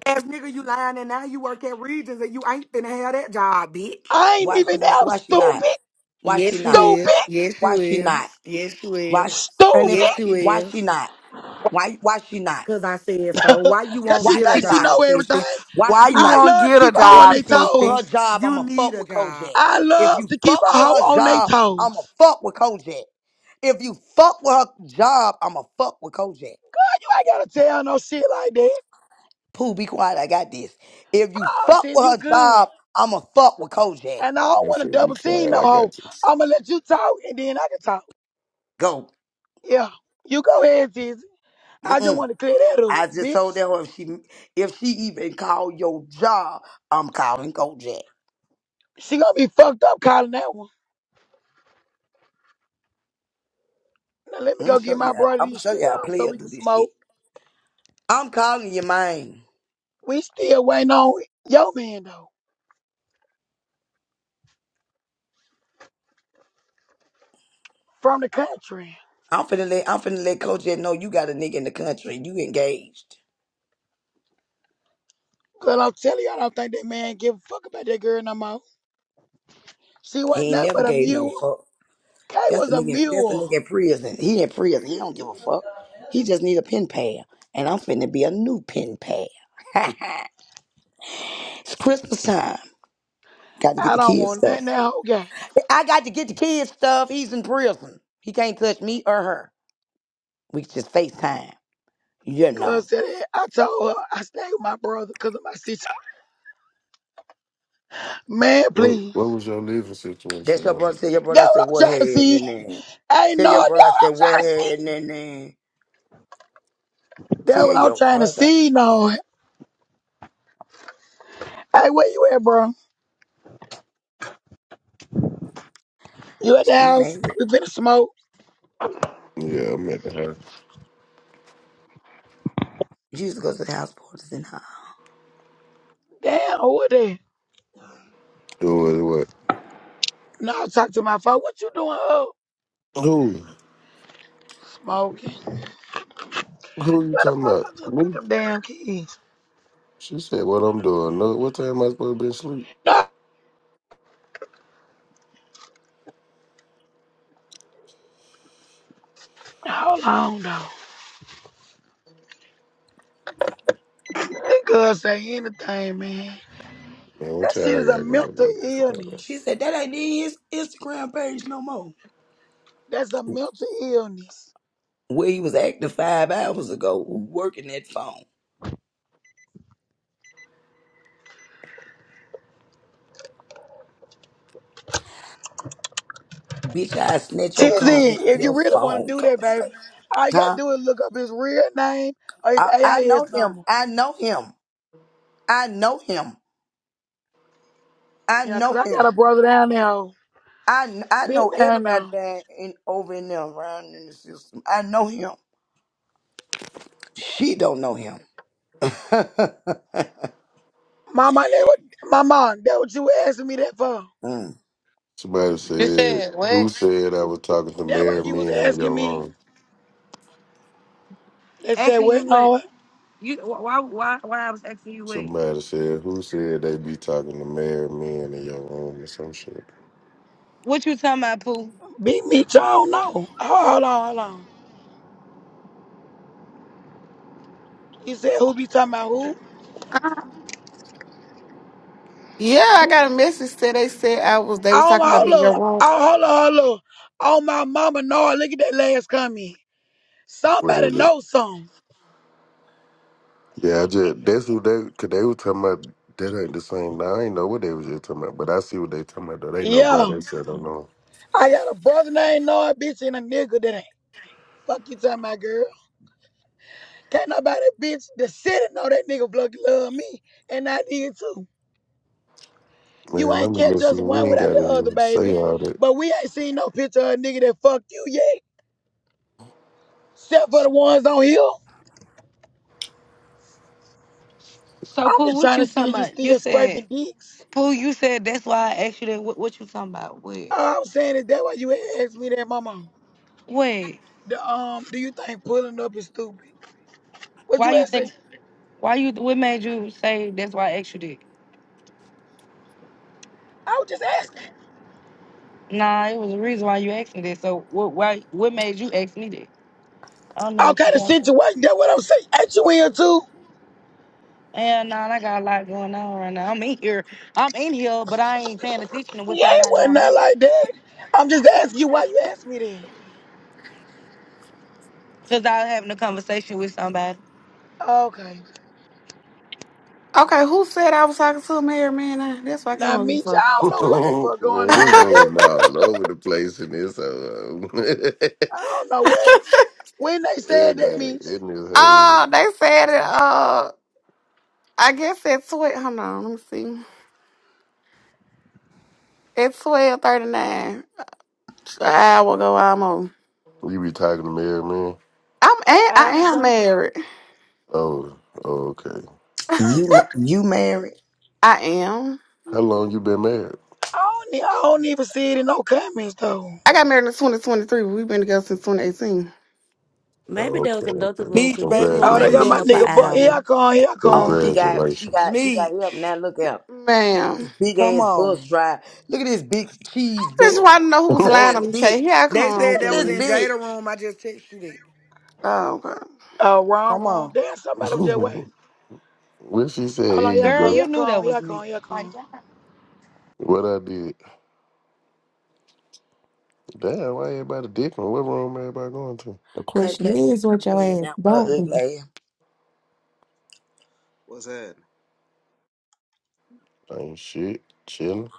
S5: ass nigga, you lying and now you work at Regions and you ain't finna have that job, bitch.
S1: I ain't
S4: Why she
S1: even
S4: not?
S1: out
S4: Why she not?
S1: stupid,
S4: Why she
S5: Yes, you
S4: not?
S5: is.
S1: stupid,
S5: Yes,
S4: Why
S5: you
S4: she not?
S5: is. Yes, you is.
S4: Why? And if
S5: Yes,
S1: stupid.
S5: you you
S4: why she
S5: is.
S4: not? Why why she not?
S5: Cause I said so. Why you
S1: Cause
S5: won't
S1: she
S4: Why
S5: get a
S4: she
S1: thinks she
S4: not?
S1: know
S5: job,
S1: everything.
S5: Tissy?
S4: Why
S5: Why
S4: she
S5: you
S1: I
S4: not?
S5: won't
S1: love to
S5: get a
S1: keep a hoe
S4: If
S1: on
S5: job,
S4: you
S1: their
S4: fuck with
S5: Tissy?
S4: her
S1: toes.
S4: job,
S5: You
S4: I'ma
S5: need
S4: fuck
S5: a
S4: with
S5: job.
S4: Kojak.
S1: I
S4: If
S1: love
S4: you
S1: to keep
S4: fuck
S1: a
S4: with her
S1: hoe on their
S4: job, I'ma
S1: toes.
S4: fuck with Kojak. If you fuck with her job, I'ma fuck with Kojak.
S1: You ain't gotta tell no shit like that.
S4: Pooh, be quiet. I got this. If you
S1: Oh,
S4: fuck
S1: Tiff,
S4: with
S1: you
S4: her
S1: good.
S4: job, I'ma fuck with Kojak.
S1: And I don't
S9: I
S1: want to
S9: said, be
S1: double team
S9: quiet.
S1: no
S9: I got
S1: hoe.
S9: this.
S1: I'm going to let you talk and then I can talk.
S4: Go.
S1: Yeah. You go ahead, Tizzy. I just
S4: Mm-mm.
S1: want to clear that up,
S4: I just told
S1: bitch.
S4: her if she if she even call your job, I'm calling Kojak.
S1: She going to be fucked up calling that one. Now let me
S4: I'm
S1: go
S4: gonna
S1: get
S4: show
S1: my
S4: you. How,
S1: brother
S4: I'm gonna
S1: these
S4: show you how a
S1: cigars so
S4: player
S1: we can
S4: do this shit.
S1: smoke.
S4: I'm calling your mind.
S1: We still waiting on your man, though, from the country.
S4: I'm finna let I'm finna let Kojak know you got a nigga in the country. You engaged.
S1: Because I'm telling you, I don't think that man give a fuck about that girl no more. She wasn't
S4: He ain't
S1: nothing
S4: never
S1: but a
S4: gave no
S1: mule.
S4: fuck.
S1: Kay
S4: That's
S1: was
S4: a
S1: a
S4: nigga. That's a
S1: mule.
S4: nigga in prison. He in prison. He don't
S12: Hallelujah
S4: give a fuck. He just need a pen pal, and I'm finna be a new pen pal. it's Christmas time. Got to get
S1: I
S4: the
S1: don't
S4: kids
S1: want nothing
S4: stuff.
S1: that whole guy.
S4: I got to get the kids stuff. He's in prison. He can't touch me or her. We just FaceTime. You know.
S1: Because I told her I stay with my brother because of my situation. Man,
S9: What,
S1: please.
S9: what was your living
S4: That's
S9: situation
S4: your
S9: on?
S4: brother. Tell your brother
S1: That
S4: I
S1: what
S4: said
S1: I'm
S4: what
S1: trying to
S4: head
S1: see.
S4: and then.
S1: Hey,
S4: Tell
S1: no,
S4: your
S1: that
S4: brother I
S1: what
S4: said
S1: I'm
S4: what
S1: trying to
S4: head
S1: see.
S4: and then.
S1: That
S4: Tell
S1: what I'm
S4: your
S1: trying to
S4: brother
S1: see, no. Hey, where you at, bro? You at the
S4: she
S1: house?
S4: made it.
S1: We finna smoke.
S9: Yeah, I'm at the house.
S4: You used to go to the house parties and house.
S1: Damn, what that?
S9: Doing what?
S1: No, I talk to my phone. What you doing up?
S9: Who?
S1: Smoking.
S9: Who you
S1: Where the
S9: talking
S1: fuck
S9: about?
S1: I just put
S9: Me?
S1: them damn keys?
S9: She said, what I'm doing. No, what time am I supposed to be asleep?
S1: No, hold on, though. That girl say anything, man.
S9: Man, what
S1: That shit
S9: y'all
S1: is a
S9: got going
S1: mental
S9: on?
S4: She
S1: illness.
S4: said that ain't in his Instagram page no more.
S1: That's a mental illness.
S4: Where he was active five hours ago, working that phone. Bitch, I snatch your cone,
S1: Tizzy, if you
S4: your
S1: really want to
S4: phone
S1: do that, baby,
S4: conversation.
S1: all you gotta
S4: Huh?
S1: do is look up his real name or his
S4: I, I know
S1: AIS
S4: him.
S1: number.
S4: I know him. I know him. I
S1: Yeah,
S4: know
S1: 'cause I got
S4: him.
S1: a brother down there.
S4: I, kn- I
S1: Been
S4: know
S1: down
S4: everybody
S1: there.
S4: that in over in there around in the system. I know him. She don't know him.
S1: Mama, that what, mama, that what you asking me that for?
S4: Mm.
S9: Somebody
S6: You
S9: said,
S6: said
S9: who
S6: what?
S9: said I was talking to
S1: That what
S9: married
S1: you was
S9: men in
S1: asking
S9: your
S1: me?
S9: room?
S1: They said,
S6: Asking
S1: well,
S6: you what?
S1: no,
S6: You wh- why why why I was asking you what?
S9: Somebody said, who said they be talking to married men in your room or some shit?
S6: What you talking about, Pooh?
S1: beat me, I don't know. Hold, hold on, hold on. You said who be talking about who?
S13: Uh, Yeah, I got a message said they said I was they was
S1: Oh,
S13: talking
S1: my,
S13: about me in
S1: hold
S13: your
S1: up.
S13: room.
S1: Oh, hold on, hold up. Oh, my mama, no, look at that last comment. Somebody
S9: Whatever.
S1: know something.
S9: Yeah, I just, that's who they, cause they was talking about, that ain't the same. Now, I ain't know what they was just talking about, but I see what they talking about though. They know, bro,
S1: Yeah.
S9: they said, I know.
S1: I got a brother named Noah, bitch, and a nigga that ain't. Fuck you talking about, girl. Can't nobody, bitch, the city know that nigga Blucky love me, and I did too. You
S9: Man,
S1: ain't
S9: I'm just
S1: catch us
S9: listening. You
S1: one
S9: ain't
S1: without
S9: got
S1: the other,
S9: to say
S1: baby.
S9: all that.
S1: But we ain't seen no picture of a nigga that fucked you yet, except for the ones on here.
S6: So
S1: I'm
S6: Pooh,
S1: just
S6: what
S1: trying to
S6: you
S1: see
S6: talking
S1: if you
S6: about? You
S1: still
S6: said
S1: scraping dicks.
S6: Pooh, you said that's why I asked you that. What, what you talking about? What?
S1: All I'm saying is that why you asked me that, mama.
S6: What?
S1: The um, do you think pulling up is stupid? What
S6: Why
S1: you
S6: you
S1: asking?
S6: think? Why you? What made you say that's why I asked you that?
S1: I was just asking.
S6: Nah, it was a reason why you asked me that. So what? Why? What made you ask me that? I don't know
S1: All
S6: what you
S1: kind of
S6: talking.
S1: situation. That's what I'm saying. Ain't you in too?
S6: Yeah, nah, I got a lot going on right now. I'm in here. I'm in here, but I ain't paying attention to what
S1: Yeah,
S6: y'all
S1: it
S6: got
S1: wasn't
S6: going
S1: that
S6: on.
S1: like that. I'm just asking you why you asked me
S6: Cause I was having a conversation with somebody.
S1: that. Okay.
S13: Okay, who said I was talking to them here, man? Uh, That's why I came
S1: Now,
S13: over here
S1: Meech,
S13: for.
S1: I don't know what the fuck
S9: Man,
S1: going
S9: this
S1: on with that.
S9: room all over the place in this hoe.
S1: I don't know where when they said that,
S9: Everybody
S1: Meech,
S9: in this hoe.
S13: oh, they said it uh I guess at twelve hold on, let me see. At twelve thirty nine. An hour ago almost.
S9: You be talking to married man?
S13: I'm
S1: an
S13: a- I
S1: hour
S13: am
S1: ago.
S13: married.
S9: Oh, oh, okay.
S4: You ma- you married?
S13: I am.
S9: How long you been married?
S1: I don't, e- I don't even see it in no comments though.
S13: I got married in twenty twenty three, but we've been together since twenty eighteen.
S2: Maybe
S9: Oh,
S2: there was
S9: okay,
S2: another
S9: okay.
S2: room
S5: Meech,
S2: because this
S5: baby,
S2: room
S5: you
S1: Oh, they
S2: ain't
S5: see
S1: got
S9: Congratulations.
S2: been
S5: us
S1: my
S2: up an
S1: nigga. But
S5: texting
S1: here
S2: hour.
S1: I
S5: you.
S1: come, here I
S4: Oh,
S1: come.
S4: she got she
S9: Congratulations.
S4: got she got help now.
S5: Meech,
S4: Look out.
S13: Ma'am.
S4: Big
S5: come
S4: ass
S5: on.
S4: bus drive. Look at this big cheese
S13: Just
S4: bus.
S13: want to know who's
S4: Look
S13: lying
S4: at
S9: Man.
S4: this
S13: on me. Say,
S4: bitch.
S13: here I
S5: They
S13: come.
S5: said
S4: Look
S5: that was
S4: at
S5: in
S13: girl.
S4: this
S5: Jada
S4: bitch.
S5: room. I just texted you that.
S13: Oh, okay.
S1: Uh, wrong,
S5: Come
S1: wrong.
S5: on.
S1: Damn, somebody was just waiting.
S9: what she said,
S1: Hold
S9: here
S1: on, here
S9: you
S1: I
S6: Girl,
S1: come,
S9: go.
S1: here
S6: you
S1: I
S6: knew
S1: come,
S6: that
S1: here I
S6: was me.
S1: come, here I
S6: Like,
S1: come.
S6: God.
S9: What I did. Damn, why everybody different? What room everybody going to?
S14: The question
S4: KK keep
S14: is what
S4: coming
S14: your
S4: in and
S14: ass
S4: out with her
S14: don't do.
S4: ugly ass.
S15: What's happening?
S9: Ain't shit. Chilling.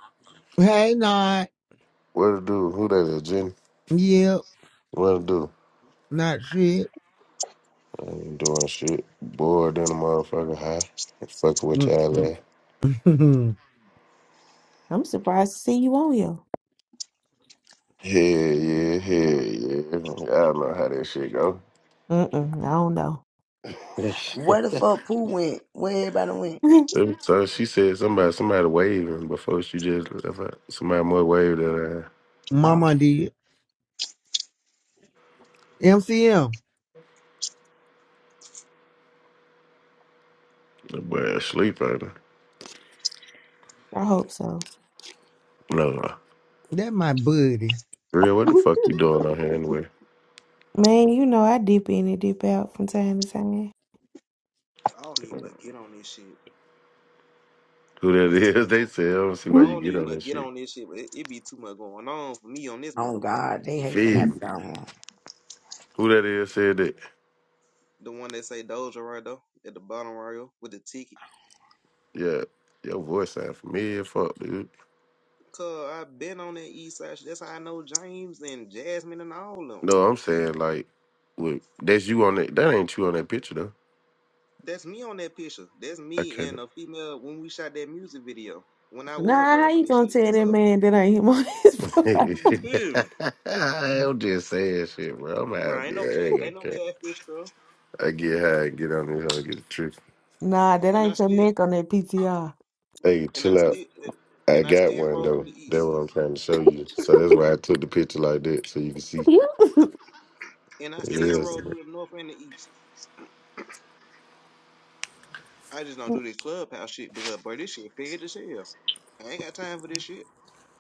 S16: Hey, not
S9: What to do? Who that is, Jenny?
S16: yeah,
S9: What to do?
S16: not shit.
S9: ain't doing shit. Bored in a motherfucker high. Fucking with y'all, man.
S14: I'm surprised to see you on here.
S9: yeah, yeah, hell yeah. Y'all know how that shit go.
S14: Mm-mm, I don't know.
S4: Where the fuck Pooh went? Where everybody went?
S9: Them- So she said somebody somebody waving before she just if I- somebody more waved at her.
S4: Oh,
S16: Mama did. MCM,
S9: The boy asleep at her.
S14: I hope so.
S9: No.
S16: that my buddy.
S9: Real, what the fuck you doing on here anyway?
S14: Man, you know I dip in and dip out from time to time.
S15: I don't even much get on this shit.
S9: Who that
S15: It's too
S9: is,
S15: much
S9: they
S15: going.
S9: said, I don't see
S15: I
S9: why you
S15: don't
S9: get
S15: even
S9: on
S15: much
S9: this
S15: get
S9: shit.
S15: on this shit, but it, it be too much going on for me on this
S4: oh
S15: motherfucker.
S4: God, they hate when I
S9: Feel
S4: be
S9: me.
S4: on here.
S9: Who that is said that?
S15: The one that say Doja right there at the bottom right here with the ticket.
S9: Yeah, your voice sound familiar, fuck, dude.
S15: Cause I been on that east side. shit. That's how I know James and Jasmine and all of them.
S9: No, I'm saying like with, that's you on that that ain't you on that picture though.
S15: That's me on that picture. That's
S9: I
S15: me and
S9: can't.
S15: a female when we shot that music video when I was
S14: Nah, how
S15: rapping
S14: you
S15: and
S14: gonna
S15: shit.
S14: tell
S15: That's
S14: that
S15: her.
S14: man that ain't him on his
S9: I'm
S14: profile?
S15: You feel me,
S9: just saying shit, bro. I'm
S15: bro? Ain't
S9: happy. I
S15: no cat,
S9: ain't gonna
S15: ain't no
S9: care.
S15: catfish, girl.
S9: I get high and get on this hoe and get the truth.
S14: Nah, that
S15: And I
S14: ain't your
S15: still,
S14: neck on that PTR.
S9: Hey,
S15: and I
S9: chill out.
S15: still,
S9: I
S15: and I
S9: got
S15: still
S9: one
S15: roll through
S9: though.
S15: the
S9: That's
S15: east.
S9: what I'm trying to show you. So that's why I took the picture like that, so you can see.
S15: and I
S9: It
S15: still
S9: is.
S15: roll through the north and the east. I just don't do this clubhouse shit because, bro, this shit fed as hell. I ain't got time for this shit.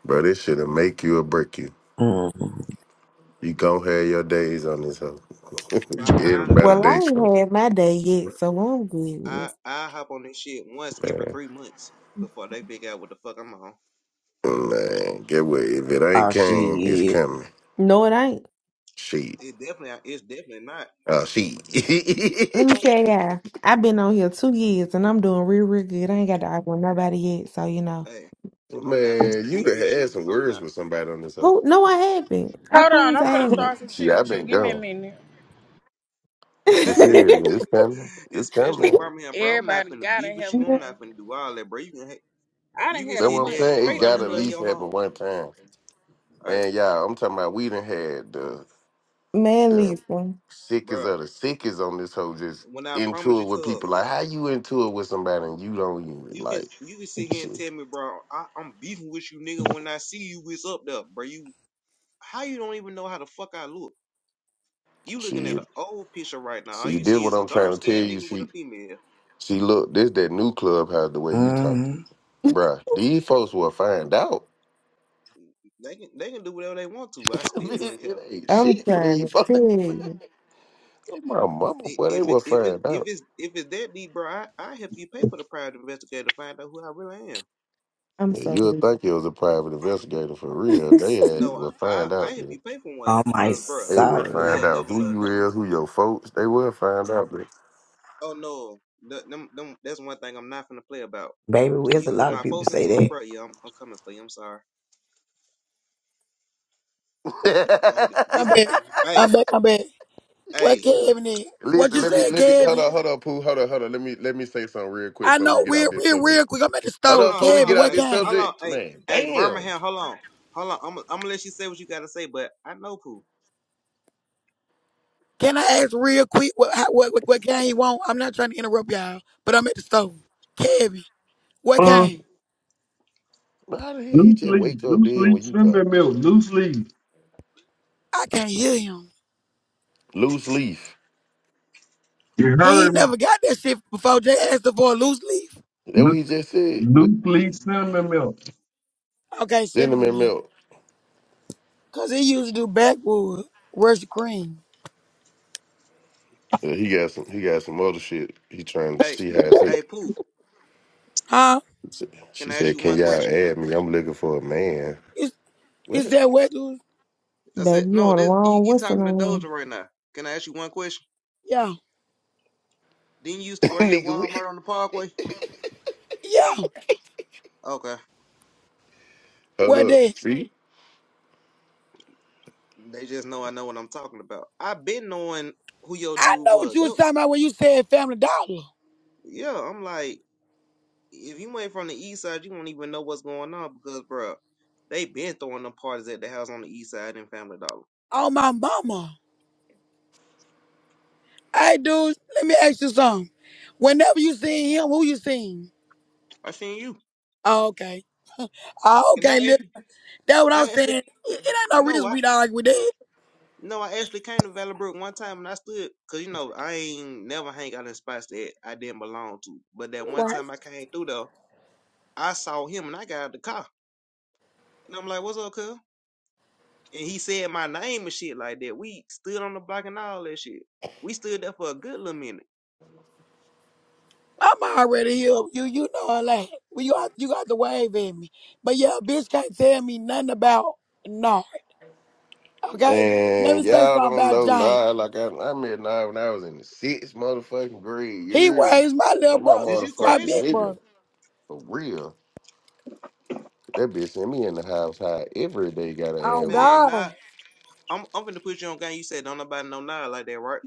S9: Bro, this shit'll make you or break you. You gon' have your days on this hoe.
S15: But I promise you,
S4: Mm.
S9: Everybody
S14: Well,
S15: I,
S14: I
S9: day
S14: ain't
S9: coming.
S14: had my day
S15: bro,
S14: yet, so I'm good. with
S15: I,
S14: it.
S15: I hop on this shit once every
S9: Man.
S15: three months before they figure out what the fuck I'm on.
S9: Man, get what? If it ain't
S4: Oh
S9: came, it's
S4: shit.
S9: coming.
S14: No, it ain't.
S9: Shit.
S15: It definitely, it's definitely not.
S9: Oh, shit.
S14: Let me tell y'all, I've been on here two years and I'm doing real, real good. I ain't got to argue with nobody yet, so you know.
S15: Hey, I'm not finna
S9: Man, you'd
S15: beef
S9: have
S15: with
S9: had
S15: you.
S9: some
S15: I'm
S9: words
S15: not.
S9: with somebody on this hoe.
S14: Oh no, I haven't. I
S17: Hold on,
S14: promise
S17: I'm
S14: I
S17: finna
S14: haven't.
S17: start some
S9: See,
S17: shit
S9: I've
S17: with you.
S9: been
S17: Give me a
S9: gone.
S17: minute.
S9: You feel me? It's coming. It's
S15: Especially in
S9: coming.
S15: Birmingham, bro. I'm not
S17: Everybody
S15: finna beef
S17: gotta
S15: with
S17: have
S15: you.
S17: a
S15: I'm
S17: day.
S15: not finna do all that, bro. You can,
S17: I
S15: you
S17: done
S15: can
S17: had a
S9: That's what
S15: sit
S9: I'm
S15: there
S17: month
S15: and
S9: saying. It
S15: call
S17: straight
S15: a
S9: got to
S17: on
S9: at
S15: hundred of
S17: here.
S9: least
S15: your
S9: happen
S15: home.
S9: one time.
S15: Hey,
S9: Man, y'all, I'm talking about we done had the
S14: Man,
S9: the
S14: listen.
S9: sickest
S15: bro.
S9: of the sickest on this hoe just
S15: When I promise
S9: into it
S15: you,
S9: with
S15: cuz.
S9: people. Like, how you into it with somebody and you don't even
S15: You can
S9: like
S15: you can sit here and
S9: shit.
S15: tell me, bro, I, I'm beefing with you, nigga. When I see you, it's up there, bro. You how you don't even know how the fuck I look? You looking at
S9: she
S15: an old picture right now. All
S9: she
S15: you
S9: did
S15: see
S9: what
S15: is a
S9: I'm
S15: dark
S9: trying to tell
S15: skinned
S9: you.
S15: nigga with a
S9: She
S15: female.
S9: she look, this that new clubhouse the way you talking.
S4: Mm.
S9: Bruh, these folks will find out.
S15: They can they can do whatever they want to, but I still wouldn't care. I-
S9: it ain't
S14: I'm
S9: shit for
S14: trying to
S9: these folks.
S14: tell you,
S9: My mama, boy, they
S15: If
S9: will
S15: it if it
S9: find
S15: if
S9: out.
S15: it's if it's that deep, bro, I I help you pay for the private investigator to find out who I really am.
S14: I'm
S9: Yeah,
S14: so
S9: you'll
S14: weak.
S9: think it was a private investigator for real. They ass
S15: No, I
S9: will
S15: I,
S9: find
S15: I
S9: out.
S15: help you pay for one
S4: Oh my
S15: because, bro,
S9: They will
S4: soul.
S9: find
S15: you'll
S9: out
S15: never
S9: who
S15: know.
S9: you is, who your folks. They will find out. man.
S15: Oh no, Th- them, them, that's one thing I'm not gonna play about.
S4: Baby,
S15: When
S4: there's a
S15: you put
S4: lot of
S15: my
S4: people
S15: folks
S4: say
S15: into it,
S4: that.
S15: bro, yeah, I'm, I'm coming for you. I'm sorry. Oh, th-
S1: I'm
S15: this,
S1: back, I'm
S15: hey,
S1: back, I'm back. What
S15: hey,
S1: Kevin is? What
S9: Listen,
S1: you
S9: let me
S1: said,
S9: let me hold
S1: Kevin?
S9: on, hold on, Pooh, hold on, hold on. Let me let me say something real quick
S1: I
S9: before we
S1: know.
S9: get out
S1: Real,
S9: this
S1: real,
S9: subject.
S1: real quick. I'm at the
S15: uh,
S9: Hold
S1: store,
S9: on,
S15: uh,
S9: before
S15: hold
S9: we
S1: Kevin.
S9: get
S15: on,
S1: What
S9: out
S15: hey,
S9: this
S1: kind?
S15: hold on,
S9: subject,
S15: hey,
S9: man.
S15: hey,
S9: Damn,
S15: Birmingham, hold on, hold on. I'm, I'm gonna let you say what you gotta say, but I know Pooh.
S1: Can I ask real quick what how- what what, what can he want? I'm not trying to interrupt y'all, but I'm at the store. Kevin, what
S11: Uh,
S1: can?
S9: how the hell he
S11: loose
S9: just
S11: leaf,
S9: wake up
S11: loose
S9: dead
S11: leaf
S9: when you come
S11: cinnamon milk, loose leaf.
S1: I can't hear him.
S9: loose leaf?
S11: You
S1: He
S11: heard
S1: ain't
S11: him?
S1: never got that shit before. Jay asked him for a loose leaf.
S9: That
S11: Lo-
S9: what he just said. With
S11: Loose leaf cinnamon milk.
S1: Okay, send him in
S9: gentleman
S1: there.
S9: milk.
S1: Cause he used to do backwood, rush cream.
S9: Uh, he got some. He got some other shit. He trying to
S15: Hey,
S9: see how it
S15: hey,
S9: take.
S15: Pooh,
S1: Huh?
S15: can
S9: She
S15: I ask
S9: said,
S15: you
S9: "Can
S15: one
S9: y'all
S15: question?
S9: add me? I'm looking for a man."
S1: Is is
S9: What,
S1: that what dude?
S15: I said,
S14: baby. You
S15: no,
S14: on the
S15: this you,
S14: wrong
S15: you talking to
S14: whistle
S15: Doja right now. Can I ask you one question?
S1: Yeah.
S15: Didn't you used to work at
S9: nigga? We
S15: Walmart on the Parkway?
S1: Yeah.
S15: Okay,
S9: hold
S1: What
S9: up.
S1: that?
S9: See.
S15: they just know I know what I'm talking about. I've been knowing who your
S1: I
S15: dude
S1: know what
S15: was.
S1: you
S15: Yep.
S1: was talking about when you said family dollar.
S15: Yeah, I'm like, if you ain't from the east side, you won't even know what's going on because, bruh, they been throwing them parties at the house on the east side in Family Dollar.
S1: Oh my mama. Hey dude, let me ask you something. Whenever you seen him, who you seen?
S15: I seen you,
S1: Oh, okay. Oh,
S15: and I
S1: okay, look,
S15: actually,
S1: that's what I'm
S15: I
S1: saying.
S15: actually,
S1: It, it ain't no
S15: no,
S1: reason
S15: I,
S1: we not like we did.
S15: no, I actually came to Valley Brook one time and I stood, cause you know I ain't never hang out in spots that I didn't belong to, but that one
S1: Right.
S15: time I came through though, I saw him and I got out the car and I'm like, what's up, cuz? And he said my name and shit like that. We stood on the block and all that shit. We stood there for a good little minute.
S1: I'm already here. You you know I like well, you got you got the wave in me. But yeah, bitch can't tell me nothing about no. Okay? Let me
S9: Man,
S1: say
S9: y'all
S1: something
S9: don't
S1: about
S9: know
S1: Jane.
S9: Nile like I, I met Nile when I was in the sixth motherfucking grade.
S1: He
S9: You,
S1: raised my little
S9: That my
S15: Is
S1: brother,
S15: you
S1: my
S9: motherfucking
S15: crazy?
S1: big
S9: nigga.
S1: brother.
S9: For real. That bitch sent me in the house high every day gotta
S1: Oh
S9: have with.
S15: Man, nah.
S1: God.
S15: I'm I'm gonna put you on game. You said don't nobody know Nile like that, right?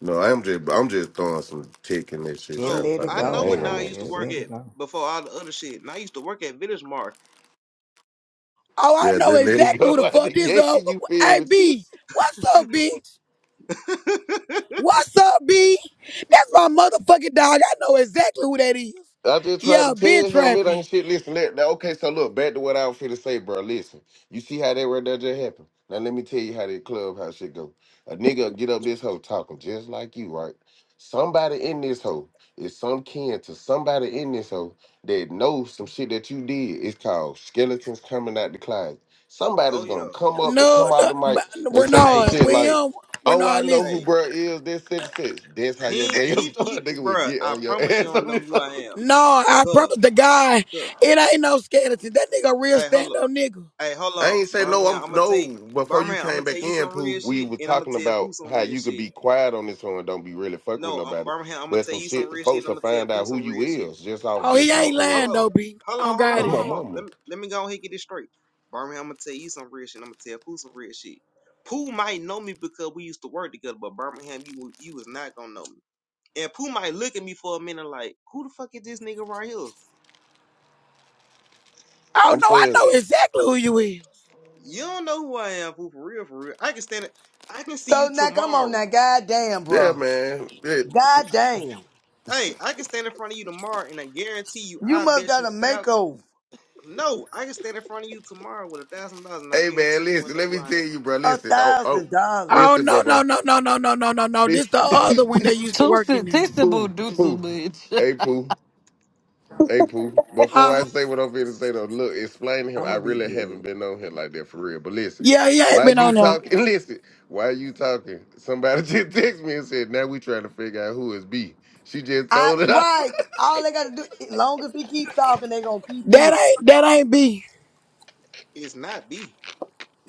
S9: No, I'm just I'm just throwing some tick in this shit
S4: Just
S9: y'all
S15: Oh,
S4: let it
S9: talking
S15: I
S9: about.
S4: go,
S15: know
S9: I
S15: what
S9: ain't gonna
S4: y'all.
S15: Nile used to
S4: Just
S9: know.
S15: work
S4: let it
S15: at
S4: go.
S15: before all the other shit. Nile used to work at Village Mart.
S1: Oh, I
S9: Yeah,
S1: know
S9: just let it
S1: exactly who
S9: go
S1: the
S9: out
S1: fuck
S9: the
S1: this
S9: gate,
S1: up.
S9: you feel
S1: Hey
S9: me?
S1: B, what's up, bitch? What's up, B? That's my motherfucking dog. I know exactly who that is.
S9: I just tried
S1: Yeah,
S9: to
S1: been
S9: tell him it ain't
S1: trapping.
S9: shit. Listen, that, that- okay, so look, back to what I was finna say, bro. Listen, you see how that right there just happened? Now let me tell you how that clubhouse shit go. A nigga get up this hoe talking just like you, right? Somebody in this hoe is some kin to somebody in this hoe that knows some shit that you did. It's called skeletons coming out the closet.
S15: Oh
S9: Somebody's
S15: yeah.
S9: gonna come up and
S1: No,
S9: come out
S1: no,
S9: the
S1: but
S9: mic and say some
S15: Hey,
S1: Renard,
S9: shit like,
S1: William,
S9: Oh, I
S1: Renard,
S9: know who
S1: listen.
S15: hey,
S9: bruh is. This such
S15: hey.
S9: such. That's how your
S15: he
S9: day will
S15: he
S9: start.
S15: he,
S9: Nigga will
S15: bruh,
S9: get
S15: I
S9: on your
S15: promise you
S9: ass
S15: don't
S9: on
S15: know
S9: this.
S15: who I am.
S1: No, I
S15: Cuz,
S1: promise the guy,
S15: cuz.
S1: it ain't no skeleton. That nigga a real
S15: Hey, hold up.
S1: stand-up nigga.
S15: Hey, hold
S9: I
S15: on,
S9: ain't say no. I'm
S15: Birmingham. I'm gonna tell
S9: no.
S15: you,
S9: Before you
S15: Birmingham. I'm
S9: came
S15: gonna tell
S9: back
S15: you
S9: in,
S15: some
S9: Pooh,
S15: real
S9: we
S15: shit,
S9: were
S15: and I'm gonna
S9: talking
S15: tell Pooh
S9: about
S15: some
S9: how
S15: real
S9: you could
S15: shit.
S9: be quiet on this one and don't be really fucking with
S15: No, uh,
S9: nobody.
S15: Birmingham. I'm gonna
S9: But
S15: tell
S9: some
S15: you some
S9: shit,
S15: real shit, and
S9: folks
S15: I'm
S9: will
S15: gonna tell
S9: find
S15: Pooh
S9: out who
S15: some
S9: you
S15: real shit.
S9: is just off
S1: Oh, he
S9: just
S1: ain't
S15: No,
S9: talking in the
S1: lying
S15: hello,
S9: circle.
S1: though, B. Oh
S15: hello, hello,
S1: God,
S9: Oh
S1: he
S15: hello,
S9: my
S1: ain't.
S15: hello.
S9: mama,
S15: Let me, let me go on here and get this straight. Birmingham, I'm gonna tell you some real shit. And I'm gonna tell Pooh some real shit. Pooh might know me because we used to work together, but Birmingham, you you was not gonna know me. And Pooh might look at me for a minute like, who the fuck is this nigga right here?
S1: Oh
S9: I'm
S1: no, I
S9: saying,
S1: know exactly who you is.
S15: You don't know who I am, Pooh, for real, for real. I can stand it. I can see you
S4: So now come on
S15: tomorrow.
S4: now, goddamn,
S9: yeah,
S4: bro.
S9: man. Yeah.
S4: Goddamn.
S15: Hey, I can stand in front of you tomorrow, and I guarantee you,
S4: You
S15: I
S4: must
S15: bet
S4: got
S15: you
S4: a
S15: a thousand.
S4: makeover.
S15: No, I can stand in front of you tomorrow with a thousand dollars, and I
S9: Hey, man,
S15: guarantee you, won't
S9: listen.
S15: know
S9: Let
S15: who
S9: me
S15: I
S9: tell
S15: am.
S9: you, bro.
S4: A
S9: Listen, oh, oh,
S4: thousand dollars.
S1: Oh
S9: listen,
S1: no,
S9: bro,
S1: no,
S9: bro.
S1: no, no, no, no, no, no, no. This
S9: This-
S1: the other one that used to
S6: Too
S1: work in there.
S9: Pooh,
S6: sensitive, do too
S9: Pooh.
S6: much.
S9: Hey, Pooh. Hey Pooh, before
S1: Huh?
S9: I say what I'm finna say though, look, explain to him.
S4: I'm
S9: I
S4: gonna be
S9: really
S4: good.
S9: haven't been on here like that for real. But listen,
S1: Yeah, he ain't
S9: why
S1: been
S9: you
S1: on there.
S9: talking? Listen, why you talking? Somebody just texted me and said, now we trying to figure out who is B. She just
S4: I
S9: told it off.
S4: right. All they gotta do, as long as he keep talking, they gonna keep
S1: That
S4: listening.
S1: ain't that ain't B.
S15: It's not B.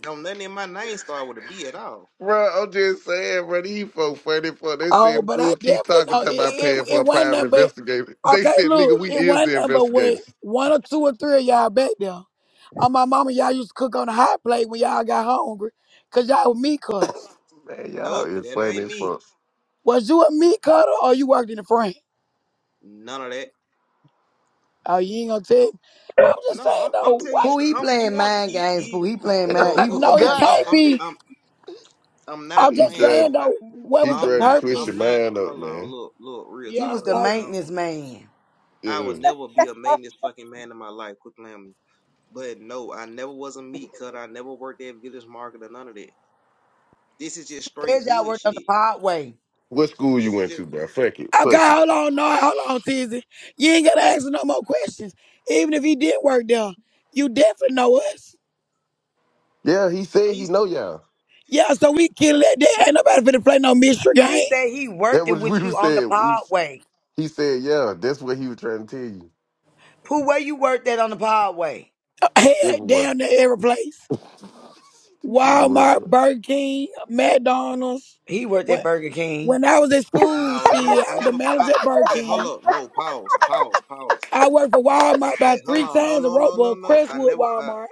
S15: Don't nothing in my name start with a B at all.
S9: bro, I'm just saying, bro, these folks funny for they
S1: Oh,
S9: said
S1: but I
S9: Pooh keep
S1: definitely
S9: talking
S1: know it.
S9: to about
S1: It,
S9: paying for
S1: it
S9: a
S1: wasn't
S9: private
S1: nothing but
S9: investigator. They
S1: okay.
S9: said,
S1: Look,
S9: nigga, we
S1: it
S9: is
S1: wasn't
S9: the
S1: nothing but wait.
S9: investigators.
S1: One or two or three of y'all back there. On my mama, y'all used to cook on the hot plate when y'all got hungry, cause y'all were meat cutters.
S9: Man, y'all
S15: Nope,
S9: is
S15: that
S9: funny
S15: ain't
S9: as
S15: me.
S9: fuck.
S1: Was you a meat cutter or you worked in the frame?
S15: None of that.
S1: Oh, you ain't gonna tell me. I'm just
S15: No,
S1: saying
S15: I'm I'm
S1: though,
S15: telling you
S1: why?
S4: Pooh,
S15: straight.
S4: he
S15: I'm, you
S4: playing
S15: want
S4: mind
S15: you,
S4: games. Pooh,
S15: you
S4: he playing mind.
S15: no
S4: He was
S15: cool.
S4: the
S9: oh
S1: No, it
S15: No,
S4: manager.
S9: God.
S1: can't
S15: I'm
S1: be.
S15: I'm I'm
S1: I'm
S15: not
S9: He
S1: just
S15: playing no
S1: saying
S9: tried
S15: my.
S1: though, what
S9: he
S1: was the
S15: I'm
S9: tried to
S15: not
S9: twist your
S15: I'm
S1: purpose?
S15: not.
S9: mind up,
S15: Hold on,
S9: man.
S15: look look real
S4: He
S1: Yeah, I'm
S15: talk.
S4: was the
S15: Cause
S1: lost.
S15: now
S4: maintenance
S1: now.
S4: man.
S15: I would
S9: Yeah.
S15: never be a maintenance fucking man in my life. Quit playing with me. But no, I never was a meat cutter. I never worked at village market or none of that. This is just straight
S4: Says y'all
S15: hood
S4: worked on the
S15: shit.
S4: podway.
S9: What school you
S15: This is
S9: went
S15: just.
S9: to, bro? Fuck it, fuck
S1: Okay,
S9: it.
S1: hold on, no, hold on, Tizzy. You ain't gotta ask no more questions. Even if he did work there, you definitely know us.
S9: Yeah, he
S15: I
S9: said he
S15: used
S9: know
S15: to.
S9: y'all.
S1: Yeah, so we can let there Ain't nobody finna play no mystery
S4: He
S1: game.
S4: said he worked
S9: That
S4: it
S9: was we
S4: with you
S9: was
S4: on the
S9: saying. We was-
S4: podway.
S9: he said, yeah, that's what he was trying to tell you.
S4: Pooh, where you worked that on the podway?
S1: Hell,
S9: Everyone,
S1: down there every place.
S9: it worked.
S1: Walmart,
S9: out.
S1: Burger King, McDonald's.
S4: He worked at
S1: When
S4: Burger King.
S1: when I was in school,
S15: No, I never,
S1: she I
S15: I
S1: was the
S15: never.
S1: manager
S15: I,
S1: at Burger
S15: hey, hold
S1: King.
S15: up. No, pause, pause, pause.
S1: I worked for Walmart
S15: Hey,
S1: about
S15: hold
S1: three
S15: on. No,
S1: times in
S15: no,
S1: row,
S15: no, no,
S1: well,
S15: no. I
S1: Crestwood
S15: never. Uh,
S1: Walmart.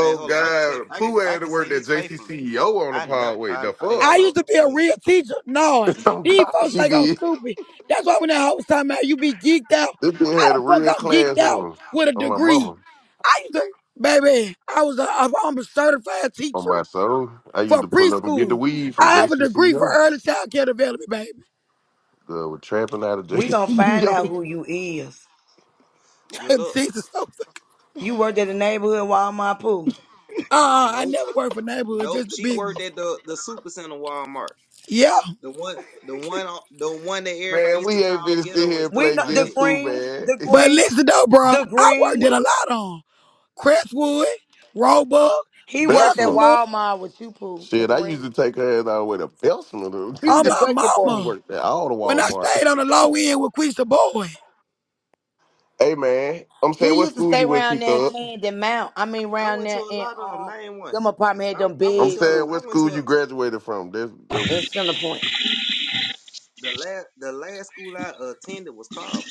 S15: hey, hold on. I can say,
S9: God,
S15: I can,
S9: Pooh
S15: I
S9: had to
S15: can
S9: work
S15: say
S9: that
S15: this faithfully.
S9: JCCEO on the
S15: I never.
S9: pod. Wait,
S15: I,
S9: the
S15: hey,
S9: fuck?
S1: I
S15: hold on,
S1: used to be a
S15: Hey,
S1: real teacher. No,
S9: oh
S1: these
S9: God,
S1: folks
S9: she
S1: think I'm
S9: did.
S1: stupid. That's why when that whole time out, you be geeked out.
S9: This bitch
S1: How
S9: had a
S1: the fuck
S9: real
S1: I'm geeked
S9: class
S1: out
S9: one
S1: with a
S9: on my
S1: degree?
S9: mama.
S1: I used to, baby, I was a, I'm a certified
S9: On my
S1: teacher
S9: soul, I used
S1: for
S9: to pull up and get the
S1: preschool.
S9: weed from
S1: I have a degree for
S9: JCCO.
S1: early child care development, baby.
S9: Girl, we're tramping out of
S4: We gonna find out
S9: JCCO,
S4: who you is.
S15: good luck.
S1: Jesus,
S4: You worked at the neighborhood Walmart, Pooh.
S1: Uh, I
S15: Nope,
S1: never worked for neighborhood,
S15: nope.
S1: just the
S15: She
S1: big
S15: worked
S1: ones.
S15: at the the super center Walmart.
S1: Yeah,
S15: The one, the one, on- the one that everybody
S9: Man,
S15: used to
S9: we ain't
S15: call
S9: finna sit
S15: ghetto and
S9: here and
S4: We
S15: stuff
S9: play
S4: know
S15: like
S4: the
S9: Guess
S15: that.
S9: Who,
S4: green,
S9: man.
S4: the
S1: but
S4: green,
S1: listen though, bro,
S4: the
S1: I
S4: green
S1: worked at
S4: one.
S1: a lot on Crestwood, Roebuck,
S4: He worked at
S9: Belsma.
S1: Bessemer,
S4: Walmart with you, Pooh, the
S9: Shit, I
S4: green.
S9: used to take her ass out with a pencil.
S4: He was
S1: on
S4: the
S9: dude.
S1: my
S4: bucket
S9: She
S4: boy.
S1: mama.
S9: worked at all the
S1: When I stayed
S9: Walmarts.
S1: on the low end with Quista Boy.
S9: Hey man, I'm saying
S4: He
S9: what
S4: used to
S9: school
S4: stay
S9: you went to,
S4: around there in
S9: Thug?
S4: Candy Mount. I mean,
S15: I
S4: round
S15: went to
S4: there
S15: a
S4: in
S15: lot of them.
S4: um,
S15: Name one.
S4: them apartment had
S15: I,
S4: them
S15: I went
S9: I'm
S15: to,
S4: big
S15: a,
S9: saying
S4: Pooh
S15: I
S9: what
S15: went to
S9: school
S15: a,
S9: you graduated from. That that
S4: in
S9: we.
S4: Center Point.
S15: the last, the last school I attended was called.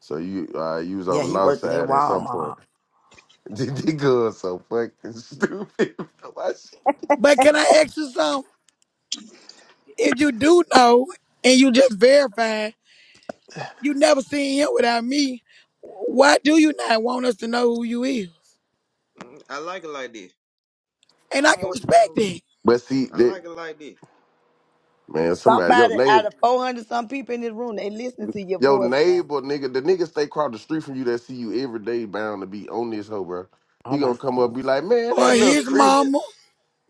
S9: So you uh, you was
S4: Yeah,
S9: on the
S4: he
S9: north
S4: worked at
S9: side at some point.
S4: Walmart.
S9: This girl so fucking stupid. Why she-
S1: But can I ask you something? If you do know and you just verified, you never seen him without me. Why do you not want us to know who you is?
S15: mm, I like it like this. I
S1: And I
S15: don't
S1: can
S15: want people to
S1: respect
S15: know
S1: that.
S9: but see
S15: I
S9: that
S15: like it like this.
S9: man, somebody your
S4: Somebody out
S9: neighbor.
S4: of 400 some people in this room, they listening to your
S9: Your
S4: voice now.
S9: neighbor, nigga, the nigga stay across the street from you that see you every day bound to be on this hoe, bro.
S4: Oh,
S9: He
S4: my
S9: gonna come up and
S4: soul.
S9: be like, man,
S1: Or
S9: that
S15: And that
S9: little
S1: his
S15: nigga
S9: Chris,
S15: still.
S1: mama,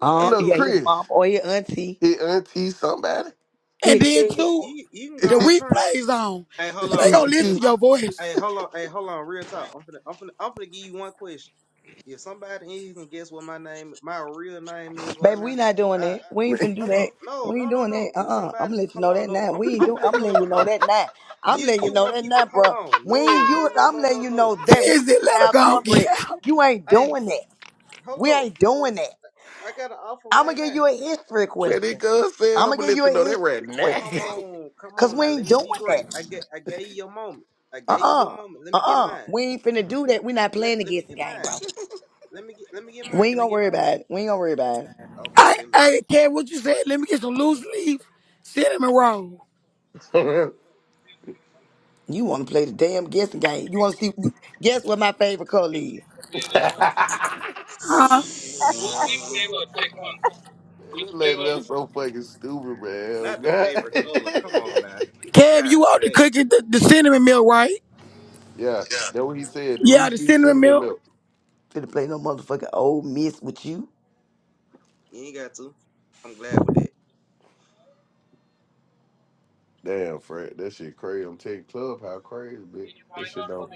S9: man, that
S4: Uh,
S15: And
S9: little
S4: yeah,
S15: look,
S4: his
S9: Chris.
S4: mom or your auntie.
S9: He auntie somebody.
S1: And
S4: He
S15: you
S1: then
S15: you
S4: could.
S15: can
S1: too,
S15: you you can
S1: the
S15: go
S9: man,
S15: on try.
S1: replays on.
S15: Hey,
S1: So
S15: hold
S1: they
S15: on. If
S1: gonna listen
S15: if
S1: to
S15: some,
S1: your
S15: hey,
S1: voice.
S15: hold on. Hey, hold on. Real talk. I'm finna I'm finna I'm finna give you one question. If somebody in here can guess what my name, my real name is right
S4: Baby, we
S15: now,
S4: not doing
S15: I
S4: that. We ain't finna do
S15: hold on.
S4: that.
S15: No,
S4: We ain't
S15: no, no,
S4: doing that.
S15: no. If
S4: Uh uh i am
S15: somebody,
S4: gonna let you
S15: hold
S4: know
S15: on.
S4: that
S15: No,
S4: now.
S15: I'm
S4: We ain't
S15: I'm
S4: doing.
S15: finna
S4: I'm
S15: pull up.
S4: letting
S15: A,
S4: you know
S15: I'm,
S4: that now. I'm
S15: you
S4: letting you
S15: you
S4: know
S15: want
S4: that
S15: people?
S4: now,
S15: To, hold
S4: bro.
S15: on.
S4: We
S15: No,
S4: ain't you.
S15: no, no,
S4: I'm
S15: no,
S4: letting
S15: no,
S4: you
S15: no.
S4: know that we
S1: Tizzy,
S4: eating
S1: let her
S4: our
S1: go and get
S4: cornbread.
S1: out.
S4: You ain't
S15: Hey,
S4: doing
S15: hold on.
S4: that.
S15: Hold
S4: We
S15: on.
S4: ain't
S15: No,
S4: doing that.
S15: I I got an offer
S4: I'm
S15: right
S4: gonna give
S15: now.
S4: you a history
S9: man, that
S4: question.
S9: girl said,
S4: I'm
S9: I'm
S4: gonna
S9: gonna
S4: give
S9: let
S4: you
S9: you
S4: a
S9: know that
S4: history
S9: right now.
S4: question.
S15: Come on, come
S4: Cause
S15: on
S4: we
S15: now.
S4: ain't
S15: Let me
S4: doing
S15: be
S4: that.
S15: great. I get, I gave you your moment. I
S4: Uh
S15: gave you your
S4: uh-uh.
S15: moment. Let me get
S4: uh.
S15: mine.
S4: We ain't finna do that. We not
S15: Let,
S4: playing the
S15: let me
S4: guessing
S15: get
S4: game,
S15: mine.
S4: bro.
S15: Let me get, let me get mine.
S4: We ain't
S15: Can I
S4: gonna
S15: get
S4: worry
S15: mine?
S4: about it. We ain't gonna worry about it.
S15: Okay,
S1: I,
S15: say
S1: I, Kev, what you said? Let me get some loose leaf cinnamon roll.
S9: man,
S4: You wanna play the damn guessing game. You wanna see? Guess what my favorite color is?
S9: that
S1: Huh?
S15: less.
S9: lady, that's so fucking stupid, man. Oh,
S15: Not the
S9: God.
S15: favorite color. Come on now.
S1: Kev,
S15: God
S1: you out to
S15: damn.
S1: cooking the, the cinnamon milk, right?
S9: yeah, that what he said.
S1: Yeah, the
S9: Loosely
S1: cinnamon
S9: cinnamon
S1: milk.
S9: milk.
S4: Finna play no motherfucking old miss with you.
S15: You ain't got to. I'm glad with that.
S9: Damn, Fred, that shit crazy. I'm taking club how crazy, bitch. That shit don't.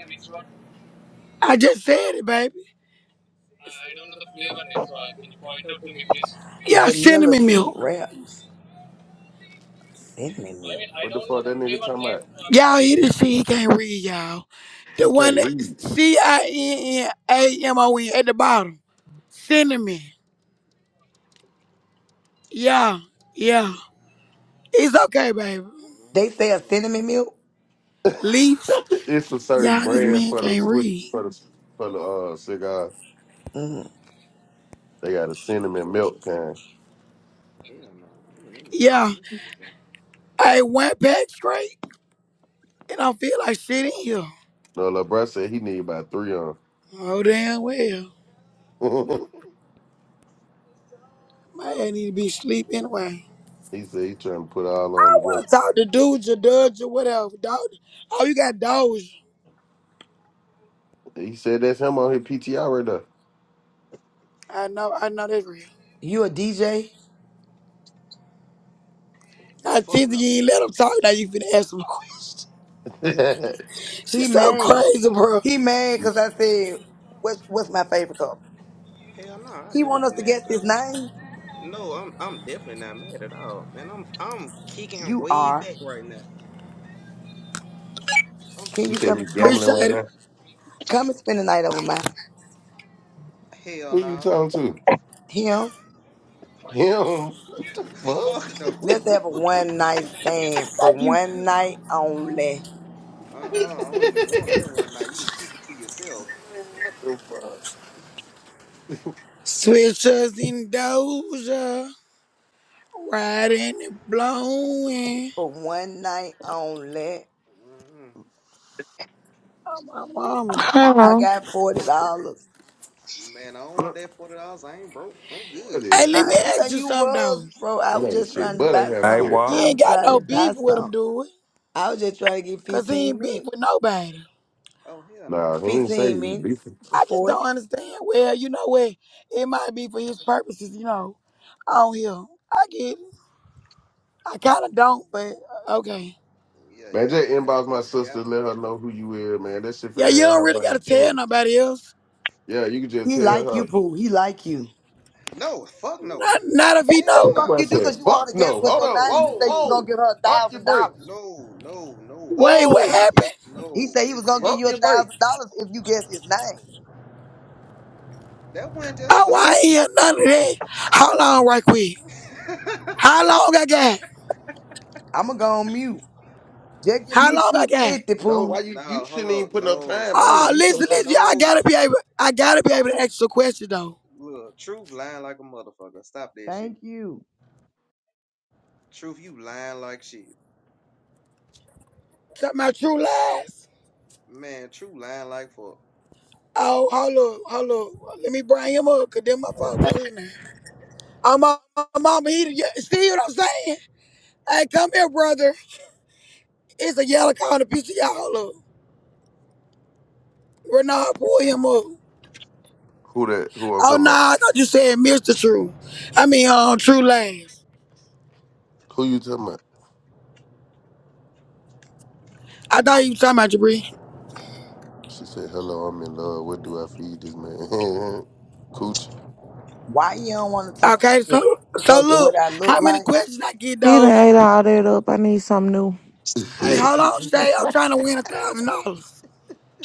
S1: I just said it, baby. Yeah,
S4: Vanilla
S1: cinnamon
S4: True
S1: milk.
S4: Raps.
S1: I
S4: Cinnamon
S1: I
S4: milk.
S1: mean, I
S9: What the
S1: don't know
S9: fuck
S1: the
S9: that nigga
S1: flavor
S9: talking
S1: name.
S9: about?
S1: Y'all hear this shit? He can't read, y'all. The
S9: He can't
S1: one that
S9: read.
S1: C I N N A M O N at the bottom. Cinnamon. Yeah, yeah.
S15: Mm,
S1: It's okay, baby.
S15: No,
S4: They
S15: no,
S4: say a cinnamon
S15: no.
S4: milk?
S1: Leafs,
S9: it's a certain
S1: Y'all, this
S15: Oh,
S9: brand
S1: man
S9: for
S15: hell
S9: the
S1: can't
S15: no.
S9: switch
S1: read.
S9: for the for the uh cigar.
S4: Mm.
S9: They
S15: Oh,
S9: got a
S15: fuck no.
S9: cinnamon
S15: Don't.
S9: milk kind.
S15: Hell no. None of them know. We
S1: Yeah,
S15: in this motherfucker.
S1: I went back straight, and I feel like shit in here.
S9: No, LeBron said he need about three on.
S1: Oh, damn well. My ass need to be asleep anyway.
S9: he said he trying to put all
S1: I
S9: on together.
S1: want to talk to dudes or duds or whatever. Dog. Oh, you got dogs.
S9: He said that's him on his PTR right there.
S1: I know, I know that's real.
S4: You a DJ?
S1: Now,
S15: Fuck
S1: Tizzy,
S15: no.
S1: you ain't let him talk. Now you finna ask some questions.
S4: He
S1: She's so
S4: mad.
S1: crazy, bro.
S4: He mad
S9: you
S4: because I said, what's, what's my favorite color?
S15: Hell no. I
S4: He
S15: never
S4: want us
S15: be
S4: to
S15: mad
S4: guess
S15: about
S4: his
S15: that.
S4: name?
S15: No, I'm I'm definitely not mad at all, man. I'm I'm kicking
S4: You
S15: way
S4: are.
S15: back right now. I'm
S4: Can
S9: you
S4: you
S15: chilling.
S4: come
S9: said you
S4: and smoke
S9: gambling
S4: with
S1: Appreciate
S4: me?
S9: right
S1: it.
S9: now?
S4: Come and spend the night over my
S15: Hell
S9: Who you
S15: no.
S9: talking to?
S4: him.
S9: Him? What the
S15: Fuck no.
S9: fuck?
S4: Let's have a one night stand for
S1: Thank you.
S4: one night only.
S15: uh uh I don't even want that one now. You can keep it to yourself.
S9: Man, what the fuck?
S1: Switch us in doja. Riding and blowing.
S4: For one night only.
S15: Mm-mm.
S1: Oh, my mama.
S4: I
S18: Hello.
S4: got $40.
S15: Man, I don't
S9: Huh?
S15: want that forty dollars. I ain't broke. I'm
S9: What
S15: good.
S1: Hey,
S9: is?
S1: let
S4: I
S1: me ask
S4: didn't say
S1: you
S4: you
S1: something though.
S4: was, bro. I
S9: What
S4: was
S9: ain't
S4: just
S9: shit
S4: trying to
S9: but a
S4: buy
S19: I
S4: some.
S9: haircut.
S1: You
S19: what?
S4: I
S1: ain't
S9: Um,
S4: was
S1: got
S4: trying
S1: no
S4: to
S1: beef
S4: buy
S1: with him,
S4: some.
S1: do it?
S4: I was just trying to get
S1: Cause he
S4: 15
S1: ain't beef
S4: minutes.
S1: with nobody.
S15: oh hell no,
S9: Nah,
S15: my
S9: he
S15: life
S9: ain't
S15: is
S9: say
S4: 15
S9: you
S15: good.
S4: minutes
S9: beefing.
S4: for
S1: I just
S4: 40.
S1: don't understand. Well, you know what? It might be for his purposes, you know, on here. I get it. I kind of don't, but uh, okay.
S15: Yeah,
S9: Man,
S15: yeah,
S9: just
S15: cause y'all
S9: inbox my
S15: take yeah.
S9: sister, let her know who you is, man. That shit for
S1: Yeah,
S9: the
S1: you
S9: hell
S1: don't
S9: her
S1: really gotta
S9: mind.
S1: tell nobody else.
S9: Yeah, you can just
S4: He
S9: tell
S4: like
S9: her.
S4: you, Pooh. He like you.
S15: No, fuck no.
S1: Not, not if he
S4: The
S15: Hell
S1: know.
S9: That
S4: fuck
S9: boy
S4: you
S15: no.
S4: do?
S9: said,
S4: Cause you want
S9: fuck
S4: her to guess
S9: no.
S4: what
S9: Hold
S4: your
S9: on.
S15: No,
S4: name. You
S9: Whoa,
S4: say you
S15: no,
S4: gonna
S9: whoa.
S4: give her a
S9: Pump your
S4: thousand dollars.
S9: brakes.
S15: no, no, no,
S1: Wait,
S15: no,
S1: what
S9: Whoa.
S15: no.
S1: happened?
S15: It
S4: He
S15: no.
S4: said he
S15: It
S4: was gonna
S15: it
S4: give
S9: Pump
S4: you a
S9: your
S4: thousand
S9: brakes.
S4: dollars if you guess his name.
S15: that wasn't just for
S1: Oh, I
S15: her.
S1: ain't hear none of that. How long, right quick? How long I got?
S4: I'ma go on mute. Just give
S1: How
S4: me
S1: long I
S4: two
S1: got?
S4: fifty,
S9: Don't
S4: Pooh.
S9: why you
S15: No,
S9: you
S15: hold
S9: shouldn't even
S15: up.
S9: put no
S15: No,
S9: time
S15: see,
S9: on
S15: not
S9: it.
S1: Oh,
S9: You so
S1: listen,
S9: good.
S1: listen, y'all
S15: no.
S1: gotta be able, I gotta be able to ask a question though.
S15: Look, truth lying like a motherfucker. Stop that shit.
S4: Thank you.
S15: Truth, you lying like shit,
S1: Talking about true lies.
S15: man. Truth lying like fuck.
S1: Oh, hold up, hold up. Let me bring him up, cause them my folks too now. Oh, my, my mama, he, the- yeah, see what I'm saying? Hey, come here, brother. It's a yellow car on piece of y'all up. Renard, pull him up.
S9: Who that who I'm
S1: Oh,
S9: talking about?
S1: nah, I thought you said Mr. True. I mean, um, True Lies.
S9: Who you talking about?
S1: I thought you was talking about Jabri.
S9: She said, Hello, I'm in love. What do I feed this man? Cooch.
S4: Why you don't want to talk
S1: Okay,
S4: to me?
S1: so, so
S4: Cause of what
S1: look,
S4: I
S1: how
S4: look
S1: many
S4: like,
S1: questions I get,
S18: he done
S1: Doja?
S18: ate all that up. I need something new.
S1: Hey, hold on, Shay. I'm trying to win a thousand dollars.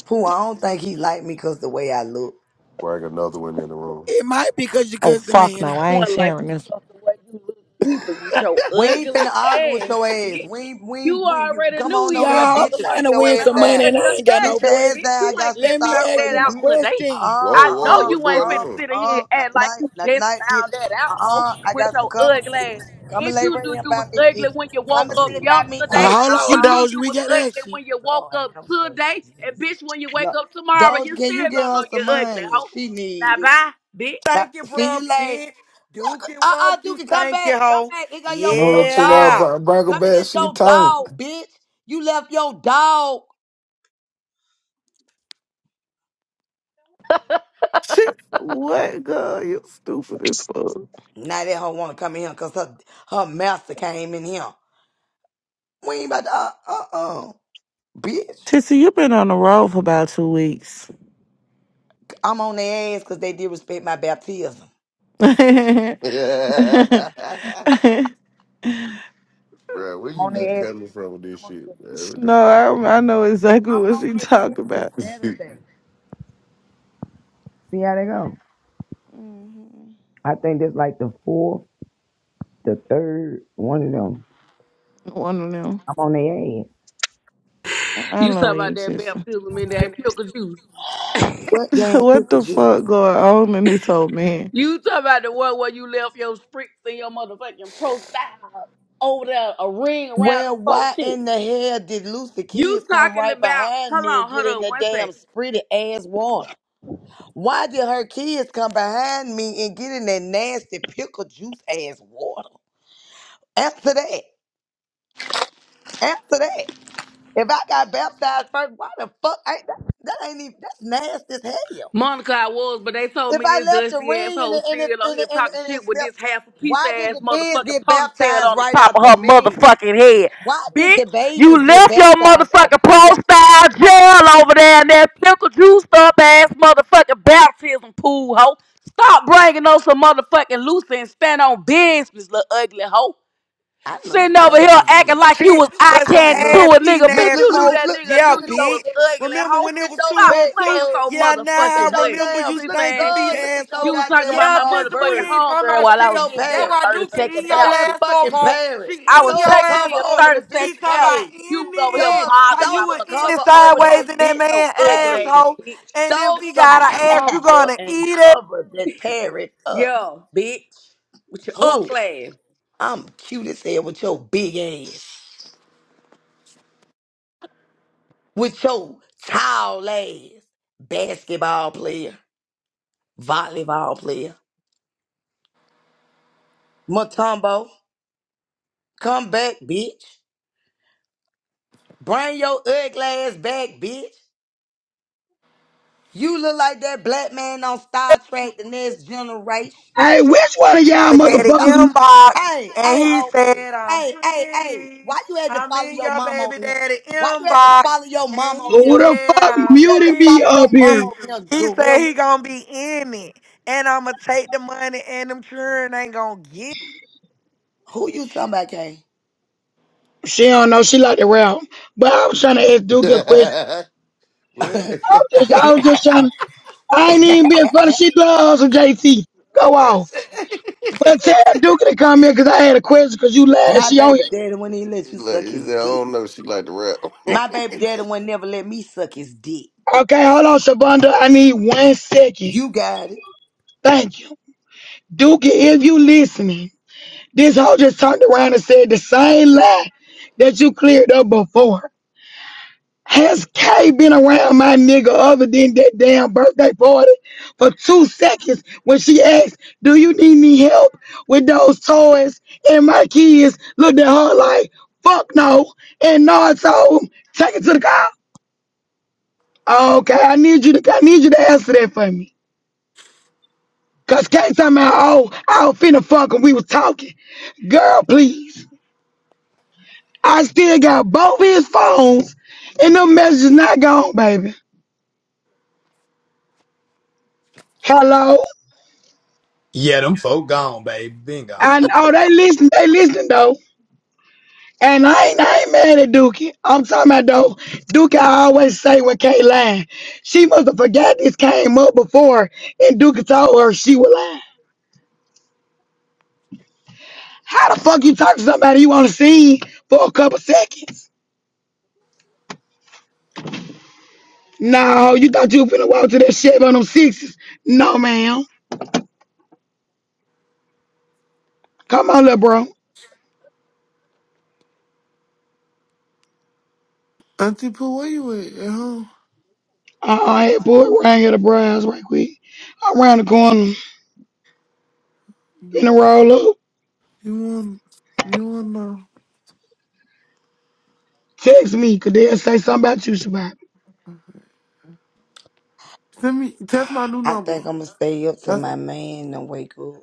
S4: Pooh. I don't think he like me cause the way I look.
S9: Bring another one in the room.
S1: It might be because you
S18: Oh,
S1: cussed the
S18: fuck
S1: man
S18: no.
S1: out.
S18: I
S20: No
S18: ain't
S20: one like
S18: sharing this. one.
S20: yourself the way you look either with your
S4: We ain't finna
S20: ugly
S4: argue with
S20: ass,
S4: your ass. We
S20: bitch.
S4: ain't, we ain't,
S20: You
S4: we you
S20: already
S4: come
S20: knew
S4: on
S20: he
S4: over here,
S20: went
S1: Y'all, I'm
S4: bitch, and
S1: trying
S4: sit
S1: to
S20: motherfucking
S4: your
S1: win
S20: coming
S4: ass
S1: some
S20: home
S4: down.
S1: money
S20: because
S1: and I
S20: you're
S1: ain't got no
S4: Sit your
S20: ugly,
S1: voice.
S4: ass
S20: bitch.
S4: down. I
S20: You ain't
S4: got some
S1: Let
S20: just
S1: me
S4: sauce
S20: found
S4: for
S1: ask
S20: that
S4: you,
S1: him a
S20: out
S4: bitch.
S20: today.
S1: question.
S4: Uh-uh,
S9: Whoa,
S20: I know
S9: whoa,
S4: uh-uh,
S9: what's
S20: you ain't
S9: going
S4: uh-uh,
S20: finna
S9: on?
S20: sit in here
S4: uh-uh.
S20: and
S4: Not
S20: act like
S4: tonight,
S20: you
S4: not
S20: just
S4: tonight, bitch.
S20: found that out, ho,
S4: Uh-uh, I
S20: with
S4: got some
S20: your
S4: cover
S20: ugly
S4: for you.
S20: ass.
S4: Come and
S20: Bitch,
S4: lay
S20: you
S4: right
S20: knew
S4: here
S20: you
S4: by
S20: was
S4: me,
S20: ugly
S4: bitch.
S20: when you
S4: Come
S20: woke
S4: and
S20: up
S4: sit
S9: Oh.
S4: by me, bitch.
S20: yesterday.
S1: Uh, hold on,
S20: You
S4: Uh-uh.
S20: knew
S1: Doge.
S20: you
S1: We
S20: was
S1: got
S20: ugly
S1: action.
S20: when you woke
S4: Lord
S20: up
S4: have mercy,
S20: today. And
S4: Jesus.
S20: bitch, when you wake
S4: Look,
S20: up tomorrow,
S4: Doge,
S20: you
S4: can
S20: still
S4: you get
S20: gonna
S4: her
S20: know
S4: some
S20: you're ugly,
S4: money?
S20: ho.
S4: She
S20: Now
S4: need it.
S20: bye, bitch.
S4: Like,
S5: Thank you,
S4: See
S5: bruh,
S4: you later.
S5: bitch. Duke
S4: Look,
S5: it,
S4: uh uh
S5: walk you,
S4: Dookie, come
S5: thank
S4: back.
S5: you,
S4: Come
S5: hoe.
S4: back. Here go your,
S21: No,
S4: your
S21: chill out,
S4: dog.
S5: Yeah.
S21: Bron- Bronco
S4: Come and
S21: Bad.
S4: get
S21: She
S4: your
S21: turned.
S4: dog, bitch. You left your dog.
S18: Shit, what, girl? You stupid as fuck.
S4: Now that hoe wanna come in here because her, her master came in here. We ain't about to, uh uh uh. Bitch,
S18: Tissy, you been on the road for about two weeks.
S4: I'm on their ass because they did respect my baptism.
S18: no,
S9: Bruh, where
S4: I'm
S9: you
S4: on
S9: be
S4: their ass.
S9: coming from with this
S4: I'm on
S9: shit,
S4: their ass.
S9: man? What the
S18: I, I know exactly
S4: I'm
S18: what
S4: on
S18: she
S4: their ass
S18: talking
S4: till
S18: about.
S4: Saturday. See how they go.
S18: Mhm.
S4: I think that's like the fourth, the third, one of them.
S18: One of them.
S4: I'm on their
S18: I
S20: You talk
S18: love you,
S20: about that
S18: Tissy.
S20: bamboozling in
S4: ass.
S20: that pickle juice.
S4: What damn
S18: what
S4: pickle
S18: the
S4: juice?
S18: fuck going on in this whole man?
S20: You talk about the one where you left your spritz in your motherfucking profile over there, a ring around them
S4: Well,
S20: folks
S4: why
S20: shit.
S4: in the hell did Lucy
S20: You
S4: kids come
S20: talking
S4: right
S20: about,
S4: behind
S20: hold
S4: me and
S20: on,
S4: get
S20: hold
S4: in
S20: on,
S4: that
S20: one second.
S4: damn pretty ass water? Why did her kids come behind me and get in that nasty pickle juice ass water? Answer that. Answer that. If I got baptized first, why the fuck ain't that? That ain't even that's nasty as hell.
S20: Monica, I was, but they told
S4: If
S20: me
S4: I
S20: this
S4: left the
S20: dusty
S4: ring and
S20: asshole
S4: it and it
S20: still on
S4: and
S20: here
S4: it, and it,
S20: talking
S4: and
S20: shit
S4: it
S20: with
S4: smelled,
S20: this half a piece
S4: why did
S20: ass
S4: the kids
S20: motherfucking
S4: get
S20: ponytail
S4: baptized
S20: on the
S4: right
S20: top of
S4: after
S20: her
S4: me?
S20: motherfucking head.
S4: Why did
S20: Bitch,
S4: the babies
S20: you
S4: get
S20: left your
S4: baptized after?
S20: motherfucking
S4: Like y'all
S20: pro-style jail
S4: weird.
S20: over there in that pickle juice up ass motherfucking baptism pool, hoe. Stop bringing on some motherfucking loose and stand on business, little ugly hoe.
S4: I look
S20: Sitting over
S4: better
S20: here
S4: than
S20: acting
S4: you.
S20: like you
S5: Shit
S20: was eye
S5: but
S4: I
S5: some
S20: candy to
S4: look,
S5: ass
S20: a
S5: eating
S20: nigga. Bitch,
S4: look,
S5: ass
S4: look,
S20: you
S4: look,
S20: knew
S4: at-
S5: hoe.
S20: that
S4: look,
S20: nigga
S5: Yeah,
S20: knew
S4: look at
S20: you
S4: your
S5: bitch.
S20: was
S4: pet.
S20: ugly,
S5: Remember
S20: hoe.
S5: when
S4: Look
S5: it
S4: at
S5: was
S4: your
S5: two
S20: Stop
S5: on
S4: pet,
S5: two?
S20: playing
S4: girl.
S20: so
S5: Yeah,
S4: Look
S5: now
S4: at
S20: motherfucking
S5: I
S4: your
S20: much.
S5: remember
S4: damn,
S5: you
S20: Cliff
S4: look,
S5: stinking
S20: ass
S5: feet
S4: girl,
S20: bitch.
S4: look at your
S20: You
S5: asshole.
S20: was talking
S4: goddamn
S20: about
S5: Yeah,
S20: my
S4: uh,
S5: Tissable,
S20: motherfucking
S4: bird.
S5: you ain't talking
S20: homegirl
S5: about
S20: while
S4: Look
S20: I
S4: at
S20: was
S5: shit.
S4: your
S20: getting me
S5: That's
S20: a
S4: parrot.
S5: why
S20: 30
S5: Duke can
S20: second
S5: eat
S4: Look
S20: nap,
S4: at
S5: your
S4: that
S20: bitch.
S5: ass up,
S4: fucking
S5: hoe. She
S4: parrot.
S20: I
S4: Throw
S5: eating
S20: was
S5: your
S4: a
S20: taking
S5: ass
S4: cover
S20: me a
S5: up.
S4: over
S20: 30
S4: the
S5: She
S20: second
S4: bitch
S5: talking
S20: nap,
S5: about
S4: cage.
S20: bitch.
S5: in
S20: and You was over
S4: Throw,
S20: here
S5: it.
S4: a,
S5: How
S20: bothering
S4: throw
S20: my
S5: you were
S4: some
S5: in it
S4: cover
S20: motherfucking friend,
S4: over
S20: hoe.
S5: sideways
S4: that
S5: in that
S20: With
S4: bitch
S20: your
S5: man
S4: cage.
S20: ugly ass,
S5: asshole.
S20: bitch.
S5: And if
S4: Throw
S5: he
S4: some
S5: got an ass, you
S4: cover
S5: gonna
S4: and
S5: eat
S4: cover that parrot up.
S20: Yeah, bitch. With your unk
S4: Who?
S20: ass.
S4: I'm cute as hell with your big ass. with your tall ass basketball player, volleyball player. Matumbo, come back, bitch. Bring your ugly ass back, bitch. You look like that black man on Star Trek The Next Generation.
S1: Hey, which one of y'all
S5: with
S4: Bitch,
S5: daddy
S4: come.
S1: motherfuckers
S5: inbox
S4: Hey,
S5: and
S4: hey,
S5: he
S4: ho.
S5: said I'm
S4: Hey, hey, hey.
S5: pretty.
S4: Why you had to
S5: I'm
S4: follow
S5: in
S4: your
S5: your
S4: mom
S5: baby
S4: over here?
S5: daddy
S4: Why you had to
S5: inbox
S4: follow your mom
S5: and
S4: over
S5: he
S1: who
S4: here?
S1: the
S5: said
S1: fuck
S4: Why
S5: I'm
S4: you had to
S1: muted me
S4: follow your
S1: up
S4: mom
S1: here?
S5: pretty.
S4: over here,
S5: He said
S4: gorilla?
S5: he gonna be in it and I'ma take the money and them children ain't gonna get
S4: Who you talking
S1: She don't know. She like the rap, But I was trying to ask Duke a question.
S9: fuck?
S4: about,
S9: What?
S4: Kay?
S1: I
S9: Listen.
S1: was just, I was just trying to. I ain't even being funny. She loves some JT. Go off. But tell Duke to come here because I had a question because you laughed.
S4: My
S1: She on
S4: baby daddy wouldn't even let you
S9: Like,
S4: suck
S9: he
S4: his
S9: said, I
S4: dick.
S9: don't know. She like to rap.
S4: My baby daddy wouldn't never let me suck his dick.
S1: here. Okay, hold on, Shavonda. I need one second.
S4: You got it.
S1: Thank you. Duke, if you listening, this hoe just turned around and said the same lie that you cleared up before. Has K been around my nigga other than that damn birthday party for two seconds when she asked, Do you need me help with those toys? And my kids looked at her like, Fuck no. And no, I told him, Take it to the car. Okay, I need you to I need you to answer that for me. Cause K talking about, oh, I was finna fuck and we was talking. Girl, please. I still got both his phones and them messages not gone, baby. Hello?
S7: Yeah, them folk gone, baby. Been gone.
S1: I know they listen, they listen though. And I ain't I ain't mad at Dookie. I'm talking about though, Dookie I always say when Kay lying. She must have forgot this came up before and Dookie told her she was lying. How the fuck you talk to somebody you wanna see for a couple seconds? No, you thought you were finna walk to that shit on them sixes. No, ma'am. Come on, little bro.
S22: Auntie Pooh, where you at? At home?
S1: I, I pulled around here to Browns right quick. I round the corner in a roll up.
S22: You want? You want
S1: Text me, cause they'll say something about you, Shabbat.
S22: to send me? That's my new
S4: I think
S22: number.
S4: I'm gonna stay up till
S22: That's,
S4: my man and wake up.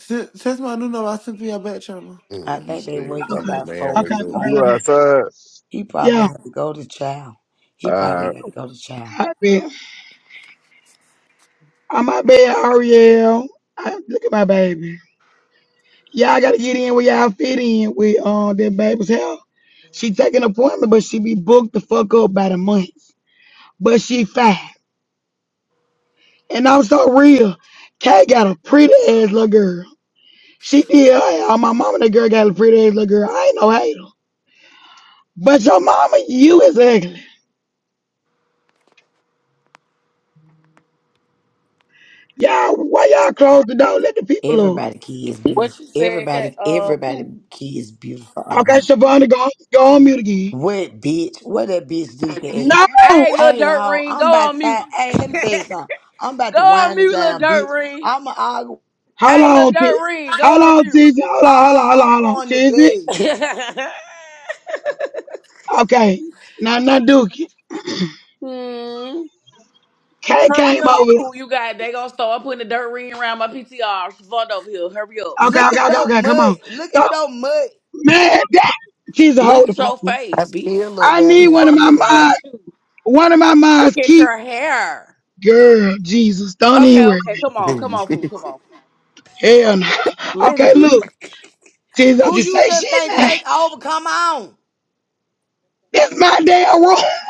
S22: se- that's my new number. I sent to your back channel.
S4: I
S9: Mm, you
S4: think they
S9: stay
S4: wake
S9: until
S4: up
S9: your
S4: by
S9: man
S1: Okay,
S4: four
S1: okay,
S4: in
S9: wake
S4: the
S9: up.
S1: okay,
S11: You
S4: morning.
S1: okay.
S11: outside?
S4: He probably
S1: Yeah,
S4: don't have to go to child. He probably got to go to child.
S1: I bet. I'm my bad, Ariel. I, look at my baby. Y'all gotta get in where y'all fit in with uh, that baby's hell. She take an appointment, but she be booked the fuck up by the month. But she fine. And I'm so real. Kay got a pretty ass little girl. She did. I, my mama, that girl got a pretty ass little girl. I ain't no hater. But your mama, you is ugly. Y'all, why y'all close the door? Let the people
S4: Everybody kid is beautiful.
S20: What you said, Kat-
S4: Everybody,
S20: uh,
S4: everybody
S20: poo.
S4: kid is beautiful.
S1: up.
S4: on
S1: Okay,
S4: him.
S1: Shavonda, go, go on mute again.
S4: What bitch? What that bitch do can act?
S1: No! Hold
S20: Hey, little
S4: Hey
S20: dirt
S4: ho,
S20: ring, go
S4: I'm about
S20: on
S4: to.
S20: mute.
S4: Hey, let me tell you something. I'm about
S20: Go
S4: to
S20: on
S4: wind it
S20: mute, little
S4: down,
S20: dirt
S4: bitch.
S20: ring.
S4: I'ma argue
S20: Hey, little
S1: on,
S20: dirt
S1: Tiz.
S20: ring,
S1: Hold
S20: go on
S1: on,
S20: mute.
S1: Tiz. Hold on, hold on, hold
S4: Uh-uh, I'm
S1: on, hold on.
S4: going to
S1: Tiz.
S4: bed.
S1: Okay. Now, now, Duke.
S20: Hmm.
S1: K
S20: Hurry
S1: came
S20: up,
S1: over.
S20: who you got? They gonna start putting the dirt ring around my PTR. She's over here. Hurry up.
S1: Okay,
S4: Look
S1: okay,
S4: at
S1: okay,
S4: your
S1: okay, come
S4: mud.
S1: on.
S4: Look
S1: So,
S4: at your mud.
S1: man, that, Tiz,
S20: Look
S1: hold the
S20: at
S1: fuck
S20: your
S1: up.
S20: face,
S5: I still
S20: bitch.
S5: look
S1: I
S5: better
S20: The
S1: need
S5: than
S1: one of
S20: fucking
S1: my
S5: Tisa
S20: wrong
S5: Boo.
S1: mind,
S20: with you.
S1: one of my
S20: Look
S1: minds
S20: at
S1: keep,
S20: your hair.
S1: girl, Jesus, don't
S20: Okay,
S1: even worry.
S20: okay, come on, come on, poo, come on.
S1: Hell no.
S2: Let
S1: Okay,
S2: it
S1: look, Tiz, don't
S4: Who
S1: you
S4: you
S1: say
S4: just
S1: shit
S4: can't
S1: now.
S4: take over? Come on.
S1: That's my damn room.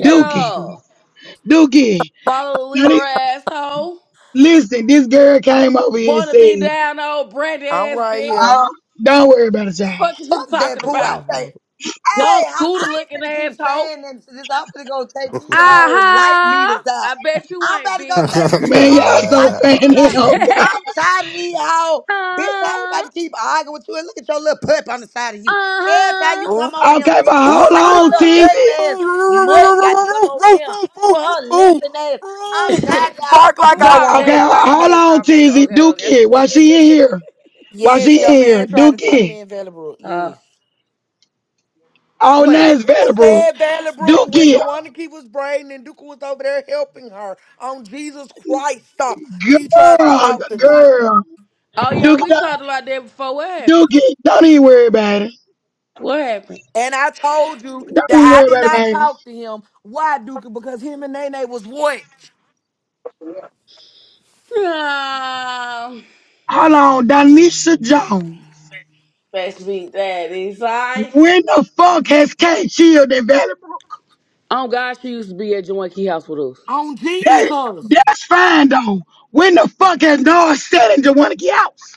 S1: Dookie, Dookie.
S20: Follow the
S1: Now,
S20: leader,
S1: this,
S20: asshole.
S1: listen, this girl came over here and
S20: Wanna
S1: said,
S20: be down, old Brent
S5: I'm
S20: ass
S5: right
S20: bitch.
S5: here.
S1: oh, don't worry about it, y'all.
S20: Fuck is you
S4: Fuck that
S20: talking
S4: poo. I
S20: about?
S2: go.
S4: think, hey,
S20: Y'all
S4: I,
S20: scooter
S4: I
S20: looking
S4: ain't finna keep
S20: asshole.
S4: saying that shit. I'm finna go take these whole light meters
S20: Uh-huh.
S4: out.
S20: I bet you
S4: I'm
S20: ain't,
S4: about to go
S20: bitch.
S4: take these
S1: Man, y'all
S4: whole
S1: so
S4: light meters
S1: funny.
S4: out.
S1: Oh, God.
S4: I'm tired of these whole bitch. I ain't
S20: uh-huh.
S4: about to keep arguing with you. And look at your little pup on the side of you. Every time
S20: Uh-huh.
S4: you
S5: Ooh,
S4: come over here,
S1: Okay, but
S4: bitch,
S1: hold
S4: why your
S1: on,
S4: little
S1: Tizzy.
S4: ugly ass mutt got to come over here with her limping ass?
S5: Ooh,
S4: I'm tired of
S5: bitch,
S4: y'all.
S5: bark like
S4: Poo,
S5: I
S20: dog
S5: want
S4: throw them
S1: Okay,
S20: case,
S5: it,
S4: out.
S20: dog
S1: hold
S20: case,
S1: on,
S20: dog case.
S1: Tizzy.
S20: Okay, okay.
S1: Dookie, why she in here? Why she
S5: Yes,
S1: in
S5: your
S1: here?
S5: man tried to talk to
S1: Dookie.
S5: me in Valley Brook.
S20: uh,
S5: Yes.
S1: All
S20: wait.
S1: names
S5: I
S1: Vanderbrook.
S5: said Valley Brook when
S1: Dookie,
S5: Joanna Key was braiding and Duke was over there helping her on Jesus Christ stuff. He tried to
S1: girl,
S5: talk to me.
S1: girl.
S20: Oh, yeah,
S1: Dookie,
S20: we
S1: don't-
S20: talked about that before. What happened?
S1: Dookie, don't even worry about it.
S20: What happened?
S5: And I told you
S1: Don't even
S5: that
S1: worry
S5: I did
S1: about it,
S5: not
S1: baby.
S5: talk to him. Why, Duke? Because him and Nene was what?
S20: Um,
S1: Hold on, Donisha Jones.
S20: let's beat that. Is I?
S1: When the fuck has Cat Shield and Valley Brook?
S20: Oh, God, she used to be at Joanne Key House with us.
S5: On
S23: Yes, we get to
S1: That,
S23: what he helped
S5: Jesus.
S1: that's fine though. When the fuck has North said and Jawaniki House?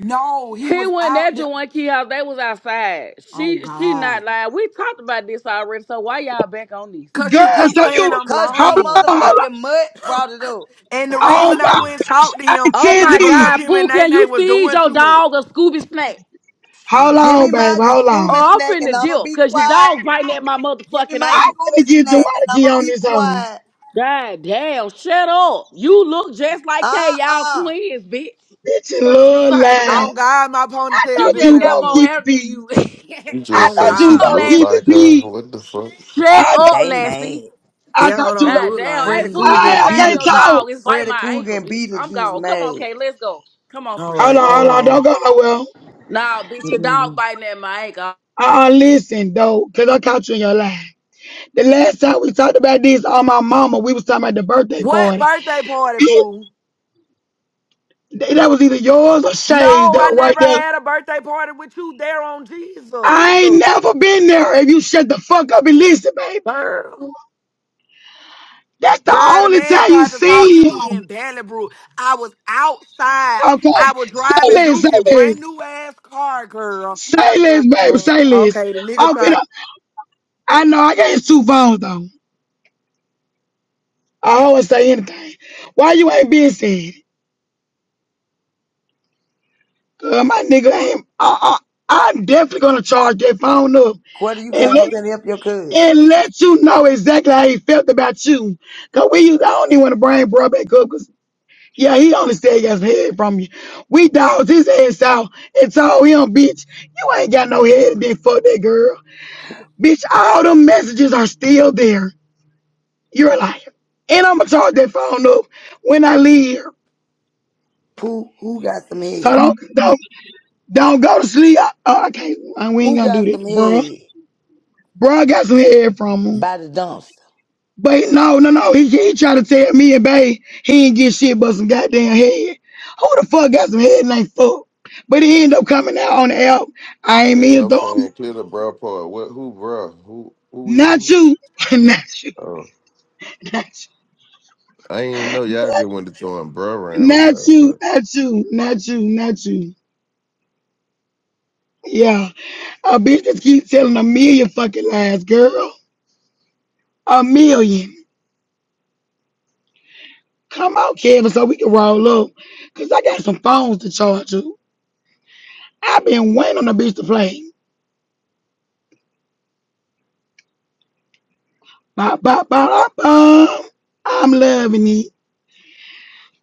S5: No, he
S20: He
S5: was
S20: wasn't at
S5: out there.
S20: Joanne Key House. They was outside.
S5: Oh,
S20: She she not
S5: God.
S20: lying. We talked about this already, so why y'all back on this?
S5: Because she
S1: Girl,
S5: keeps
S1: so
S5: saying
S1: you
S5: I'm
S4: Cause
S1: hold
S4: your
S1: on,
S5: lying.
S1: hold on.
S4: motherfucking mutt brought it up.
S5: And the
S1: Oh
S5: reason I
S1: my
S5: went and talked to
S1: I
S5: him
S20: Oh
S5: is
S20: my
S1: Tizzy.
S5: because
S20: God,
S5: him
S20: Pooh,
S5: and
S20: can you
S5: Nene was
S20: feed
S5: doing
S20: your
S5: too much.
S20: dog a Scooby snack?
S1: Hold
S4: Give
S1: on,
S4: me my
S1: baby, hold
S20: Or
S4: scuba
S1: on.
S20: I'm
S4: snack and
S20: finna
S4: I'ma
S20: dip,
S4: be
S20: cause your
S4: quiet,
S20: dog biting
S4: Pooh.
S20: at my
S4: Give me
S20: motherfucking
S4: my
S1: I
S20: ankle.
S1: finna
S4: scuba
S1: get
S4: snack and I'ma
S1: Jawaniki on
S4: be
S1: this own.
S4: quiet.
S20: God damn, shut up. You look just like Kay, y'all
S4: Uh-uh.
S20: twins, bitch.
S1: Bitch in
S20: Fuck is you
S1: love
S20: talking
S1: line.
S20: about?
S5: Oh God, my
S1: I
S5: ponytail
S20: She
S1: thought
S5: bigger
S20: just
S1: you
S5: than
S20: got
S1: gonna
S20: more
S5: hers.
S1: keep
S20: hair
S1: it
S20: than
S1: peace.
S20: you.
S9: you
S1: I
S9: just
S5: Oh
S9: say
S1: thought you
S9: she
S20: oh,
S5: God,
S1: gonna
S9: look
S20: Lassie.
S1: keep it
S9: like her.
S1: peace.
S9: What the fuck?
S1: I
S20: Shut up,
S1: thought
S4: They
S20: Lassie.
S4: made
S1: I
S5: that
S1: thought
S5: hoe
S1: you
S5: don't
S1: gonna
S20: God
S5: look
S20: damn.
S5: like
S20: Hey,
S4: Freddy
S20: Pooh,
S5: me.
S20: you
S4: Cougar
S20: need
S4: and
S20: to
S1: I, I
S20: time
S1: can't
S20: your
S4: Beetlejuice.
S1: talk.
S20: dog. It's biting
S4: Freddy
S20: my
S4: Cougar
S20: ankle,
S4: and
S20: bitch. I'm
S4: Beetlejuice
S20: gone. Come on,
S4: made.
S20: Kay, let's go. Come on,
S5: All
S20: Freely.
S1: Hold
S5: right,
S1: on, hold
S5: come
S1: on, don't
S5: on.
S1: go nowhere.
S20: Nah, bitch, your dog
S5: Mm-mm.
S20: biting at my ankle.
S1: Uh, uh listen though, cause I caught you in your lie. The last time we talked about this on my mama, we was talking about the birthday
S5: What
S1: party.
S5: birthday party, Pooh?
S1: It- that was either yours or Shay's
S5: No,
S1: that
S5: I
S1: was right
S5: never
S1: there.
S5: had a birthday party with you there on Jesus,
S1: I ain't never been there. If you shut the fuck up and listen, baby.
S5: girl.
S1: That's the
S5: Girl, the
S1: only
S5: man
S1: time you
S5: tried to talk to
S1: seen
S5: me
S1: him.
S5: in Valley I was outside.
S1: Okay.
S5: I was
S1: Say
S5: driving
S1: this, say
S5: Duke brand
S1: this.
S5: new ass car, girl.
S1: Say this, baby, say
S5: Oh,
S1: this.
S5: okay, the nigga
S1: I'm
S5: tried
S1: finna, I know I got his two phones though. I always say anything. Why you ain't been said? Uh, my nigga, I ain't, I, I, I'm definitely gonna charge that phone up
S4: Quarter, you
S1: and
S4: came up
S1: let
S4: here and helped your cousin.
S1: and let you know exactly how he felt about you. Cause we used, I only want to bring bro back up. Cause yeah, he only said he got some head from you. We dogged his ass out and told him, bitch, you ain't got no head and then fuck that girl. Bitch, all them messages are still there. You're a liar. And I'ma charge that phone up when I leave here.
S4: Pooh, who got some
S1: So
S4: head?
S1: don't don't don't go to sleep. I, oh, I can't. I- We ain't
S4: Who
S1: gonna do
S4: got
S1: that,
S4: some
S1: bro.
S4: head?
S1: Bro, I got some head from him.
S4: By the dumpster.
S1: But no, no, no. He, he tried to tell me and Bay he ain't get shit but some goddamn head. Who the fuck got some head and ain't fuck? But he ended up coming out on the album. I ain't
S9: Hey,
S1: mean to
S9: I'm
S1: throw him.
S9: saying clear the bra part. What? Who bra? Who? Who we
S1: Not
S9: talking about?
S1: you. not you.
S9: Oh,
S1: Not you.
S9: I ain't know y'all just went to throwing bra around. I'm
S1: Not
S9: like,
S1: you.
S9: look.
S1: Not you. Not you. Not you. Yeah. A bitch just keep telling a million fucking lies, girl. A million. Come out, Kevin, so we can roll up. Cause I got some phones to charge you. i been waiting on the bitch to play. Ba, ba, ba, da, bum. I'm loving it.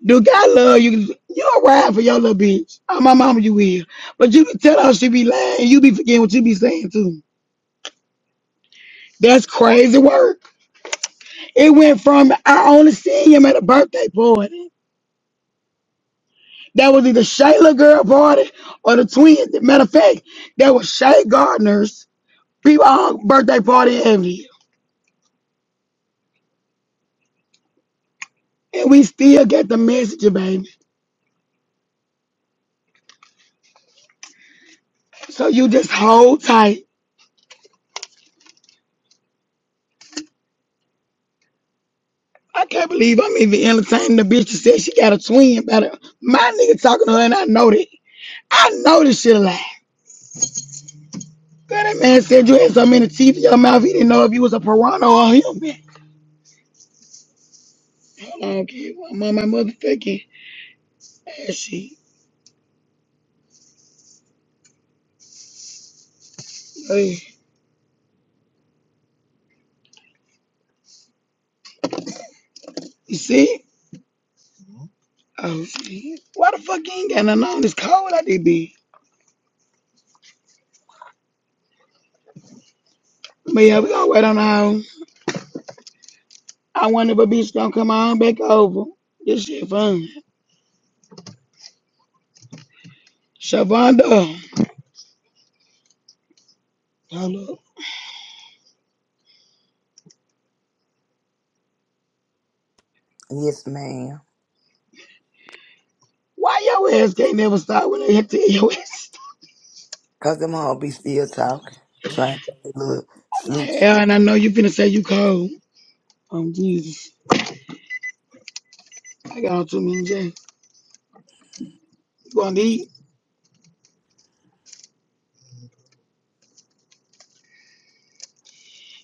S1: Do God love you? You all right for your little bitch. Oh, my mama, you will. But you can tell her she be lying. You be forgetting what you be saying too. That's crazy work. It went from I only seen him at a birthday party. That was either Shayla girl party or the twins. Matter of fact, that was Shay Gardner's people birthday party every year. And we still get the message, baby. So you just hold tight I can't believe I'm even entertaining the bitch that said she got a twin. But uh, my nigga talking to her, and I know that. I know this shit a lie. Girl, that man said you had so many teeth in your mouth, he didn't know if you was a piranha or a human. Hold on, kid. I'm on my motherfucking ass sheet. Hey, you see? Oh, shit. Why the fuck you ain't got nothing on? It's cold out there, bitch. But yeah, we gonna wait on how. I wonder if a bitch gonna come on back over. This shit fun. Shavonda. Hold up.
S4: Yes, ma'am.
S1: Why your ass can't never stop when they hit to your ass?
S4: Cause them all be still talking. Trying to look sleep.
S1: Aaron, I know you finna say you cold. Oh, Jesus. I got on too many J. You gonna eat?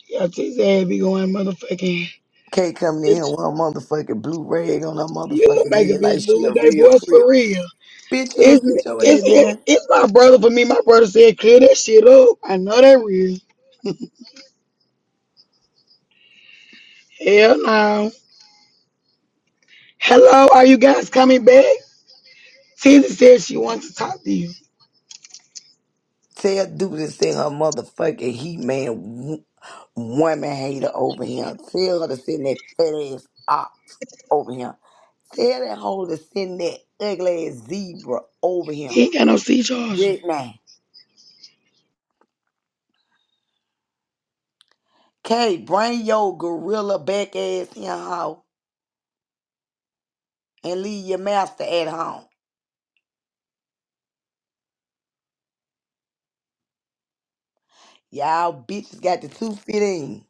S1: Your tits ass be going motherfucking.
S4: Kate coming in here
S1: Bitch,
S4: with her motherfucking blue rag on her
S1: you
S4: motherfucking
S1: make a
S4: head
S1: bitch
S4: like she
S1: lose
S4: a
S1: their
S4: real
S1: voice
S4: crip.
S1: for real.
S4: Bitch, you'll
S1: It's,
S4: sit your
S1: it's,
S4: ass down.
S1: it's my brother for me. My brother said, clear that shit up. I know that real. Hell no. Hello, are you guys coming back? Tizzy said she wants to talk to you.
S4: Tell Duke to send her motherfucking heat man w- woman hater over here. Tell her to send that fat ass ox over here. Tell that hoe to send that ugly ass zebra over here.
S1: He ain't got no C charger.
S4: Right now. Kay, bring your gorilla back ass in hoe and leave your master at home. Y'all bitches got the two fit in.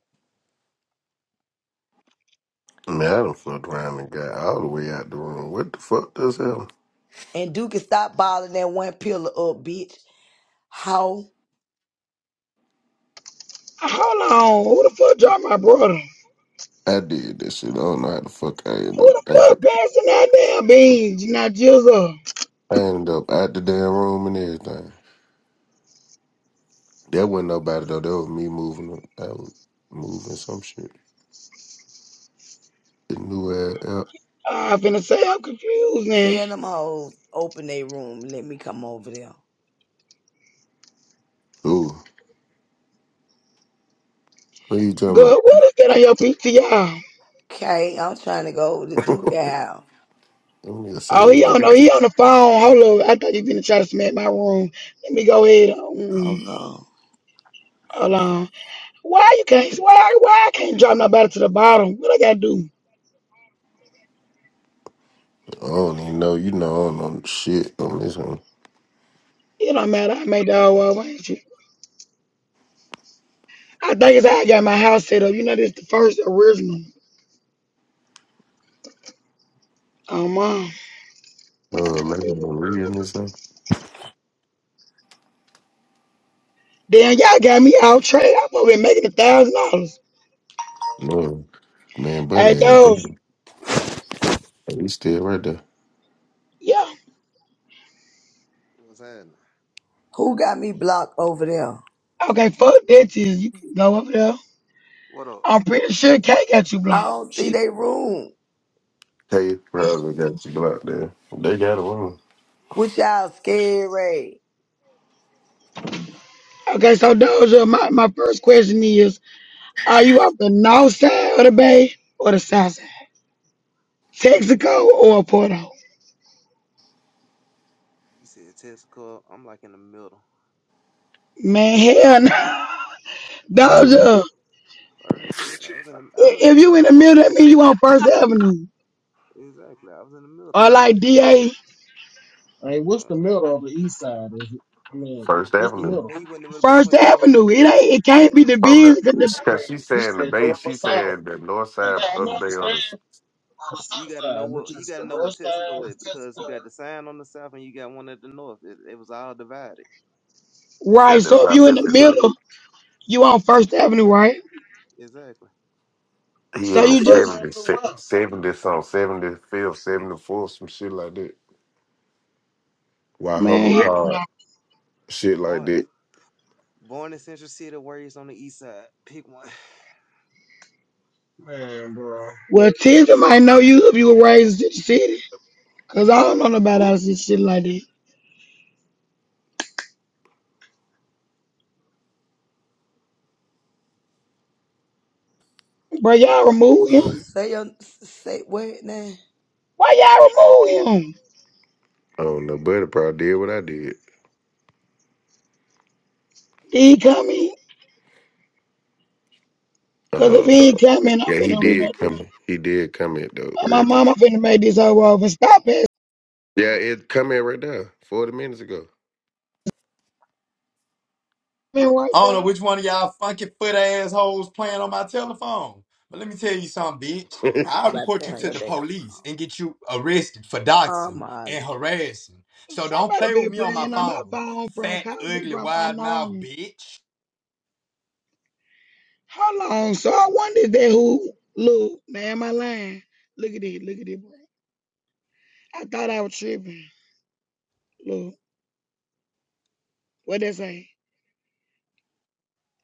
S9: man, I done fucked around and got all the way out the room. What the fuck does hell?
S4: And Duke can stop balling that one pillar up, bitch. Hoe.
S1: Hold on. Who the fuck dropped my brother?
S9: I did that shit. I don't know how the fuck I ended
S1: Who the
S9: up at
S1: fuck
S9: the
S1: passing that damn beans? Not Jizzle.
S9: I ended up at the damn room and everything. That wasn't nobody though. That was me moving. I was moving some shit. The new ass app.
S1: i finna say I'm confused now.
S4: Tell them hoes open their room. Let me come over there.
S9: Ooh, what you talking
S1: God, what is that on your PTR?
S4: Okay, I'm trying to go over to Duke
S9: about?
S4: House.
S9: That nigga said,
S1: Oh, he on, oh, he
S9: what?
S1: on the phone. Hold on. I thought you finna try to smack my room. Let me go ahead.
S4: Oh
S1: Um,
S4: no.
S1: hold on. Why you can't? Why? Why I can't drop nobody to the bottom? What I gotta do?
S9: I don't even know. You know, I don't know shit on this one.
S1: It don't matter. I made the whole over, ain't you? I think it's how I got my house set up. You know, this the first original. Oh, mom.
S9: No, like Maria and this one.
S1: Damn, y'all got me out trade. I'm over here making a thousand dollars.
S9: No, man, buddy,
S1: Hey,
S9: ain't
S1: those.
S9: good. He still right there.
S1: Yeah.
S15: What's happening?
S4: Who got me blocked over there?
S1: Okay, fuck that. Is you can go over there.
S15: What up?
S1: I'm pretty sure Kay got you
S4: I
S1: blocked.
S4: don't see
S1: She
S4: their room.
S9: Hey, probably got you blocked there. They got a room.
S4: What y'all scary?
S1: okay. So Doja, my, my first question is: Are you off the north side of the bay or the south side? Texaco or Porto?
S15: You said Tessica. I'm like in the middle.
S1: Man, hell no.
S15: I'm in the
S9: Mhm.
S1: Doja, i-
S15: middle. Like real shit. I was in the I was in the
S1: if you in
S15: middle
S1: the
S15: of both of
S1: middle, that
S15: that
S1: means
S15: shit.
S1: you on First Avenue
S15: Exactly. I was in the middle.
S1: or like DA
S24: I mean, what's the
S15: Uh,
S24: middle of the east side? Is it? I mean,
S9: First
S24: what's the
S9: Avenue.
S15: you
S24: middle?
S15: when you in the middle
S1: First
S15: between the north and
S1: Avenue.
S15: the
S1: It
S15: east,
S1: ain't. It can't be the
S9: From the
S1: biz. 'cause the-
S24: I mean,
S9: because she's
S24: he
S9: saying the
S24: said north
S9: base,
S24: or
S9: she's
S24: south.
S9: saying the north
S24: And
S9: side
S24: I don't
S9: of
S24: understand
S9: the is
S24: the
S15: you
S24: south
S15: gotta know
S24: side, which
S15: what you
S24: is
S15: gotta
S24: the
S15: know what
S24: north
S15: Tessica
S24: side is
S15: is because you
S24: Jessica,
S15: got the sign on the south and you got one at the north. It, it was all divided.
S9: yeah,
S1: Right.
S9: that's
S1: So if
S9: not
S1: you in the
S9: different. But
S1: middle, you on First Avenue, right?
S15: Exactly.
S9: he
S1: So
S9: in the
S1: you
S24: First
S1: just
S24: Avenue
S9: 70s,
S24: West.
S9: 70 song, 75th, seventy fourth, some shit like that. Why Hummer
S1: man.
S9: Pod, shit like
S15: Born
S9: that.
S15: Born in Central City, Warriors on the East Side. Pick one.
S24: Man, bro.
S1: Well, Tinder might know you if you were raised in the city. Cause I don't know
S15: Who?
S1: nobody else this shit like that. Bro, y'all remove him.
S4: Say your say what now?
S1: Why y'all remove him?
S9: I don't know, Buddy probably did what I did.
S1: Did he come in? Cause if
S9: Uh,
S1: he ain't come in, I'm
S9: yeah, he
S1: finna remove
S9: did
S1: this.
S9: come. He did come in though
S1: Uh, my
S9: early.
S1: mama finna make this over off and stop it.
S9: Yeah, it come in right there, forty minutes ago.
S1: Man, right
S7: I don't
S1: there.
S7: know which one of y'all funky foot assholes playing on my telephone. But let me tell you something, bitch. I'll
S4: Somebody
S7: report
S4: say
S7: you
S4: on
S7: to
S4: your
S7: the
S4: damn. phone.
S7: police and get you arrested for
S4: Oh
S7: doxing
S4: my.
S7: and harassing. So don't
S1: Somebody
S7: play with
S1: been
S7: me on my
S1: playing on my
S7: phone,
S1: phone from
S7: fat,
S1: calling me
S7: ugly,
S1: from
S7: wide mouth
S1: unknown.
S7: bitch.
S1: How long? So I wonder if that who look, man, am I lying? Look at this. look at this, bro. I thought I was tripping. Look, what they say?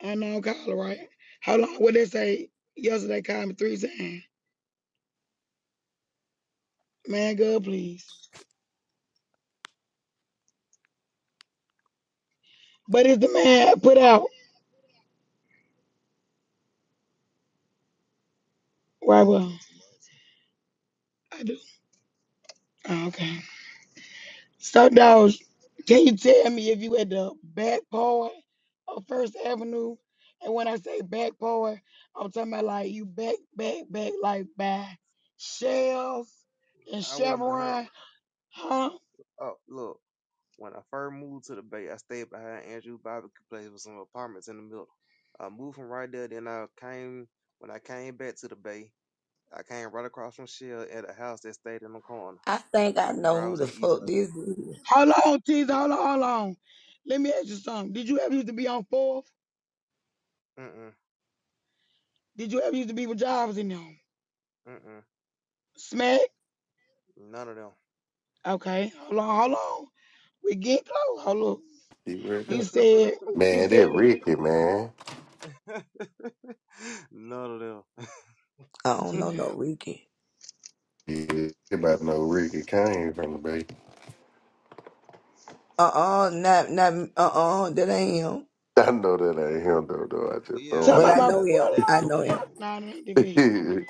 S1: Unknown caller, right? How long what they say? Yesterday called me three times. Man, God, please. But it's the man I put out. Right, well, I do. Oh, okay. So, Dawes, can you tell me if you at the back part of First Avenue? And when I say back part, I'm talking about like you back, back, back, like by Shells and
S15: I went behind.
S1: Chevron. Huh?
S15: Oh, look. When I first moved to the Bay, I stayed behind Andrew Barbecue Place with some apartments in the middle. I moved from right there. Then I came when I came back to the Bay. I came right across from Shell at a house that stayed in the corner.
S4: I think I know who
S15: Browse
S4: the
S15: in East
S4: fuck
S15: Lake.
S4: this is.
S1: Hold on, T's, hold on, hold on. Let me ask you something. Did you ever used to be on fourth?
S15: Mm mm
S1: Did you ever used to be with Jobs in them?
S15: mm
S1: Smack?
S15: mm. None of
S1: Okay, hold on, hold on. We get close. Hold on.
S9: he right
S1: You
S9: there.
S15: them.
S1: said, you
S9: Man,
S1: said,
S9: that Ricky man.
S15: None of them.
S4: I
S1: it's
S4: don't
S1: a
S4: know
S1: lot.
S4: no Ricky.
S9: Yeah, everybody know Ricky came from the Bay.
S4: Uh uh not not uh uh that ain't him.
S9: I know that ain't him though. Though I just
S15: Yeah,
S9: throw a
S1: tell me
S4: But
S1: about
S4: I
S9: nigga
S15: no,
S1: my
S9: down.
S4: know
S15: that
S4: him.
S1: brother
S15: that,
S4: I
S15: that
S4: know him.
S1: Fuck, nah, it ain't the video.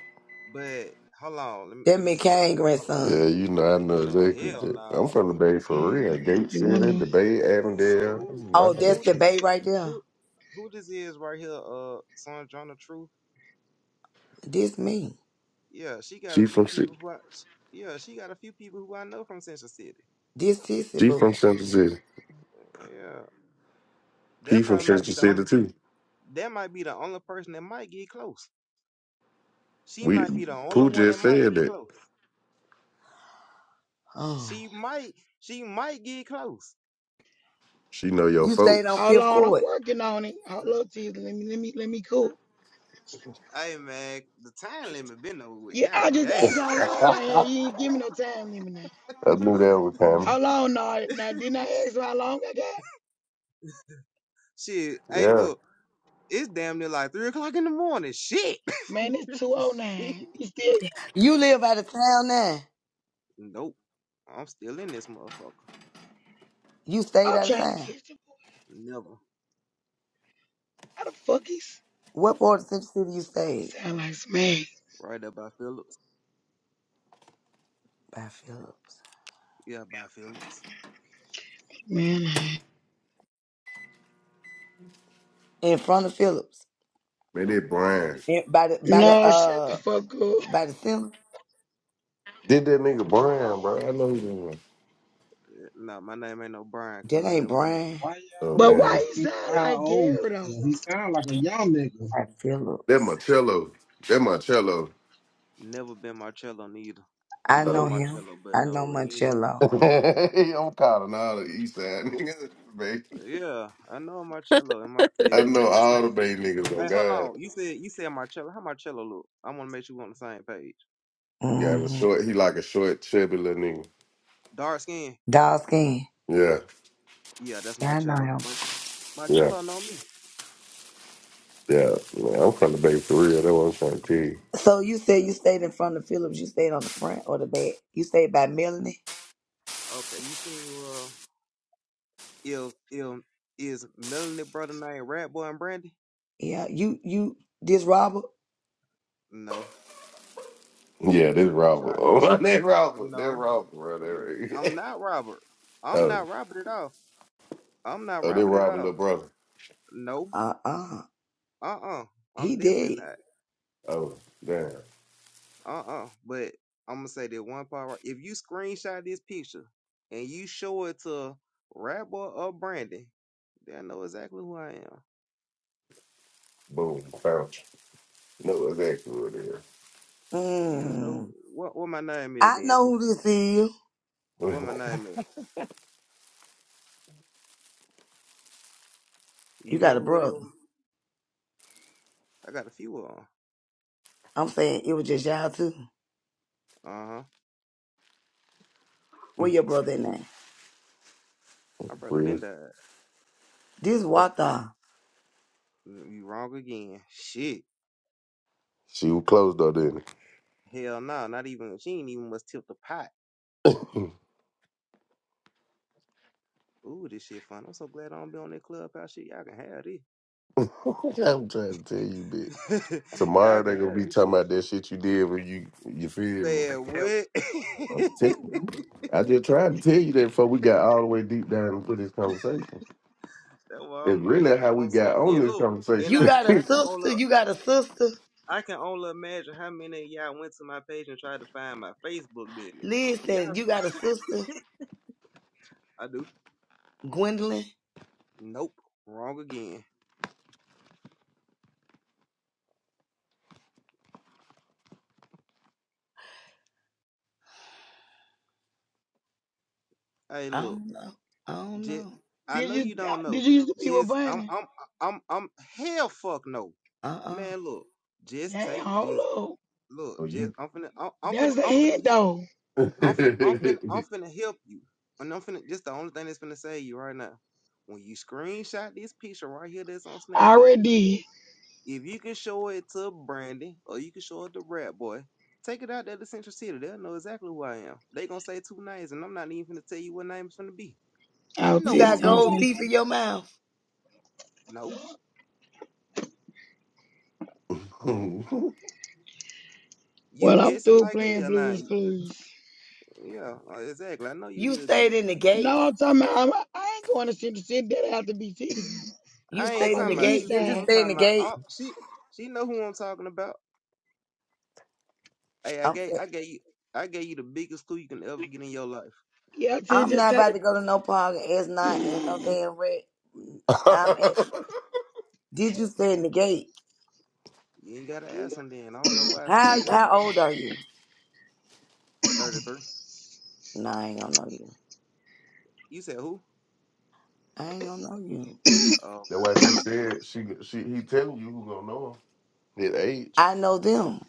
S15: but hold on, let me
S4: That
S15: let me see
S4: McCain
S15: right. Hold on.
S4: grandson.
S9: yeah, you know I know
S15: No,
S9: exactly.
S15: hell
S9: That. I'm
S15: no.
S9: from the Bay for
S1: Okay, I
S9: real.
S1: got to
S9: Gate
S1: the
S9: City,
S1: window.
S9: the Bay,
S15: So
S9: Avondale.
S15: who
S9: I'm
S4: Oh,
S9: out of
S4: that's
S9: it.
S15: who
S4: the
S15: does
S4: babe
S15: it
S4: right there.
S15: who who this is right here, uh Sandrona Truth?
S4: This me.
S15: Yeah, she got a
S9: She
S15: few
S9: from
S15: people
S9: Ci-
S15: who I yeah, she got a few people who I know from Central City.
S4: This sissy
S9: she from
S4: boo.
S9: Central City.
S15: Yeah.
S9: He
S15: That
S9: from
S15: probably might
S9: Central
S15: be the only
S9: City too.
S15: that might be the only person that might get close. She
S9: We
S15: might be the
S9: Pooh
S15: only one that
S9: just
S15: might
S9: said
S15: get
S9: that
S15: close.
S4: Oh.
S15: She might she might get close.
S9: she know your
S4: You stayed on
S9: folks.
S1: Hold
S4: Fifth
S1: on, I'm
S4: Court.
S1: working on it. Hold
S15: Mm.
S1: up, teaser. Let me, let me, let me cook.
S15: Hey man, the time limit been over with.
S1: Yeah,
S15: God
S1: I just
S15: damn.
S9: I
S1: asked you how long I had. You ain't give me no time limit now.
S9: knew that was coming.
S1: How long? Now, now didn't I ask you how long I got?
S15: Shit. Hey
S9: Yeah,
S15: look, it's damn near like three o'clock in the morning. Shit.
S1: Man, it's
S15: Shit.
S1: 209. You still,
S4: You live out of town now.
S15: Nope. I'm still in this motherfucker.
S4: You stayed
S1: I'm
S4: out of
S1: trying to
S4: town.
S1: catch the boy.
S15: Never.
S1: How the fuck is?
S4: What part of Central City you
S1: He
S4: stayed?
S1: sound like smack,
S15: Right up by Phillips.
S4: By Phillips.
S15: Yeah, by Phillips.
S1: man. I-
S4: In front of Phillips.
S9: man,
S15: Nope,
S9: that
S15: behind
S9: Brian
S15: it.
S4: In, by the by the
S1: No, shut the
S4: uh
S1: fuck up.
S4: by the center.
S9: did that nigga
S15: Uh-uh.
S9: Brian, bro. I know who that was.
S15: Eh, Nah, my name ain't no Brian,
S4: That
S15: cuz.
S4: ain't
S15: Never would be.
S4: Brian.
S24: Why
S9: Oh
S24: y'all
S1: But
S24: want to
S9: damn,
S24: ask
S1: why you
S24: the nigga
S1: sound
S24: how
S1: like
S24: old
S1: Gary
S24: he
S1: though?
S24: is? He sound like a young nigga.
S4: By
S9: that
S4: Phillips.
S9: Marcello. That Marcello.
S15: Never been Marcello neither. I
S4: I
S15: know a
S4: know him.
S15: Marcello, but
S4: I know
S15: no, you
S4: Moncello.
S9: I'm calling all the East Side niggas, man.
S15: hear me? Yeah, I know a Marcello. And my,
S9: I
S15: eh, if
S9: know
S15: this the
S9: all the
S15: same,
S9: Bay niggas on
S15: hey, hold
S9: God.
S15: on. You said you said Marcello. How Marcello look? I want to make sure we on the same page.
S9: Got a
S4: Mm-hmm.
S9: short, he like a short, chubby little nigga.
S15: Dark skin.
S4: Dog skin.
S9: Yeah,
S15: Yeah, that's
S4: Yeah, I know
S15: Marcello.
S4: him.
S15: Mar-
S9: yeah,
S15: Marcello know me.
S9: yeah. Man, I'm from the Bay for real. That's what I'm trying to tell you.
S4: So you said you stayed in front of Phillips. You stayed on the front or the back. You stayed by Melanie.
S15: Okay, you seen? uh. If if is Melanie brother named Rat Boy and Brandy?
S4: Yeah. You you this Robert.
S15: No.
S9: Yeah, this Robert.
S15: Char,
S9: Oh,
S15: Char,
S9: that Robert. That
S15: no.
S9: Robert, bro. That
S15: I'm
S9: right.
S15: not Robert. I'm
S9: Oh,
S15: not Robert at all. I'm not
S9: oh, this
S15: Robert at
S9: Robert, little
S15: all.
S9: brother.
S15: No.
S4: Uh-uh.
S15: Uh-uh.
S4: He
S15: I'm definitely
S4: did.
S15: not.
S9: Oh, damn.
S15: Uh-uh. But I'm gonna say that one part. right- If you screenshot this picture and you show it to Rat Boy or Brandy, they'll know exactly who I am.
S9: Boom, found you. Know exactly what it
S15: You don't know
S4: Mm.
S15: who- what what my name is,
S4: I know
S15: Denji.
S4: who this is.
S15: What my name is. You
S4: You got
S15: know
S4: a
S15: who it is.
S4: brother.
S15: I got a few of them.
S4: I'm saying it was just y'all too.
S15: Uh huh.
S9: is.
S4: Where your brother in there?
S15: My brother been
S9: Friends.
S15: died.
S4: This Wata.
S15: You wrong again. Shit.
S9: She was close though, didn't
S15: Hell no. not even. She ain't even must tilt the pot.
S9: it?
S15: Ooh, this shit fun. I'm so glad I don't be on that clubhouse shit. Y'all can have
S9: I'm trying to tell you,
S15: this. Y'all
S9: Tomorrow
S15: can
S9: they gonna
S15: have
S9: be
S15: this
S9: talking
S15: shit.
S9: about that shit you did when you you feel me.
S15: Man, what?
S9: I'm telling you. I just tried to tell you that before we got all the way deep down into this conversation.
S15: That's why
S9: It's
S15: I'm like,
S9: really how
S15: ooh,
S9: we
S15: I'm so.
S9: got on
S15: And
S9: this
S15: look, and
S4: You
S15: I
S9: conversation.
S4: got
S15: and
S4: a
S15: I can only
S4: sister. You got a sister.
S15: I can only imagine how many of y'all went to my page and tried to find my Facebook, didn't it? Y'all,
S4: Listen, you got a sister,
S15: I do.
S4: Gwendolyn.
S15: Nope. Wrong again. Hey,
S4: I
S15: look.
S4: don't know. I don't
S15: Just,
S4: know.
S15: I
S1: Did
S15: know
S1: you
S15: you
S1: uh,
S15: don't
S1: did
S15: know.
S1: you used to be with
S15: Just I'm
S1: Bunny?
S15: I'm I'm I'm hell fuck no.
S4: Uh-uh.
S15: Man, look. Just
S1: Damn,
S15: take just
S1: hold up.
S9: So
S15: look, just
S9: you
S15: I'm finna I'm, I'm finna
S1: That's a
S15: I'm finna
S1: hint
S15: help
S1: though.
S15: I'm finna I'm finna I'm finna help you. And I'm finna this the only thing that's finna save you right now. When you screenshot this picture right here that's on
S1: I
S15: Snapchat,
S1: already
S15: if you can show it to Brandy or you can show it to Rat Boy, take it out there to Central City. They'll know exactly who I am. They gonna say two names and I'm not even finna tell you what name it's finna be.
S1: did.
S15: I know
S4: You
S15: what
S4: got
S15: it's
S1: Autistic, I'm
S15: finna
S4: gold
S15: be.
S1: playing.
S4: teeth in your mouth.
S15: No.
S9: That's
S15: You
S1: Well, I'm
S15: guessing
S1: through
S15: like
S1: playing
S15: hell now.
S1: Blues
S15: You-
S1: Clues.
S15: Yeah, uh, exactly. I know you
S4: You
S15: would
S4: stayed
S15: be.
S4: in the gate.
S1: No, I'm talking about, I'm, I ain't going to shit the shit that have to be TD.
S4: You
S15: I ain't
S1: I'm
S4: stayed
S1: on
S4: in
S1: the
S4: the
S15: talking about
S1: east
S15: she
S4: gate. Did
S15: fool.
S4: you
S1: side.
S15: I'm
S4: stay in the
S15: talking about
S4: gate?
S15: oh, she. She know who I'm talking about. Hey, I
S4: I'm,
S15: gave I gave you I gave you the biggest clue you can ever get in your life.
S1: Yeah, T
S4: I'm
S1: just
S4: not
S1: tell
S4: about to go to no park. It's not in no
S1: the
S4: damn red. Did you stay in the gate?
S15: You ain't gotta ask him then. I don't know why I stayed
S4: How
S15: at
S4: how
S15: then.
S4: old are you?
S15: Thirty three.
S4: No, I ain't gonna know you.
S15: You said who?
S4: I ain't gonna know you.
S15: Oh, okay.
S9: why she said she she he telling you who gonna know him. His age.
S4: I know them,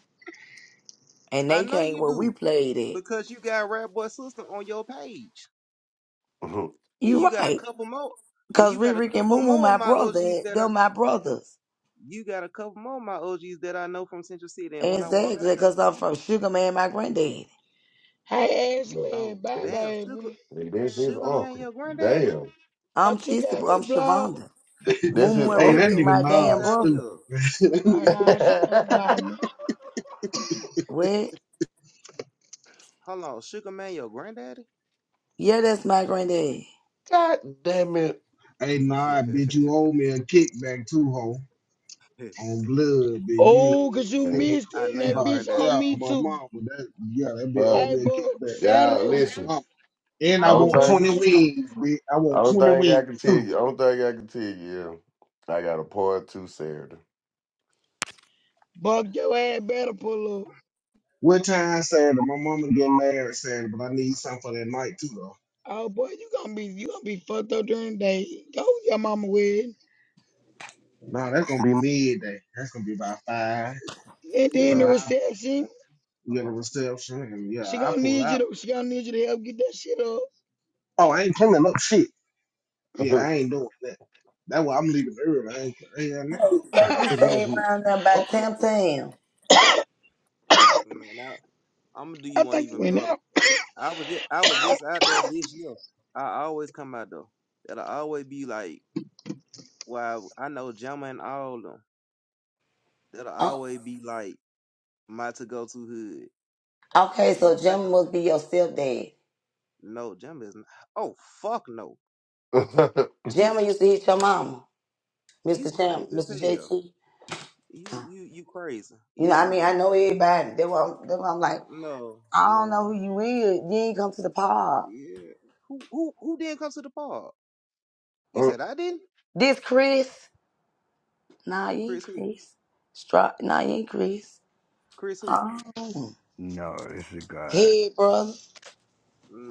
S4: and
S15: I
S4: they
S15: know
S4: came
S15: you
S4: where we
S15: do
S4: played at.
S15: because you got Rap Boy Sister on your page,
S9: Look.
S15: and
S4: You
S15: you got a
S4: right,
S15: couple more, and
S4: cause
S15: you got a
S4: Rick and
S15: couple
S4: Moo Moo
S15: more of
S4: my
S15: my
S4: brother.
S15: OGs that I.
S4: They're my brothers.
S15: You got a couple more of my OGs that I know from Central City, and when I walk out
S4: Exactly,
S15: though.
S4: cause I'm from Sugar Man, my granddaddy.
S1: Hey, Ashley,
S15: Oh,
S1: bye,
S9: That's
S15: damn, Sugar,
S1: baby.
S9: that's his
S15: Sugar Man,
S9: uncle.
S15: your granddaddy?
S9: Damn.
S4: I'm
S1: Thought you
S4: Tissy,
S1: got
S4: but
S1: me
S4: I'm
S1: blocked.
S4: Shavonda.
S9: That-
S4: Moo
S9: That's
S4: Moo
S9: his
S4: and
S24: Hey,
S4: Rick
S15: Get
S24: that
S9: uncle.
S4: Rick,
S15: the
S24: nigga
S4: my
S24: Nah
S15: fuck
S4: damn
S24: is
S15: out of
S4: brother.
S24: stupid.
S15: here.
S1: Oh, no, she done blocked me.
S4: What?
S15: Hold on, Sugar Man, your granddaddy?
S4: Yeah, that's my granddaddy.
S9: God damn it.
S24: hey, Nah, bitch, you owe me a kickback too, ho. on blood, then you
S1: Oh,
S24: ain't
S1: 'cause
S24: gonna
S1: you
S24: send me
S1: missed
S15: I
S1: it, and
S15: know
S24: no
S15: your
S1: that
S24: invite.
S1: bitch
S15: granddaddy.
S1: on
S24: Yeah,
S1: me,
S24: my
S1: too.
S24: mama, that yeah, that be old
S1: Hey,
S9: Bro,
S24: man
S1: boy,
S24: kickback
S9: yeah,
S1: Saturday
S24: on
S1: we
S24: my
S9: listen.
S24: mama. And I
S1: I
S9: Only
S1: don't
S24: want
S1: win.
S9: thing,
S24: 20 wings, bitch. I want
S9: only
S24: 20
S9: thing I
S24: wings
S9: can tell
S24: too.
S9: you, only thing I can tell you, yeah, I got a part two Saturday.
S1: Buck your ass better pull up.
S24: What time Saturday? My mama get married Saturday, but I need something for that night too though.
S1: Oh boy, you gonna be you gonna be fucked up during the day. Go with your mama with.
S24: Nah, that's gonna be midday. That's gonna be about five.
S1: And then
S9: Yeah.
S24: So
S1: the
S24: I
S1: reception,
S24: get a reception and yeah,
S1: she
S24: I
S1: gonna
S24: pull
S1: need you
S24: out.
S1: to she gonna need you to help get that shit
S24: Oh, I ain't cleaning up shit. Yeah, I ain't doing that. That's why I'm leaving early. I ain't, yeah, no.
S4: Hey, so you
S1: up.
S4: stayed around them by
S24: Fuck, with
S4: Tam
S24: her.
S4: Tam.
S15: Man, I, I'm gonna do you
S1: I
S15: one
S1: think it
S15: even
S1: went
S15: better.
S1: out.
S15: I was just, I was just out there this year. I always come out though. That'll always be like, wow, I know Gemma and all of them. That'll
S4: Oh,
S15: always be like my to go to hood.
S4: okay,
S15: If
S4: so
S15: you think,
S4: Gemma
S15: I,
S4: must be your stepdad.
S15: no, Gemma is not. Oh, fuck no.
S4: Gemma used to hit your mama.
S15: You
S4: Mr. Champ,
S15: crazy as
S4: Mr.
S15: hell.
S4: JT.
S15: You you you crazy. You,
S4: You know, what I
S15: you,
S4: mean, I
S15: you-
S4: know everybody. They were, they were, I'm like,
S15: no,
S4: I don't know
S15: no.
S4: who you is. You ain't come to the pod.
S15: Yeah. Who who who didn't come to the park? You said I didn't?
S4: This Chris? Nah, you ain't
S15: Chris who?
S4: Chris. Stri- nah, you ain't Chris.
S15: Chris who?
S4: Oh,
S25: No, this is God.
S4: hey, brother.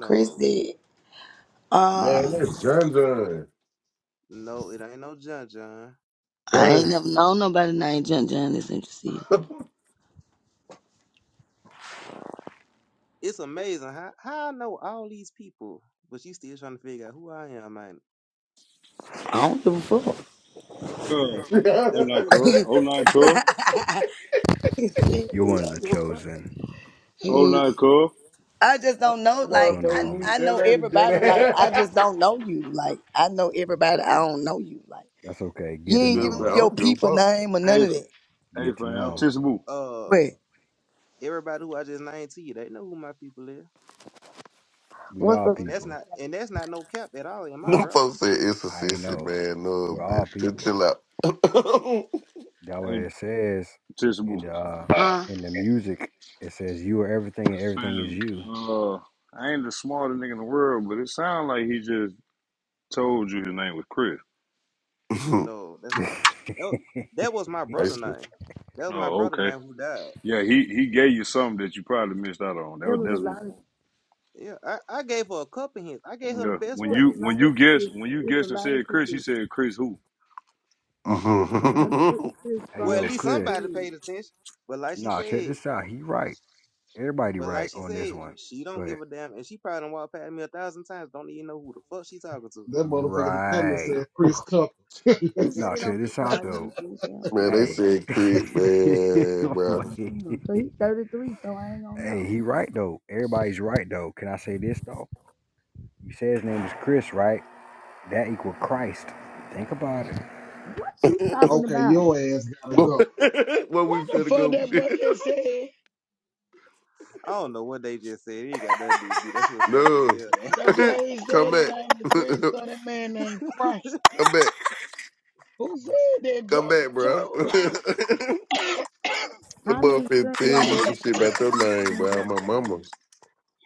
S4: Chris did. Uh,
S9: Man, that's John John.
S15: No, it ain't no John John.
S4: I ain't
S9: That-
S4: never known nobody named John John this interested.
S9: I'm
S15: It's amazing how, how I know all these people, but you still trying to figure out who I am, man.
S4: I don't give a fuck.
S26: Cub.
S15: Exactly.
S26: Oh
S15: That's a
S26: nine
S15: good
S26: cub.
S4: Shit,
S15: thing.
S26: Oh nine cub.
S4: I
S25: You're one of
S4: don't
S25: the
S4: give a fuck.
S25: chosen.
S26: Oh
S4: Hey.
S26: nine cub.
S4: I just don't know.
S9: so
S25: What's
S4: Like
S25: going on,
S9: motherfucking
S4: I,
S25: homie?
S9: weak.
S4: I
S9: That
S4: know
S9: lady did
S4: everybody. Like
S9: it.
S4: I just don't know you. Like I know everybody. I don't know you. Like
S25: That's okay.
S4: you
S25: Get to
S4: ain't
S9: Good,
S25: know
S4: giving
S9: bro.
S4: me
S9: I
S25: him.
S15: Yeah.
S4: your
S9: don't give a
S4: people
S9: fuck.
S4: name or
S26: Hey,
S4: none of
S26: f-
S4: that.
S26: hey
S25: Get to
S26: fam.
S25: know him.
S15: Oh,
S26: Tisboo.
S15: uh
S4: Wait,
S15: everybody who I just named to you, they know who my people is.
S25: We
S4: what's
S25: all
S4: the?
S15: And
S4: thing?
S15: that's
S25: people.
S15: not and that's not no cap at all in my
S9: Them
S15: route.
S9: folks said it's a
S25: I ain't
S9: sissy,
S25: know.
S9: man. No,
S25: We're all
S9: bitch. Just chill
S25: people.
S9: out.
S25: That what
S26: Hey
S25: it says in
S26: Tisboo.
S25: the uh,
S4: Uh,
S25: in the music. It says you are everything and everything is
S26: Fam.
S25: you.
S26: Uh, I ain't the smartest nigga in the world, but it sounds like he just told you his name was Chris.
S15: No, that's not. That
S25: hey
S15: that was my brother name. That was my
S26: Oh,
S15: brother
S26: okay.
S15: name who died.
S26: Yeah, he he gave you something that you probably missed out on. That
S4: It
S26: was-
S4: was a
S26: that's
S4: lot of.
S15: Yeah, I, I gave her a couple hints. I gave her the
S26: yeah.
S15: best
S26: When
S15: one.
S4: It's a
S26: you when
S4: lot
S26: you
S4: of
S26: guessed
S4: kids.
S26: when you
S4: It's a
S26: guessed and
S4: lot of
S26: said Chris, you
S4: kids.
S26: said Chris who?
S15: hmm
S4: I split Chris
S15: Well, at
S4: Frog
S25: yo,
S15: least
S4: is
S25: Chris.
S15: somebody
S4: dead.
S15: paid attention. But like she
S25: Nah, check
S15: said,
S25: this out. He right. Everybody
S15: but like
S25: right
S15: she
S25: on this
S15: said,
S25: one.
S15: she
S25: Go
S15: don't
S25: ahead.
S15: give a damn, and she probably done walked past me a thousand times. Don't even know who the fuck she talking to.
S24: that motherfucker that come and
S25: Right.
S24: said Chris Tucker.
S9: Basically.
S4: You
S25: Nah,
S4: stayed on.
S25: check this
S4: No,
S25: out though.
S4: you didn't stay on. 50.
S9: Man, they
S25: Hey.
S9: said creep,
S25: hey,
S9: man, bro.
S4: Damn, So he's 33. So I ain't gonna know.
S25: he right though. Everybody's right though. Can I say this though? You say his name is Chris, right? That equal Christ. Think about it.
S4: What you talking
S24: Okay,
S4: about?
S24: your ass gotta go.
S9: what we
S1: What the
S9: finna
S1: fuck
S9: go with
S1: that boy
S9: this?
S1: just said?
S15: I don't know what they just said. It ain't got nothing to do with me. That shit was funny as
S9: No.
S15: hell though.
S1: That boy his
S9: Come
S1: daddy
S9: back.
S1: named the Christ or that man named Christ.
S9: Come back.
S1: Who said that?
S9: Come
S1: Joe
S9: back, bro.
S1: Joe
S9: the
S4: How many
S9: motherfucker tell
S4: children your
S9: you
S4: mama
S9: some shit about
S4: had?
S9: your name, bro. My mama.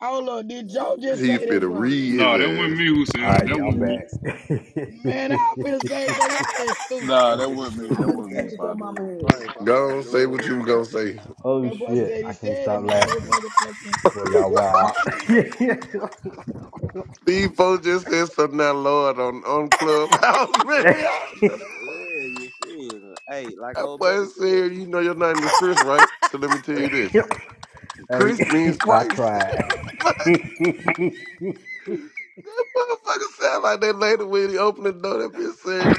S1: Hold on, did
S15: That
S1: Joe
S15: nigga
S1: just
S9: He
S1: say
S15: said
S1: that,
S9: finna
S1: bro?
S15: Chris.
S9: read
S26: No, that
S9: his
S26: wasn't
S9: ass.
S26: me who said
S25: All
S26: it.
S25: right,
S26: That
S25: y'all
S15: That
S26: wasn't me.
S15: nigga.
S25: back.
S15: s-
S1: Man, I was finna say, bro, your ass stupid.
S26: Nah,
S15: That
S26: that
S15: nigga
S26: wasn't
S15: said
S26: me.
S4: How
S26: That
S4: many
S15: Chris.
S26: wasn't me,
S15: That
S4: kids your
S15: shit
S26: partner.
S4: mama
S15: mean
S4: had?
S15: Christ. I'm
S9: Go
S15: like,
S9: on, say what
S15: no,
S9: you was
S15: bro.
S9: gonna say.
S25: oh
S1: That boy
S25: shit!
S1: said he
S25: I can't
S1: said his
S25: stop
S1: name with
S25: laughing.
S1: motherfucking
S25: Boy,
S1: Cr-
S25: y'all wild.
S1: Christ.
S9: These folks just said something out loud on, on Clubhouse, man. Y'all-
S15: Yeah, you feel me? Hey, like
S9: That
S15: old buddy
S9: boy
S15: said, hey,
S9: said, you know your name is Chris, right? So let me tell you this.
S25: hey,
S9: Chris means
S25: I
S9: Christ.
S25: tried.
S9: Like, that motherfucker sound like that lady when he opened the door. That bitch said,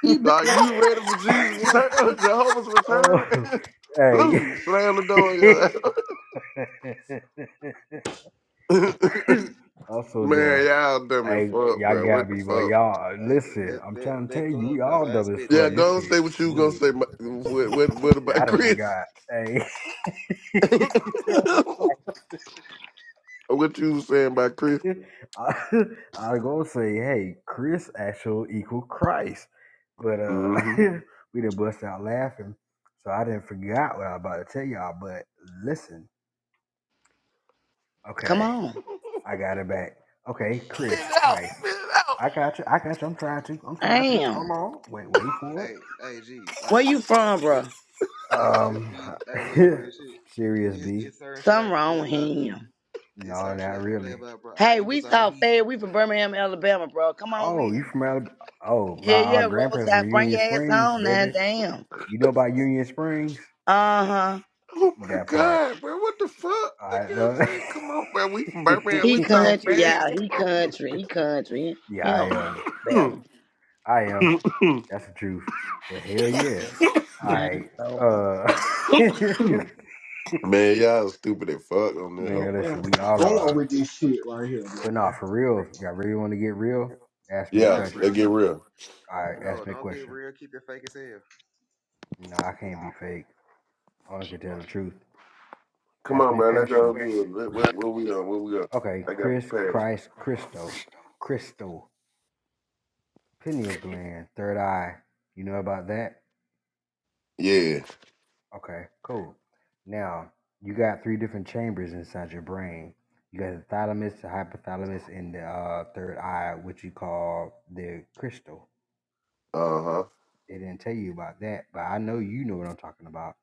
S4: He been-
S9: "Are you ready for Jesus' return? Jehovah's
S25: Oh,
S9: return?"
S25: hey.
S9: Blue slam the door. in your ass.
S25: I'm so
S9: Man,
S25: done.
S9: y'all dummy
S25: Hey,
S9: fuck,
S25: y'all
S9: bro.
S25: got
S9: What the
S25: me, but
S9: fuck?
S25: y'all listen.
S15: that
S25: I'm
S15: that
S25: trying to tell
S15: that
S25: you, we
S15: clubhouse,
S25: all
S15: I
S25: dumb as
S15: expected
S9: Yeah,
S25: fuck.
S15: that.
S25: This
S9: go
S25: shit
S9: and say what
S25: is
S9: you gonna
S25: silly.
S9: say. ma- What what, what
S25: Shit, I
S9: about
S25: done
S9: Chris?
S25: forgot. Hey,
S9: what you was saying about Chris?
S25: I, I gonna say, hey, Chris actual equal Christ, but uh,
S9: Mm-hmm.
S25: we done bust out laughing, so I didn't forgot what I was about to tell y'all. But listen,
S4: come
S25: okay.
S4: on.
S25: I got it back. Okay,
S9: Spit
S25: Chris,
S9: it out.
S25: Christ.
S9: Spit it out.
S25: I got you. I got you. I'm trying to. I'm trying to.
S4: Damn.
S25: Hold on. Wait, wait for
S15: Hey, hey, G, like
S4: Where you
S15: real talk,
S4: from,
S15: just
S4: bro?
S25: it.
S15: just just
S25: Um,
S15: leave. Hey, look, real shit.
S25: serious
S15: It,
S25: B.
S15: it's certain shit I
S4: Something
S15: can play
S4: wrong with
S15: about. Cause
S4: him.
S15: it's
S25: No,
S15: certain shit
S25: not
S15: I can play
S25: really.
S15: about, bro. I,
S4: Hey,
S15: it
S4: we
S15: was all
S4: saw
S15: heat.
S4: Fed. We from Birmingham, Alabama, bro. Come on
S25: Oh,
S4: with it.
S25: you from Alabama? Oh, my
S4: Yeah,
S25: uh,
S4: yeah,
S25: grandparents from
S4: roadside. Bring
S25: Union
S4: your ass
S25: Springs,
S4: home now,
S25: baby.
S4: damn.
S25: You know about Union Springs?
S4: Uh huh.
S9: Oh my
S25: That part.
S9: god, bro! What the fuck,
S25: I
S9: nigga? I'm
S25: know.
S9: saying, come on, bro. We from Birmingham.
S4: He
S9: We talk
S4: country, y'all.
S9: fast.
S4: He country. He country.
S25: yeah,
S4: He
S25: I
S4: don't know no
S25: am.
S4: better.
S9: Come
S25: I am.
S9: on.
S25: That's the truth. But hell yeah. I
S4: Mine's over.
S25: uh
S9: Man, y'all stupid as fuck on this
S24: Man,
S9: hoe,
S25: Man,
S9: bro.
S24: where
S25: listen, we
S24: we
S25: all
S24: going
S25: are.
S24: with this shit right here, man?
S25: But nah, for real, if y'all really want to get real, ask me a
S9: Yeah,
S15: Not
S9: let's
S25: question.
S15: really.
S4: Uh-uh.
S9: get real.
S25: All right,
S15: No,
S25: ask me a
S15: don't get
S25: question.
S15: real. Keep it fake as hell.
S25: No, I can't be fake. I only can tell the truth.
S9: Come
S25: Ask
S9: on,
S25: me a
S9: bro. Let's
S25: question.
S9: go do it. What, what, what we on? What we on?
S25: Okay,
S9: I got
S25: Chris,
S9: prepared.
S25: Christ, Christo, Christo, pineal gland, third eye. You know about that?
S9: Yeah.
S25: Okay, cool. Now, you got three different chambers inside your brain. You got the thalamus, the hypothalamus, and the uh, third eye, which you call the Christo.
S9: Uh huh.
S25: They didn't tell you about that, but I know you know what I'm talking about.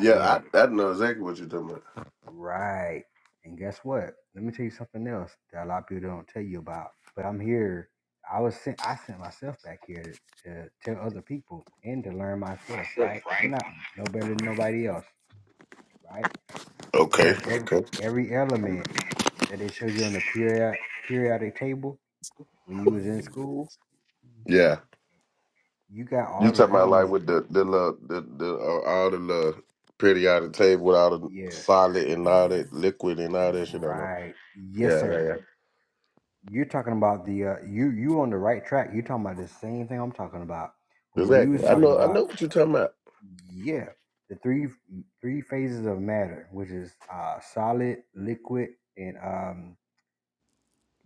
S25: I get it.
S9: I I know exactly what you're talking about.
S25: Right. And guess what? Let me tell you something else that a lot of people don't tell you about. But I'm here. I was sent. I sent myself back here to, to tell other people and to learn myself. Right. I'm not no better than nobody else. Right. You
S9: Okay.
S25: have every
S9: Okay.
S25: every element that it shows you on the period periodic table when you was in school.
S9: Yeah,
S25: You got
S9: you
S25: all the
S9: talking about like
S25: elements.
S9: with the the little the the uh, all the little pretty out of the table with all the
S25: Yeah.
S9: solid and all that liquid and all that shit on there.
S25: Right. Yes,
S9: Yeah, yeah,
S25: sir.
S9: yeah.
S25: You're talking about the uh, you you on the right track. You're talking about the same thing I'm talking about. But what you was
S9: Exactly. I
S25: talking
S9: know. I
S25: about,
S9: know what you're talking about.
S25: yeah, the three three phases of matter, which is uh, solid, liquid, and um,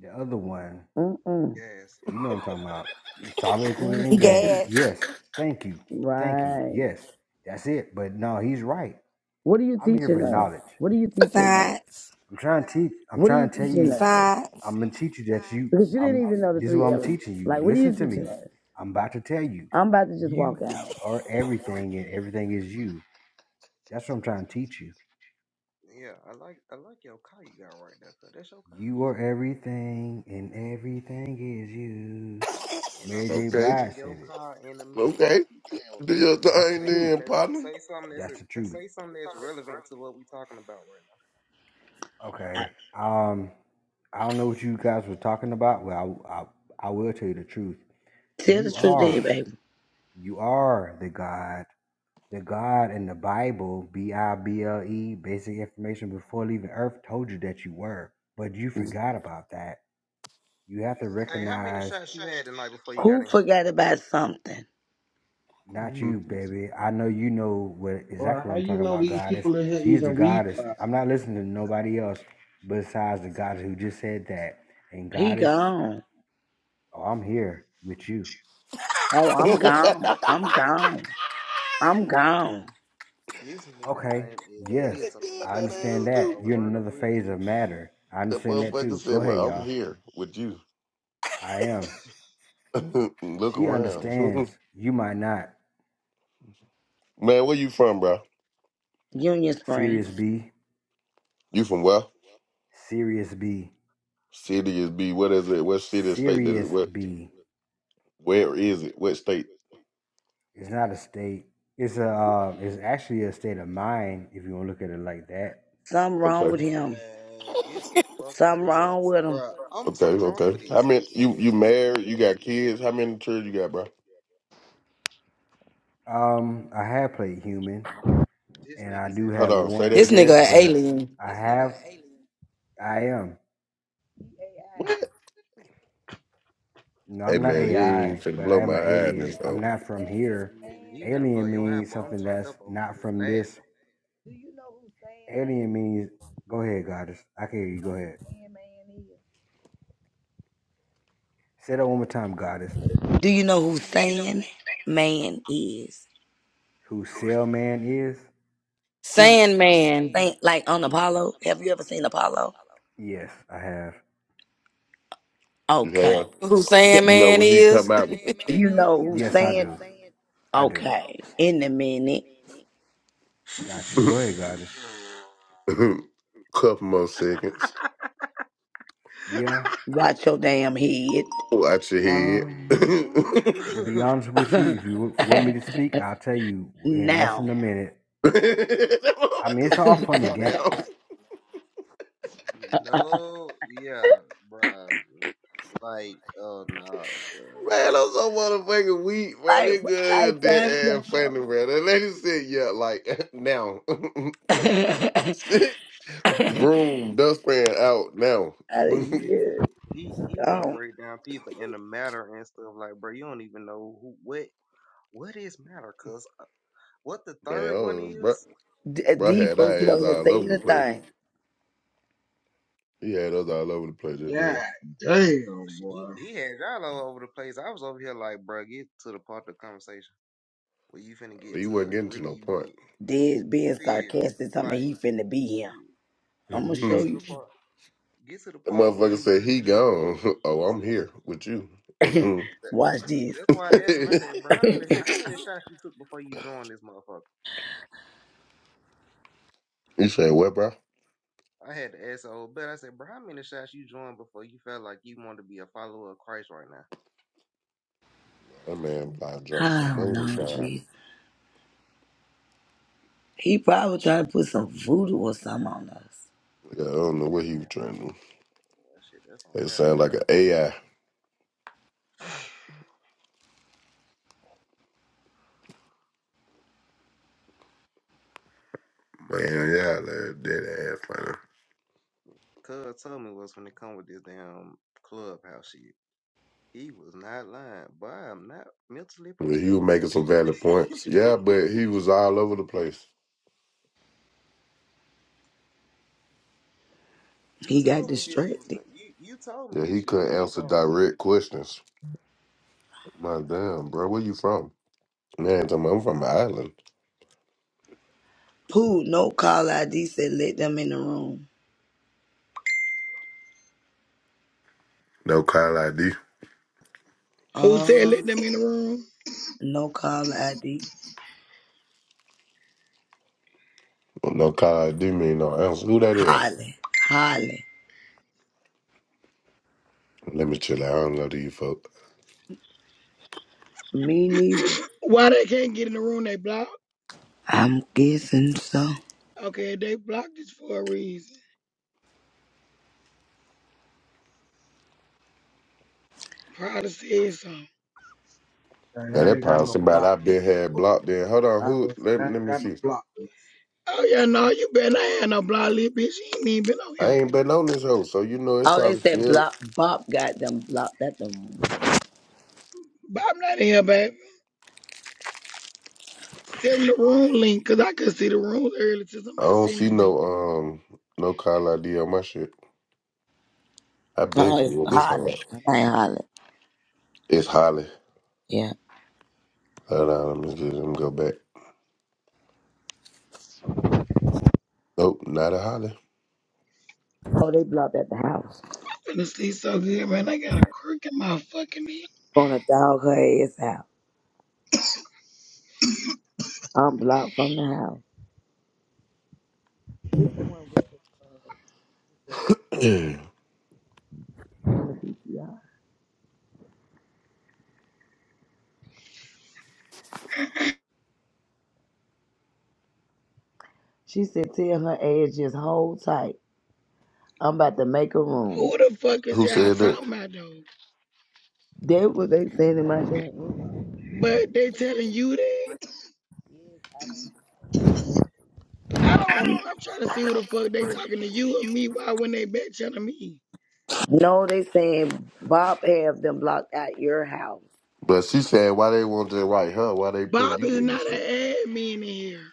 S25: the other one.
S4: Mm-mm.
S15: Gas.
S25: You know what I'm talking about? Solid, liquid, and
S4: Mm-mm.
S25: gas.
S27: Gas,
S25: Yes. Thank you. Thank you.
S4: Right.
S25: Yes. That's it. But no, he's right.
S4: What are you
S25: I'm here
S4: teaching
S25: for
S4: us?
S25: knowledge.
S4: What are you teaching us?
S27: science,
S25: I'm trying to teach. I'm
S4: What are
S25: trying
S4: you
S25: to tell
S4: teaching
S25: you.
S4: us?
S27: science.
S25: I'm gonna teach you that you.
S4: Because you
S25: I'm.
S4: didn't even know the
S25: This is what
S4: three
S25: I'm
S4: elements.
S25: teaching you.
S4: Like, what are you
S25: Listen to
S4: teaching
S25: me.
S4: us?
S25: I'm about to tell you.
S4: I'm about to just walk
S25: You
S4: out.
S25: are everything, and everything is you. That's what I'm trying to teach you.
S15: Yeah, I like I like your car you got right there. Cause that's your car.
S25: You are everything, and everything is you.
S15: and I'm
S25: Mary
S15: about
S25: J.
S15: to
S9: Okay.
S15: be in
S25: Blige
S15: your
S25: said it.
S15: car in a minute. You
S9: Okay.
S15: keep playing with
S9: Do
S15: me.
S9: your
S25: That's the
S9: thing
S15: Say
S25: truth.
S15: something
S9: then,
S15: that's
S9: partner.
S15: say something that's
S25: That's the truth.
S15: say something that's relevant to what we talking about right now.
S25: Okay. Um, I don't know what you guys were talking about. Well, I, I, I will tell you the truth.
S4: Tell the
S25: You
S4: truth to you,
S25: are,
S4: baby.
S25: you are the God The God in the Bible, B I B L E, basic information before leaving Earth, told you that you were, but you forgot about that. You have to
S15: Hey, how many
S25: recognize,
S15: shots you had tonight before you got
S4: Who
S15: in here?
S4: forgot about something?
S25: not
S9: Mhm.
S25: you, baby. I know you know what
S24: Boy,
S25: exactly
S24: how
S25: what I'm
S24: you
S25: talking
S24: know
S25: about.
S24: these
S25: Goddess,
S24: people in here
S25: she's the
S24: even read
S25: goddess.
S24: crap?
S25: I'm not listening to nobody else besides the goddess who just said that. And
S4: He
S25: goddess,
S4: gone.
S25: oh, I'm here with you.
S4: Oh, I'm
S9: Man,
S4: gone. I'm gone. I'm gone.
S15: This nigga
S25: Okay,
S15: name is
S25: yes,
S9: that
S15: Wisdom, and
S9: good,
S25: I
S15: not
S9: that
S25: understand
S9: ass
S15: speaking out
S25: that.
S15: a
S9: stupid.
S25: You're in
S15: word of
S25: another phase
S15: wisdom.
S25: of matter. I
S9: That
S25: understand that
S9: motherfucker
S25: too. Go
S9: said,
S25: ahead,
S9: "Well, I'm
S25: y'all.
S9: here with you.
S25: I am.
S9: Look
S25: She
S9: around,
S25: understands you might not.
S9: man. Where you from, bro?
S4: Union Spring.
S25: Serious B,
S9: You from where?
S25: serious B,
S9: City is B. What is it? What city, or state? That is
S25: serious
S9: what?
S25: B.
S9: Where is it? What state?
S25: It's not a state. It's a. Uh, it's actually a state of mind if you want to look at it like that.
S4: Something wrong
S9: Okay,
S4: with him.
S15: Man, get the fuck out
S4: Something
S15: of here,
S4: wrong with him.
S15: Bruh, I'm
S9: okay,
S15: too drunk for
S9: okay. How
S15: this.
S9: many? You you married? You got kids? How many children you got, bro?
S25: Um, I have played human,
S15: This
S25: and I
S15: nigga
S25: do
S15: said,
S9: Hold
S25: have
S9: on.
S15: um,
S9: Say that
S28: This
S25: one,
S9: again.
S28: nigga an
S25: but
S28: alien.
S25: I have. I am.
S9: What?
S25: No,
S9: Hey
S25: I'm not
S15: cause
S9: man, you
S15: you re-
S9: ain't
S25: AI,
S9: finna
S25: but I
S9: blow
S25: am
S9: my
S25: an
S9: hide, hiding
S25: alien. I'm
S9: though.
S25: not from here.
S15: nigga, he finna blow
S25: Alien
S15: your hat,
S25: means
S15: but I'm
S25: something
S15: turned
S25: that's
S15: up over
S25: not
S15: there
S25: from this.
S15: laughing.
S25: Alien means. Go ahead, goddess. I can hear you. Go ahead. Say that one more time, goddess.
S4: Do you know who Sand Man is?
S25: Who Sailman is?
S4: No.
S15: This
S28: Sandman.
S4: Sand, like on Apollo? Have you ever seen Apollo?
S25: Yes, I have.
S9: You
S4: Okay.
S9: have,
S28: Who
S4: Th-
S9: you know,
S28: Sandman
S9: when he
S28: is?
S9: come out,
S4: You know who
S25: Yes, I
S4: Sand?
S25: do. I do.
S4: Okay. In a minute.
S25: Got you.
S9: with
S25: Go ahead, goddess.
S15: nigga.
S9: couple more seconds.
S25: Yeah.
S4: Watch your damn
S9: Watch your head.
S25: Um.
S9: that
S25: To be honest with you, if you w- want me
S4: head.
S25: to speak, I'll tell you in less than
S4: now.
S25: a minute. I mean,
S9: motherfucker
S25: it's all
S9: said,
S25: funny game.
S9: "Now,
S15: No, yeah, bruh. Like, oh no, cuz
S9: man, I'm so motherfucking weak, bro.
S4: Like,
S9: They
S4: what type
S9: good,
S4: of time,
S9: dead
S4: y'all?
S9: ass funny, bro. That lady said, yeah, like now, broom, dustpan out now,
S4: Out of
S9: man,
S15: this
S4: here.
S15: nigga, he he want to
S4: Um,
S15: break down people in the matter and stuff. Like, bro, you don't even know who what what is matter, cuz what the third one
S9: oh, bro,
S15: is.
S4: d-
S9: bro
S4: these
S9: had our
S4: folks get
S9: ass
S4: on here and
S9: all
S4: say
S9: over the place.
S4: anything.
S9: He had us all over the place just
S24: God
S9: then.
S24: damn,
S15: Shit, He,
S24: boy.
S15: he had y'all all over the place. I was over here like, bro, get to the part of the conversation where you finna get
S9: He
S15: to
S9: wasn't
S15: it.
S9: getting to
S15: Really,
S9: no
S15: you,
S9: point.
S4: Dead
S15: you
S4: being
S15: feel me?
S4: sarcastic, something he
S15: like
S4: finna be here.
S15: mm,
S4: I'm gonna
S15: get
S9: hmm
S4: show
S15: to the
S4: you.
S15: part, get to the
S9: The
S15: part where
S9: motherfucker
S15: you
S9: said
S15: really
S9: he
S15: finna indulge
S9: gone.
S15: in the
S9: Oh, I'm
S15: conversation.
S9: here with you. Mhm.
S15: That,
S4: Watch this.
S15: that's why I asked him. I said, "Bro, how many
S4: I
S15: how many shots you took before you joined this motherfucker?"
S9: you said what, bro?
S15: I had to ask old bet. I said, "Bro, how many shots you joined before you felt like you wanted to be a follower of Christ right now?"
S9: That man probably drinking some
S4: don't know,
S9: moonshine.
S4: Jesus. He probably tried to put some voodoo or something on us.
S9: Yeah, I don't know
S15: Man,
S9: what
S15: that's
S9: he
S15: not
S9: was drinking.
S15: that shit. That's on
S9: It sounded
S15: God.
S9: like an AI. Man, yeah, that dead ass man.
S15: Cuz told me was when they come with this damn clubhouse shit. He was not lying, but I'm not mentally
S9: Yeah, he
S15: prepared
S9: was
S15: for
S9: making
S15: this
S9: some
S15: shit.
S9: valid points. Yeah, but he was all over the place.
S15: You
S4: He got
S15: told me this shit was
S4: distracted.
S15: gonna. You you told me
S9: Yeah,
S15: this
S9: he
S15: shit was
S9: couldn't
S15: gonna
S9: answer
S15: go. off.
S9: direct questions. My damn, bro, where you from? Man, tell me, I'm from the island.
S4: Pooh, no call ID said let them in the room.
S9: No call ID.
S1: Who said
S4: Uh,
S1: let them in the room?
S4: no call ID.
S9: No call ID mean no answer. Who that is?
S4: Holly, Holly.
S9: Let me chill out. I don't know these folks.
S4: Me neither.
S1: Why they can't get in the room? They blocked.
S4: I'm guessing so.
S1: Okay, they blocked this for a reason. Probably said something.
S24: Hey,
S9: Man,
S24: I
S9: that
S24: ain't got
S9: probably
S24: no
S9: somebody
S24: block
S9: I
S24: this
S9: been had
S24: before.
S9: blocked there. Hold on,
S24: I
S9: who?
S24: been saying
S9: Let,
S24: I
S9: let
S24: ain't
S9: me
S24: got no
S9: see.
S24: block this.
S1: Oh yeah, no, you better not have no block list, bitch. You ain't even been on
S9: I
S1: here.
S9: ain't been on this hoe, so you know it
S4: Oh, they
S9: probably
S4: said
S9: still.
S4: block. Bob got them blocked at the.
S1: But I'm not in here, baby. Send the room link, cause I could see the room earlier till
S9: I
S1: somebody
S9: don't
S1: sent it
S9: see
S1: to me.
S9: no um no call ID on my shit. I been
S4: Oh, it's
S9: through this hoe.
S4: Holly. I ain't Holly.
S9: It's Holly.
S4: Yeah.
S9: Hold on, let me just let me go back. Nope, not a Holly.
S4: Oh, they blocked at the house.
S1: I'm finna sleep so good, man. I got a crook in my fucking head.
S4: Gonna dog her ass out. I'm blocked from the house. Yeah. She said, tell her ass just hold tight. I'm about to make a room.
S1: Who the fuck is
S9: who
S1: y'all
S9: said that?
S1: talking about though?
S4: That what they saying in my chat room.
S1: But they telling you that? I don't I'm, I'm trying to see who the fuck they talking to you or me. Why when they back telling me?
S4: No, they saying Bob have them blocked at your house.
S9: But she said why they want to write her? Why they putting
S1: Bob
S9: you
S1: is
S9: in this
S1: not an
S9: shit?
S1: admin in here.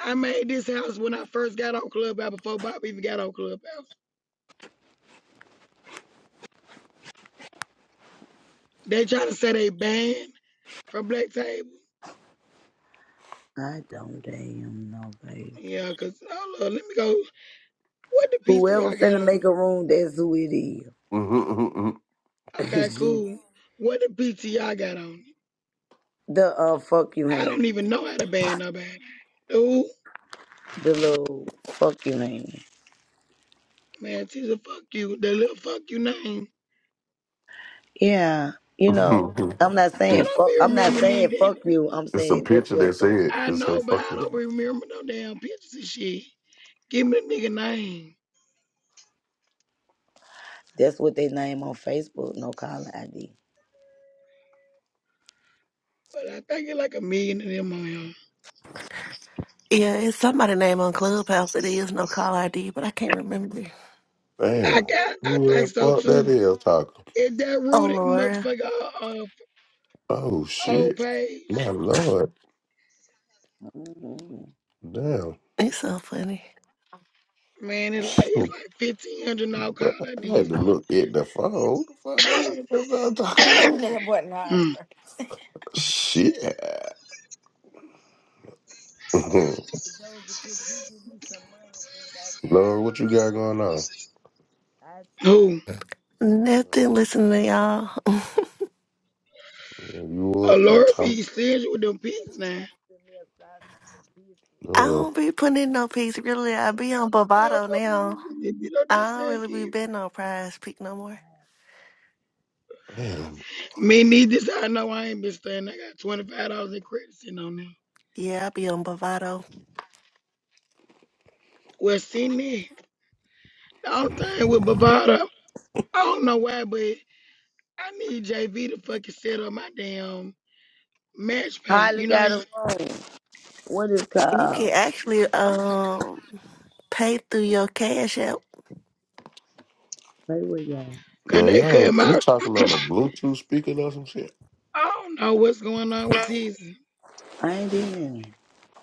S1: I made this house when I first got on Clubhouse before Bob even got on Clubhouse. They trying to say they banned from Black Table.
S4: I don't damn know, baby.
S1: Yeah, cause oh look, let me go. What the
S4: Whoever
S1: PTI got
S4: finna
S1: on?
S4: make a
S1: it?
S4: room, that's who it
S1: Okay,
S4: is.
S1: cool. What the PTI got on? it?
S4: The uh, fuck you
S1: I
S4: hand.
S1: don't even know how to ban nobody. Dude,
S4: The little fuck you hand.
S1: man, she's a fuck you. The little fuck you name.
S4: Yeah, you know, I'm not
S1: I
S4: saying
S1: don't
S4: fuck.
S1: be
S4: I'm not
S1: remembering these
S4: saying
S1: damn
S4: fuck
S1: people.
S4: you. I'm
S9: it's a
S4: saying that's
S9: picture that
S4: what the
S9: said
S1: I
S9: it's a
S1: know, but I
S9: fucking
S1: don't be remembering no damn pictures and shit. Give me the nigga name.
S4: that's what they name on Facebook. No caller ID.
S1: But I think it's like a million of them on here.
S29: Yeah, it's somebody name on Clubhouse. It is no call ID, but I can't remember.
S1: I
S9: Damn.
S1: got, I
S9: Who the
S1: think so
S9: fuck that
S1: too.
S9: is talking?
S1: Is that
S29: Oh,
S1: Rudy
S29: Laura.
S1: motherfucker uh, uh,
S9: Oh
S1: old
S9: shit.
S1: page?
S9: My lord.
S4: Mm-hmm.
S9: Damn.
S29: It's so funny.
S1: Man, it's like it's like fifteen hundred now call IDs.
S9: I had
S1: these.
S9: to look at the phone. Who the fuck that was that was talking?
S27: That boy not
S1: Hmm.
S27: crazy.
S9: Shit.
S4: Doja, could you give me some money since I tried?
S9: Lord, what you got going on?
S4: I tried.
S1: who?
S29: Nothing listening to y'all.
S9: Yeah, You
S1: Uh,
S9: up? You
S1: Laura
S9: talk?
S1: be serious with them
S4: Have
S1: pigs
S4: you
S1: now.
S4: sent me a sausage and biscuit?
S29: I
S4: And-
S9: Oh,
S29: don't be putting in no piece, really. I be on
S1: Y'all
S29: Bovado now.
S1: come you know that
S29: I don't
S1: sad
S29: really be
S1: kid.
S29: betting on prize pick no more.
S9: damn.
S1: Me need this. I know I ain't been staying. I got twenty five dollars in credit sitting on there.
S29: Yeah, I be on Bovado.
S1: Well, see me. The only thing with Bavada, I don't know why, but I need JV to fucking set up my damn match pay.
S4: Hardly
S1: You know, how
S4: got
S1: you,
S4: a room. What is
S29: You can
S4: called?
S29: actually um pay through your cash app.
S4: Play with y'all.
S1: cause
S9: Man,
S1: they
S9: y'all,
S1: cut
S9: you
S1: my.
S9: talking on a Bluetooth speaker or some shit?
S1: I don't know what's going on with this.
S4: I ain't even.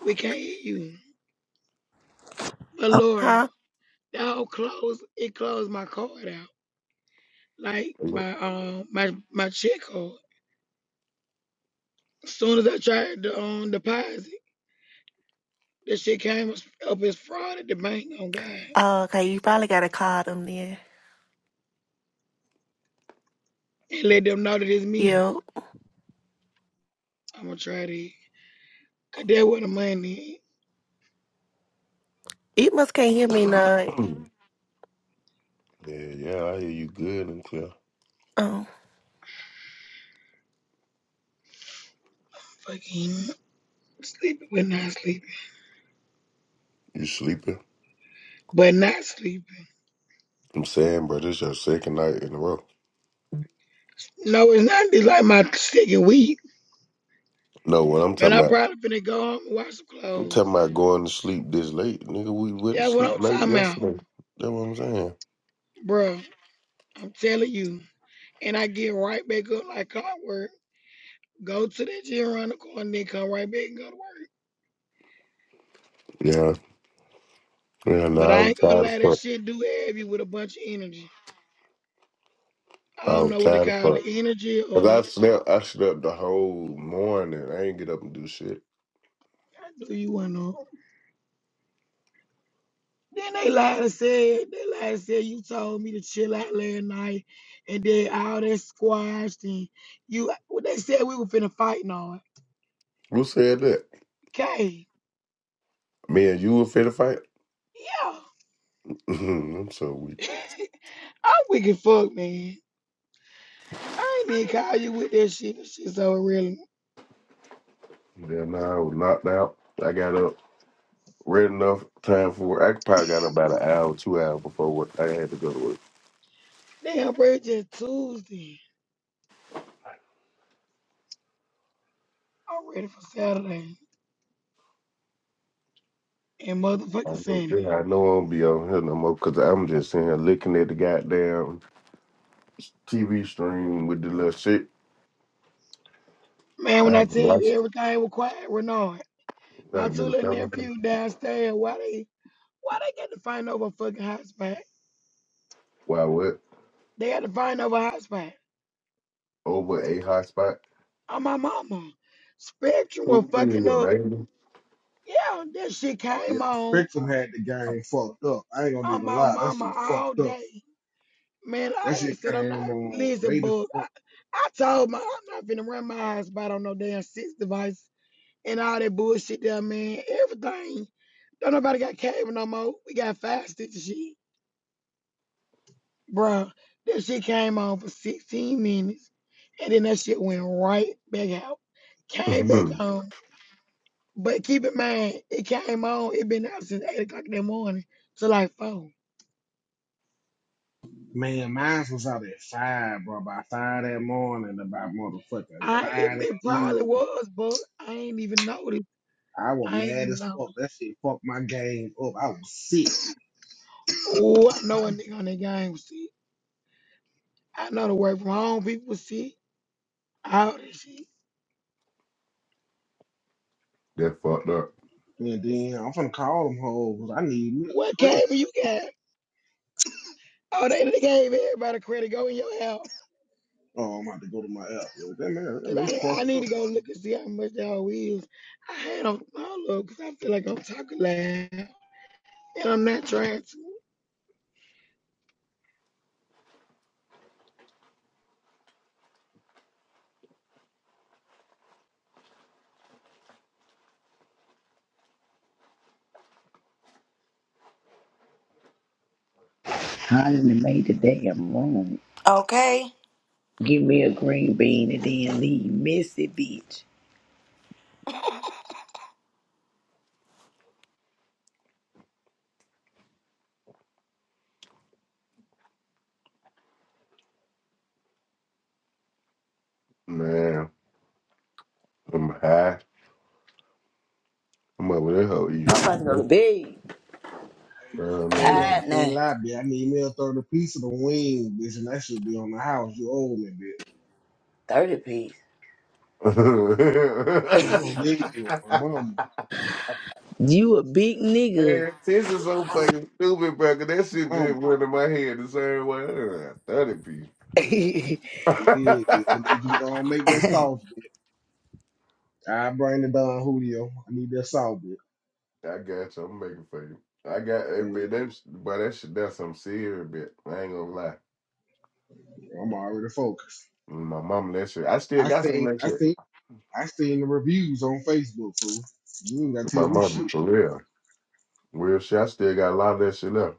S1: We can't hear you, but
S4: I'm
S1: Laura,
S29: Huh?
S1: that whole close it closed my card out, like
S9: Hello?
S1: my um my my check card. As soon as I tried to um deposit, that shit came as- up as fraud at the bank. Oh God,
S29: Oh, okay, you probably gotta call them then.
S1: and let them know that it's me.
S29: Yeah.
S1: I'm gonna try to. Cause that where the money.
S29: You must can't hear
S9: yeah,
S29: me
S1: Chevy
S29: now.
S9: yeah, I hear you good and clear.
S1: fucking sleeping when not sleeping,
S9: You sleeping?
S1: but not sleeping.
S9: I'm saying, bro, this your second night in a row.
S1: No, it's not just like my second week.
S9: No, what I'm
S1: Man,
S9: talking
S1: I'm
S9: about.
S1: probably finna go home and wash some
S9: I'm talking
S1: clothes.
S9: about going to sleep this late, nigga. We went to
S1: That's what
S9: sleep
S1: I'm
S9: late
S1: talking about,
S9: yesterday. That's what I'm saying.
S1: bro. I'm telling you. And I get right back up like clockwork, go to that gym around the corner, then come right back and go to work.
S9: Yeah, yeah. No,
S1: But
S9: I
S1: I
S9: was
S1: ain't gonna
S9: tired of
S1: lie, that
S9: fuck.
S1: shit do have you with a bunch of energy. I
S9: I
S1: don't
S9: was
S1: know what to
S9: tired of
S1: call it,
S9: fuck.
S1: energy
S9: Cause I
S1: or
S9: slept, I slept the whole morning. I ain't get up and do shit.
S1: do you want to? Then they lied and said, they lied and said, you told me to chill out last night and then all that squashed and you, what they said we were finna fight and all.
S9: Who said that?
S1: Okay,
S9: Me and you were fit to fight.
S1: yeah.
S9: I'm so weak.
S1: I'm wicked fuck, man. I ain't even call you with that shit. That shit's over really.
S9: Then I was knocked out. I got up read enough time for work. I probably got about an hour, two hours before work. I had to go to work.
S1: Damn, bro, it's just Tuesday. I'm ready for Saturday and
S9: I
S1: motherfucking
S9: know,
S1: Sunday.
S9: yeah, I know I won't be on here no more because I'm just sitting here looking at the goddamn TV stream with the little shit.
S1: Man,
S9: I
S1: when I
S9: haven't
S1: tell you
S9: watched
S1: everything was quiet, Renard,
S9: that
S1: my
S9: in a
S1: two
S9: little
S1: little
S9: time.
S1: nephew downstairs, why they, why they got to find over a fucking hotspot?
S9: Why what?
S1: They had to find another husband.
S9: Over a hotspot?
S1: Oh, my mama. Spectrum was
S9: Who you mean
S1: fucking
S9: your
S1: up.
S9: neighbor?
S1: Yeah, that shit
S24: Yeah,
S1: came on.
S24: Spectrum had the game fucked up. I ain't gonna
S1: On
S24: even
S1: my
S24: lie, that shit
S1: mama
S24: was
S1: all
S24: fucked up.
S1: day. Man,
S24: That
S1: I ain't
S24: shit
S1: said I'm not
S24: came on
S1: listen,
S24: late as
S1: but
S24: fuck.
S1: I, I told my I'm not finna run my eyes about on no damn six device and all that bullshit there, man. Everything. Don't nobody got cable no more. We got five sticks of shit. Bruh, that shit came on for 16 minutes. And then that shit went right back out. Came back on. But keep in mind, it came on, it been out since 8 o'clock in the morning to like 4.
S24: Man, mine was out at five, bro. By five that morning, about motherfucking
S1: I it,
S24: five that
S1: it probably
S24: evening.
S1: was, but I ain't even noticed.
S24: I was
S1: I ain't
S24: mad
S1: even
S24: as
S1: know.
S24: fuck. That shit fucked my game up. I was sick.
S1: Oh, I know a nigga on that game was sick. I know the work from home people was sick. All this shit.
S9: that fucked up.
S24: And then I'm finna call them hoes. I need me
S1: What
S24: a
S1: came
S24: credit.
S1: you got? Oh, they, they gave everybody credit. Go in your house.
S24: Oh, I'm about to go to my app. Yeah, that man, that
S1: Cause
S24: man
S1: I, I
S24: fucked
S1: need
S24: up.
S1: to go look and see how much y'all is. I had on my look because I feel like I'm talking loud. And I'm not trying to.
S4: trying to make the damn room.
S27: Okay.
S4: Give me a green bean and then leave. Messy bitch.
S9: Man, I'm high. I'm over there hoe eating
S4: I'm
S9: some
S4: about to go to
S9: food.
S4: bed.
S9: Girl, I'm
S24: I ain't
S9: over
S24: gonna
S4: Tired
S24: ain't
S4: now.
S24: lie, bitch. I need me a third piece of the wing, bitch, and that should be on the house. You owe me, bitch.
S4: 30
S9: there.
S24: Mm,
S4: piece.
S24: Yeah, my mama,
S4: you a big
S9: Man, this is so fucking stupid, bro. 'cause that
S24: my
S9: shit
S24: mama.
S9: just went in my head the same way. Uh, Thirty
S4: nigga.
S24: Yeah, bitch. I need you to
S9: piece.
S24: go and make that sauce, bitch. I bring the Don Julio. I need that sauce, bitch.
S9: I got you. I'm making for you. I got
S24: Say,
S9: it, but
S24: look,
S9: that's but that shit that's some serious bit. I ain't gonna lie.
S24: I'm already focused.
S9: My mama that shit. I still
S24: I
S9: got some
S24: seen,
S9: of that
S24: I
S9: shit.
S24: seen I seen the reviews on Facebook, fool. You ain't gotta tell
S9: My
S24: me shit.
S9: mama for real. Real shit. I still got a lot of that shit left.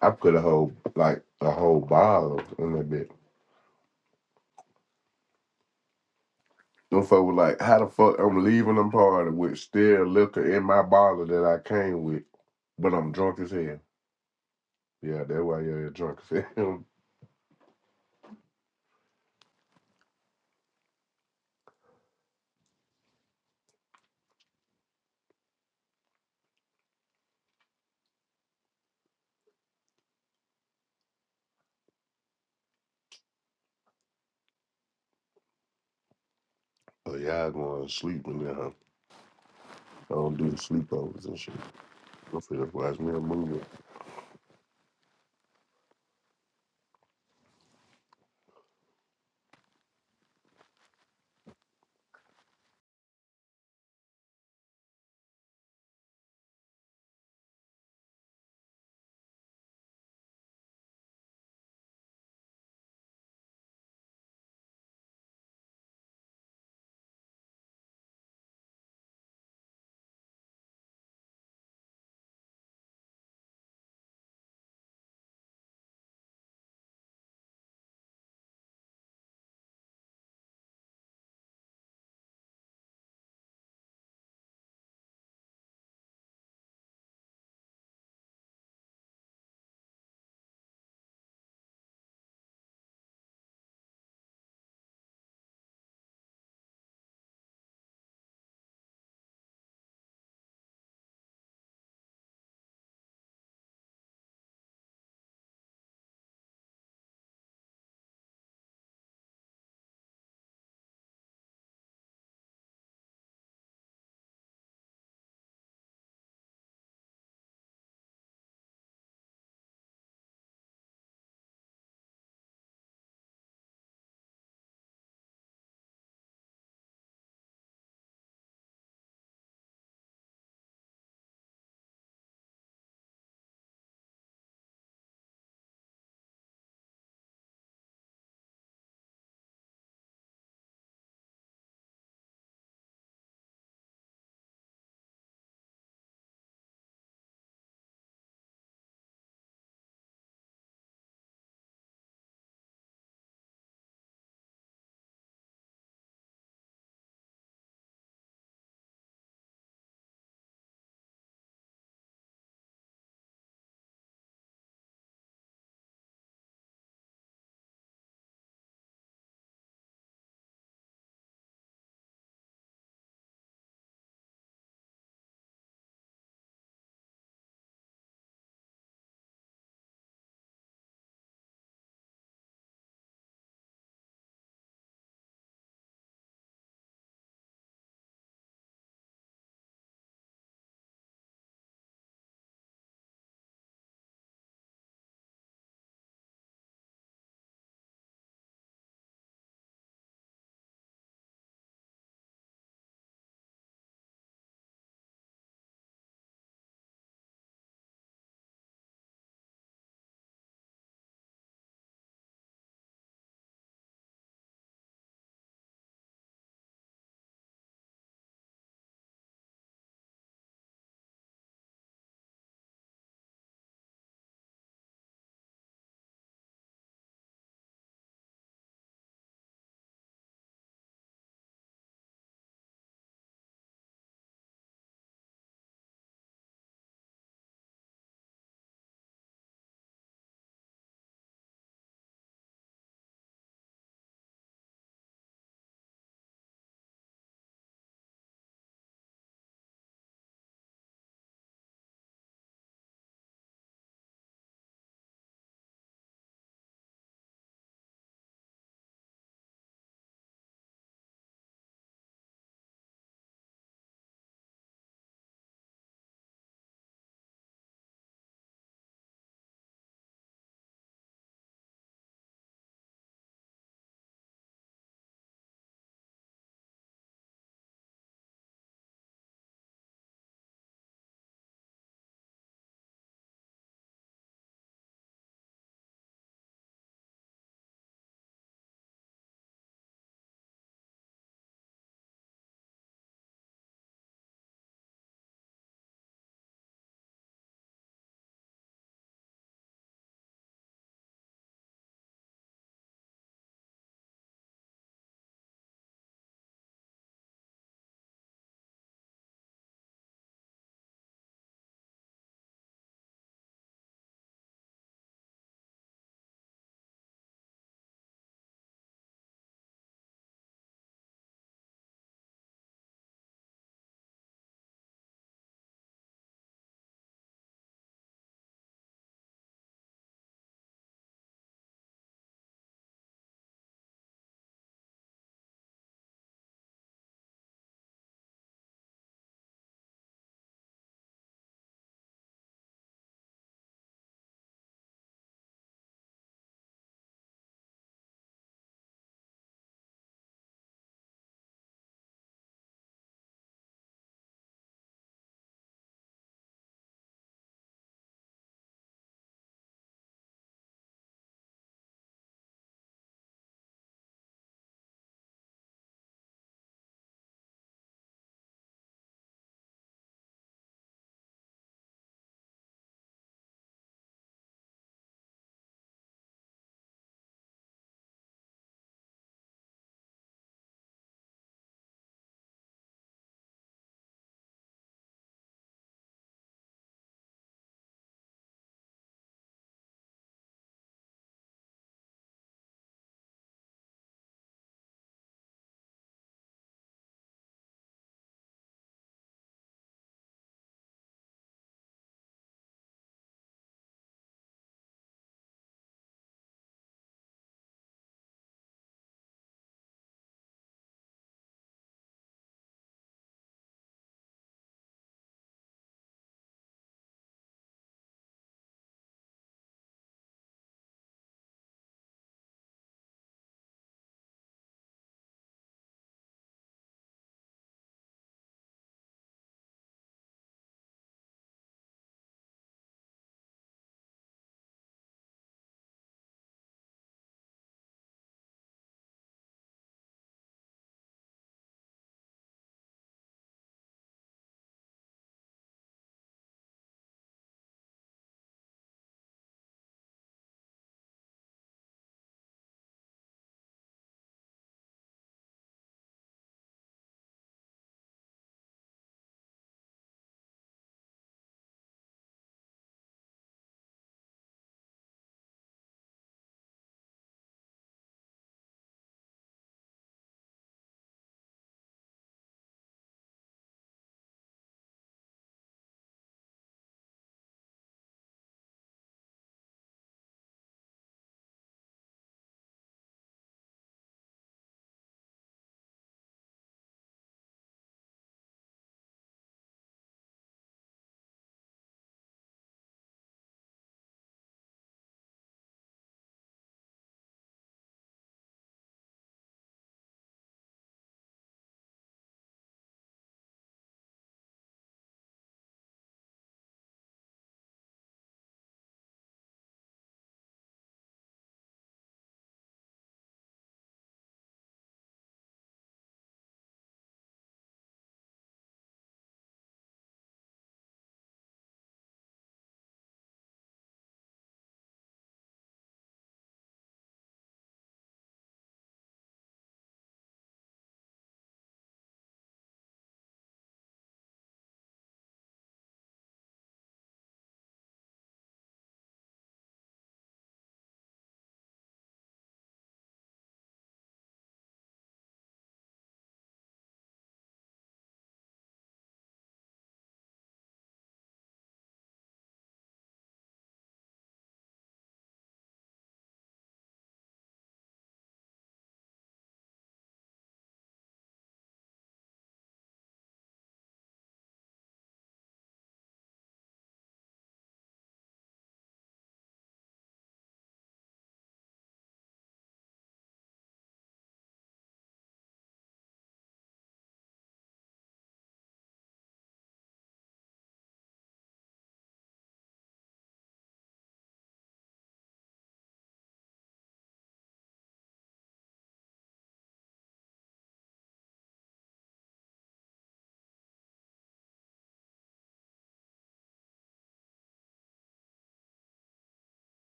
S9: I put a whole like a whole bottle in that bit. Them folk was like, how the fuck I'm leaving them party with still liquor in my bottle that I came with, but I'm drunk as hell. Yeah, that's why you're drunk as hell. Oh, y'all going to sleep in there, huh? I don't do sleepovers and shit. I'm finna watch me a movie.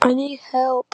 S30: I need help.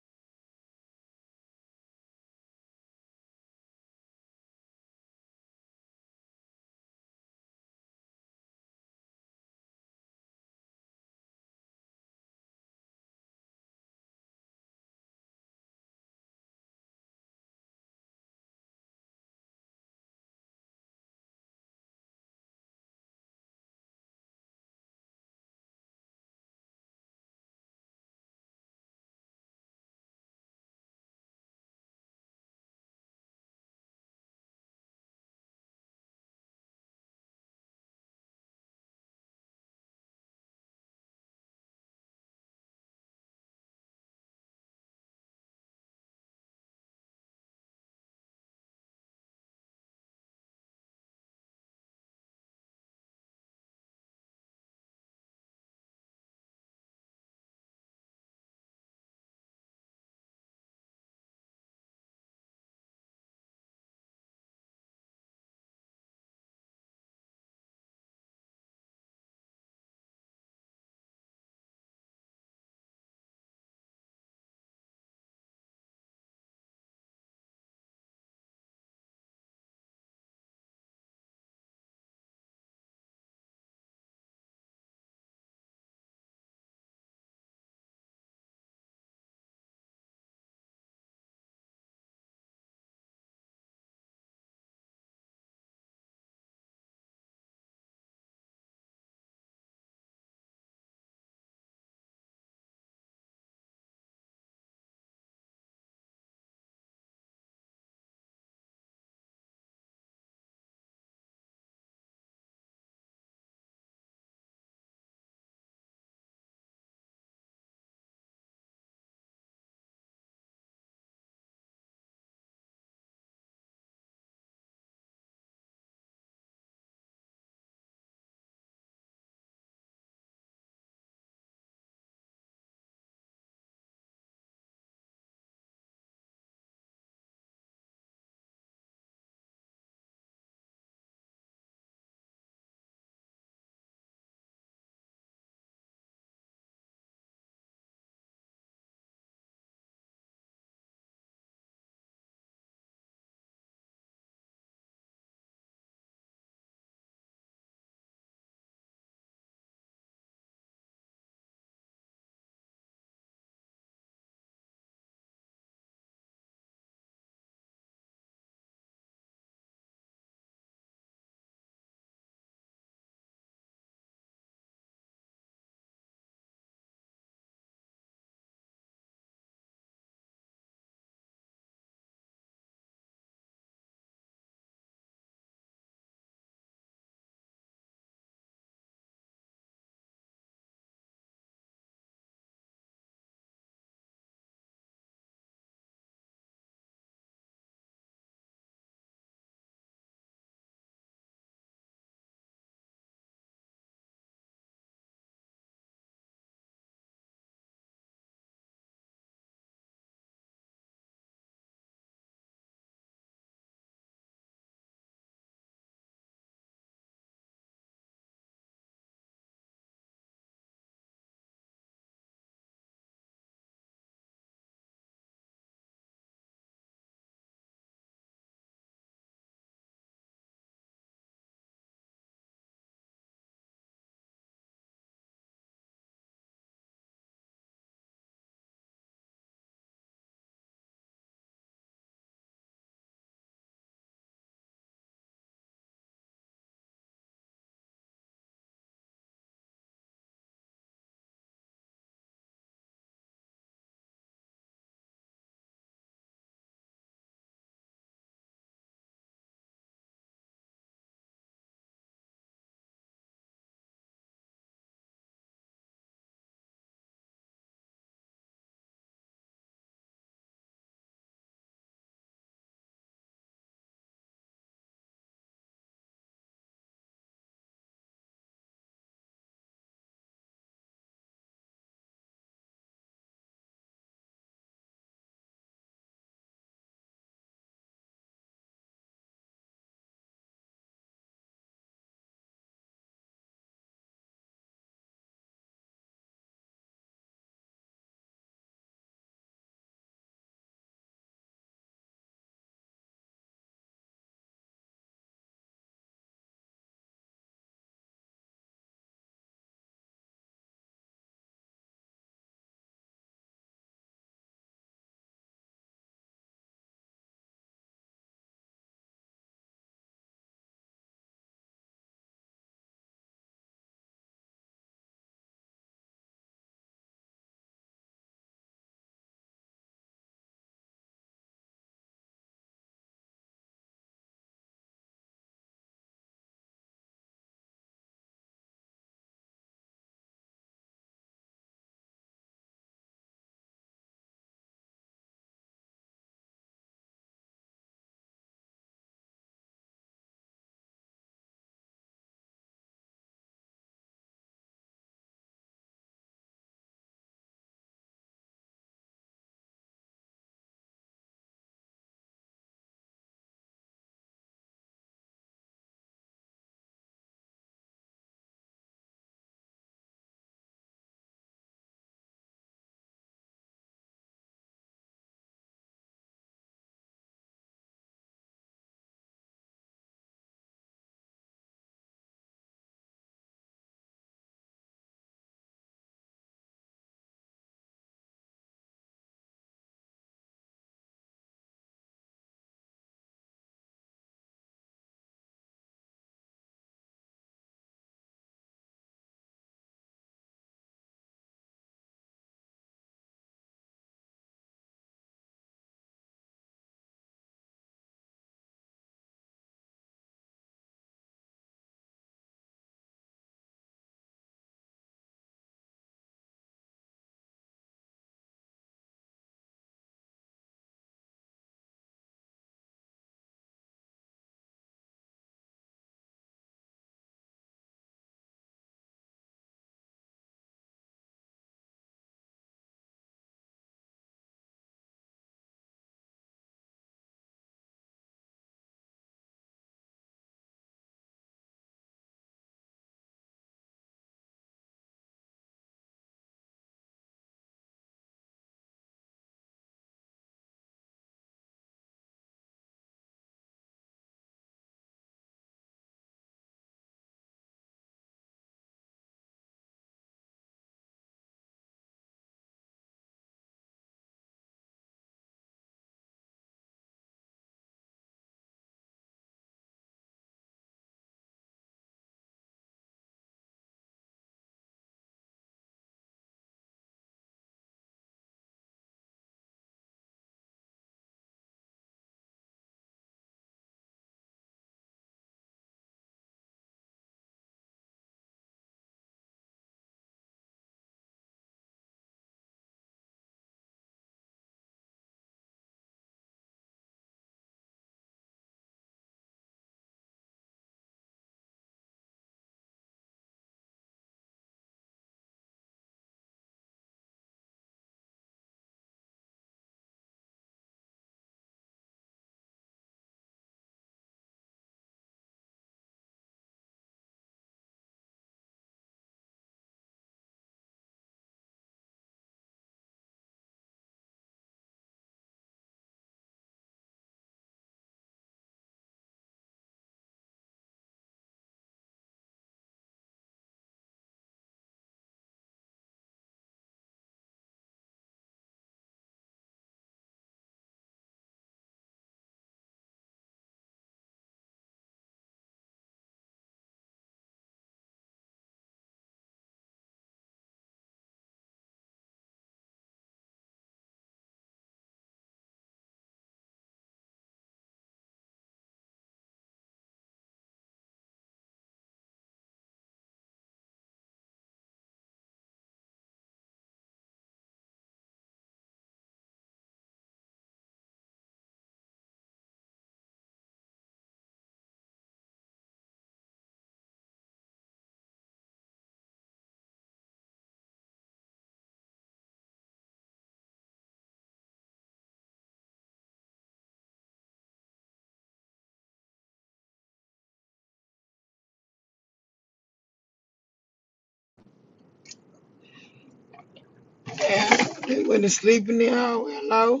S1: Yeah, I went to sleep in the hallway. Hello.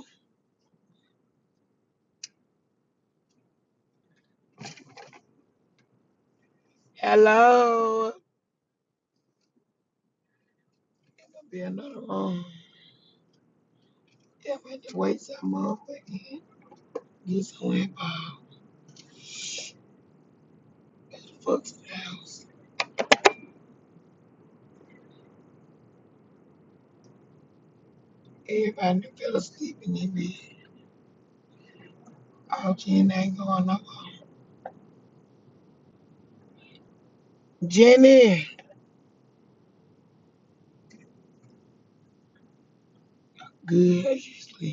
S1: Hello. There'll be another room. Yeah, we had to wait some motherfucking get someone involved. Fuck's the house. Everybody done fell asleep in their bed. All Jen ain't going nowhere. Jenny. Good. How you sleep?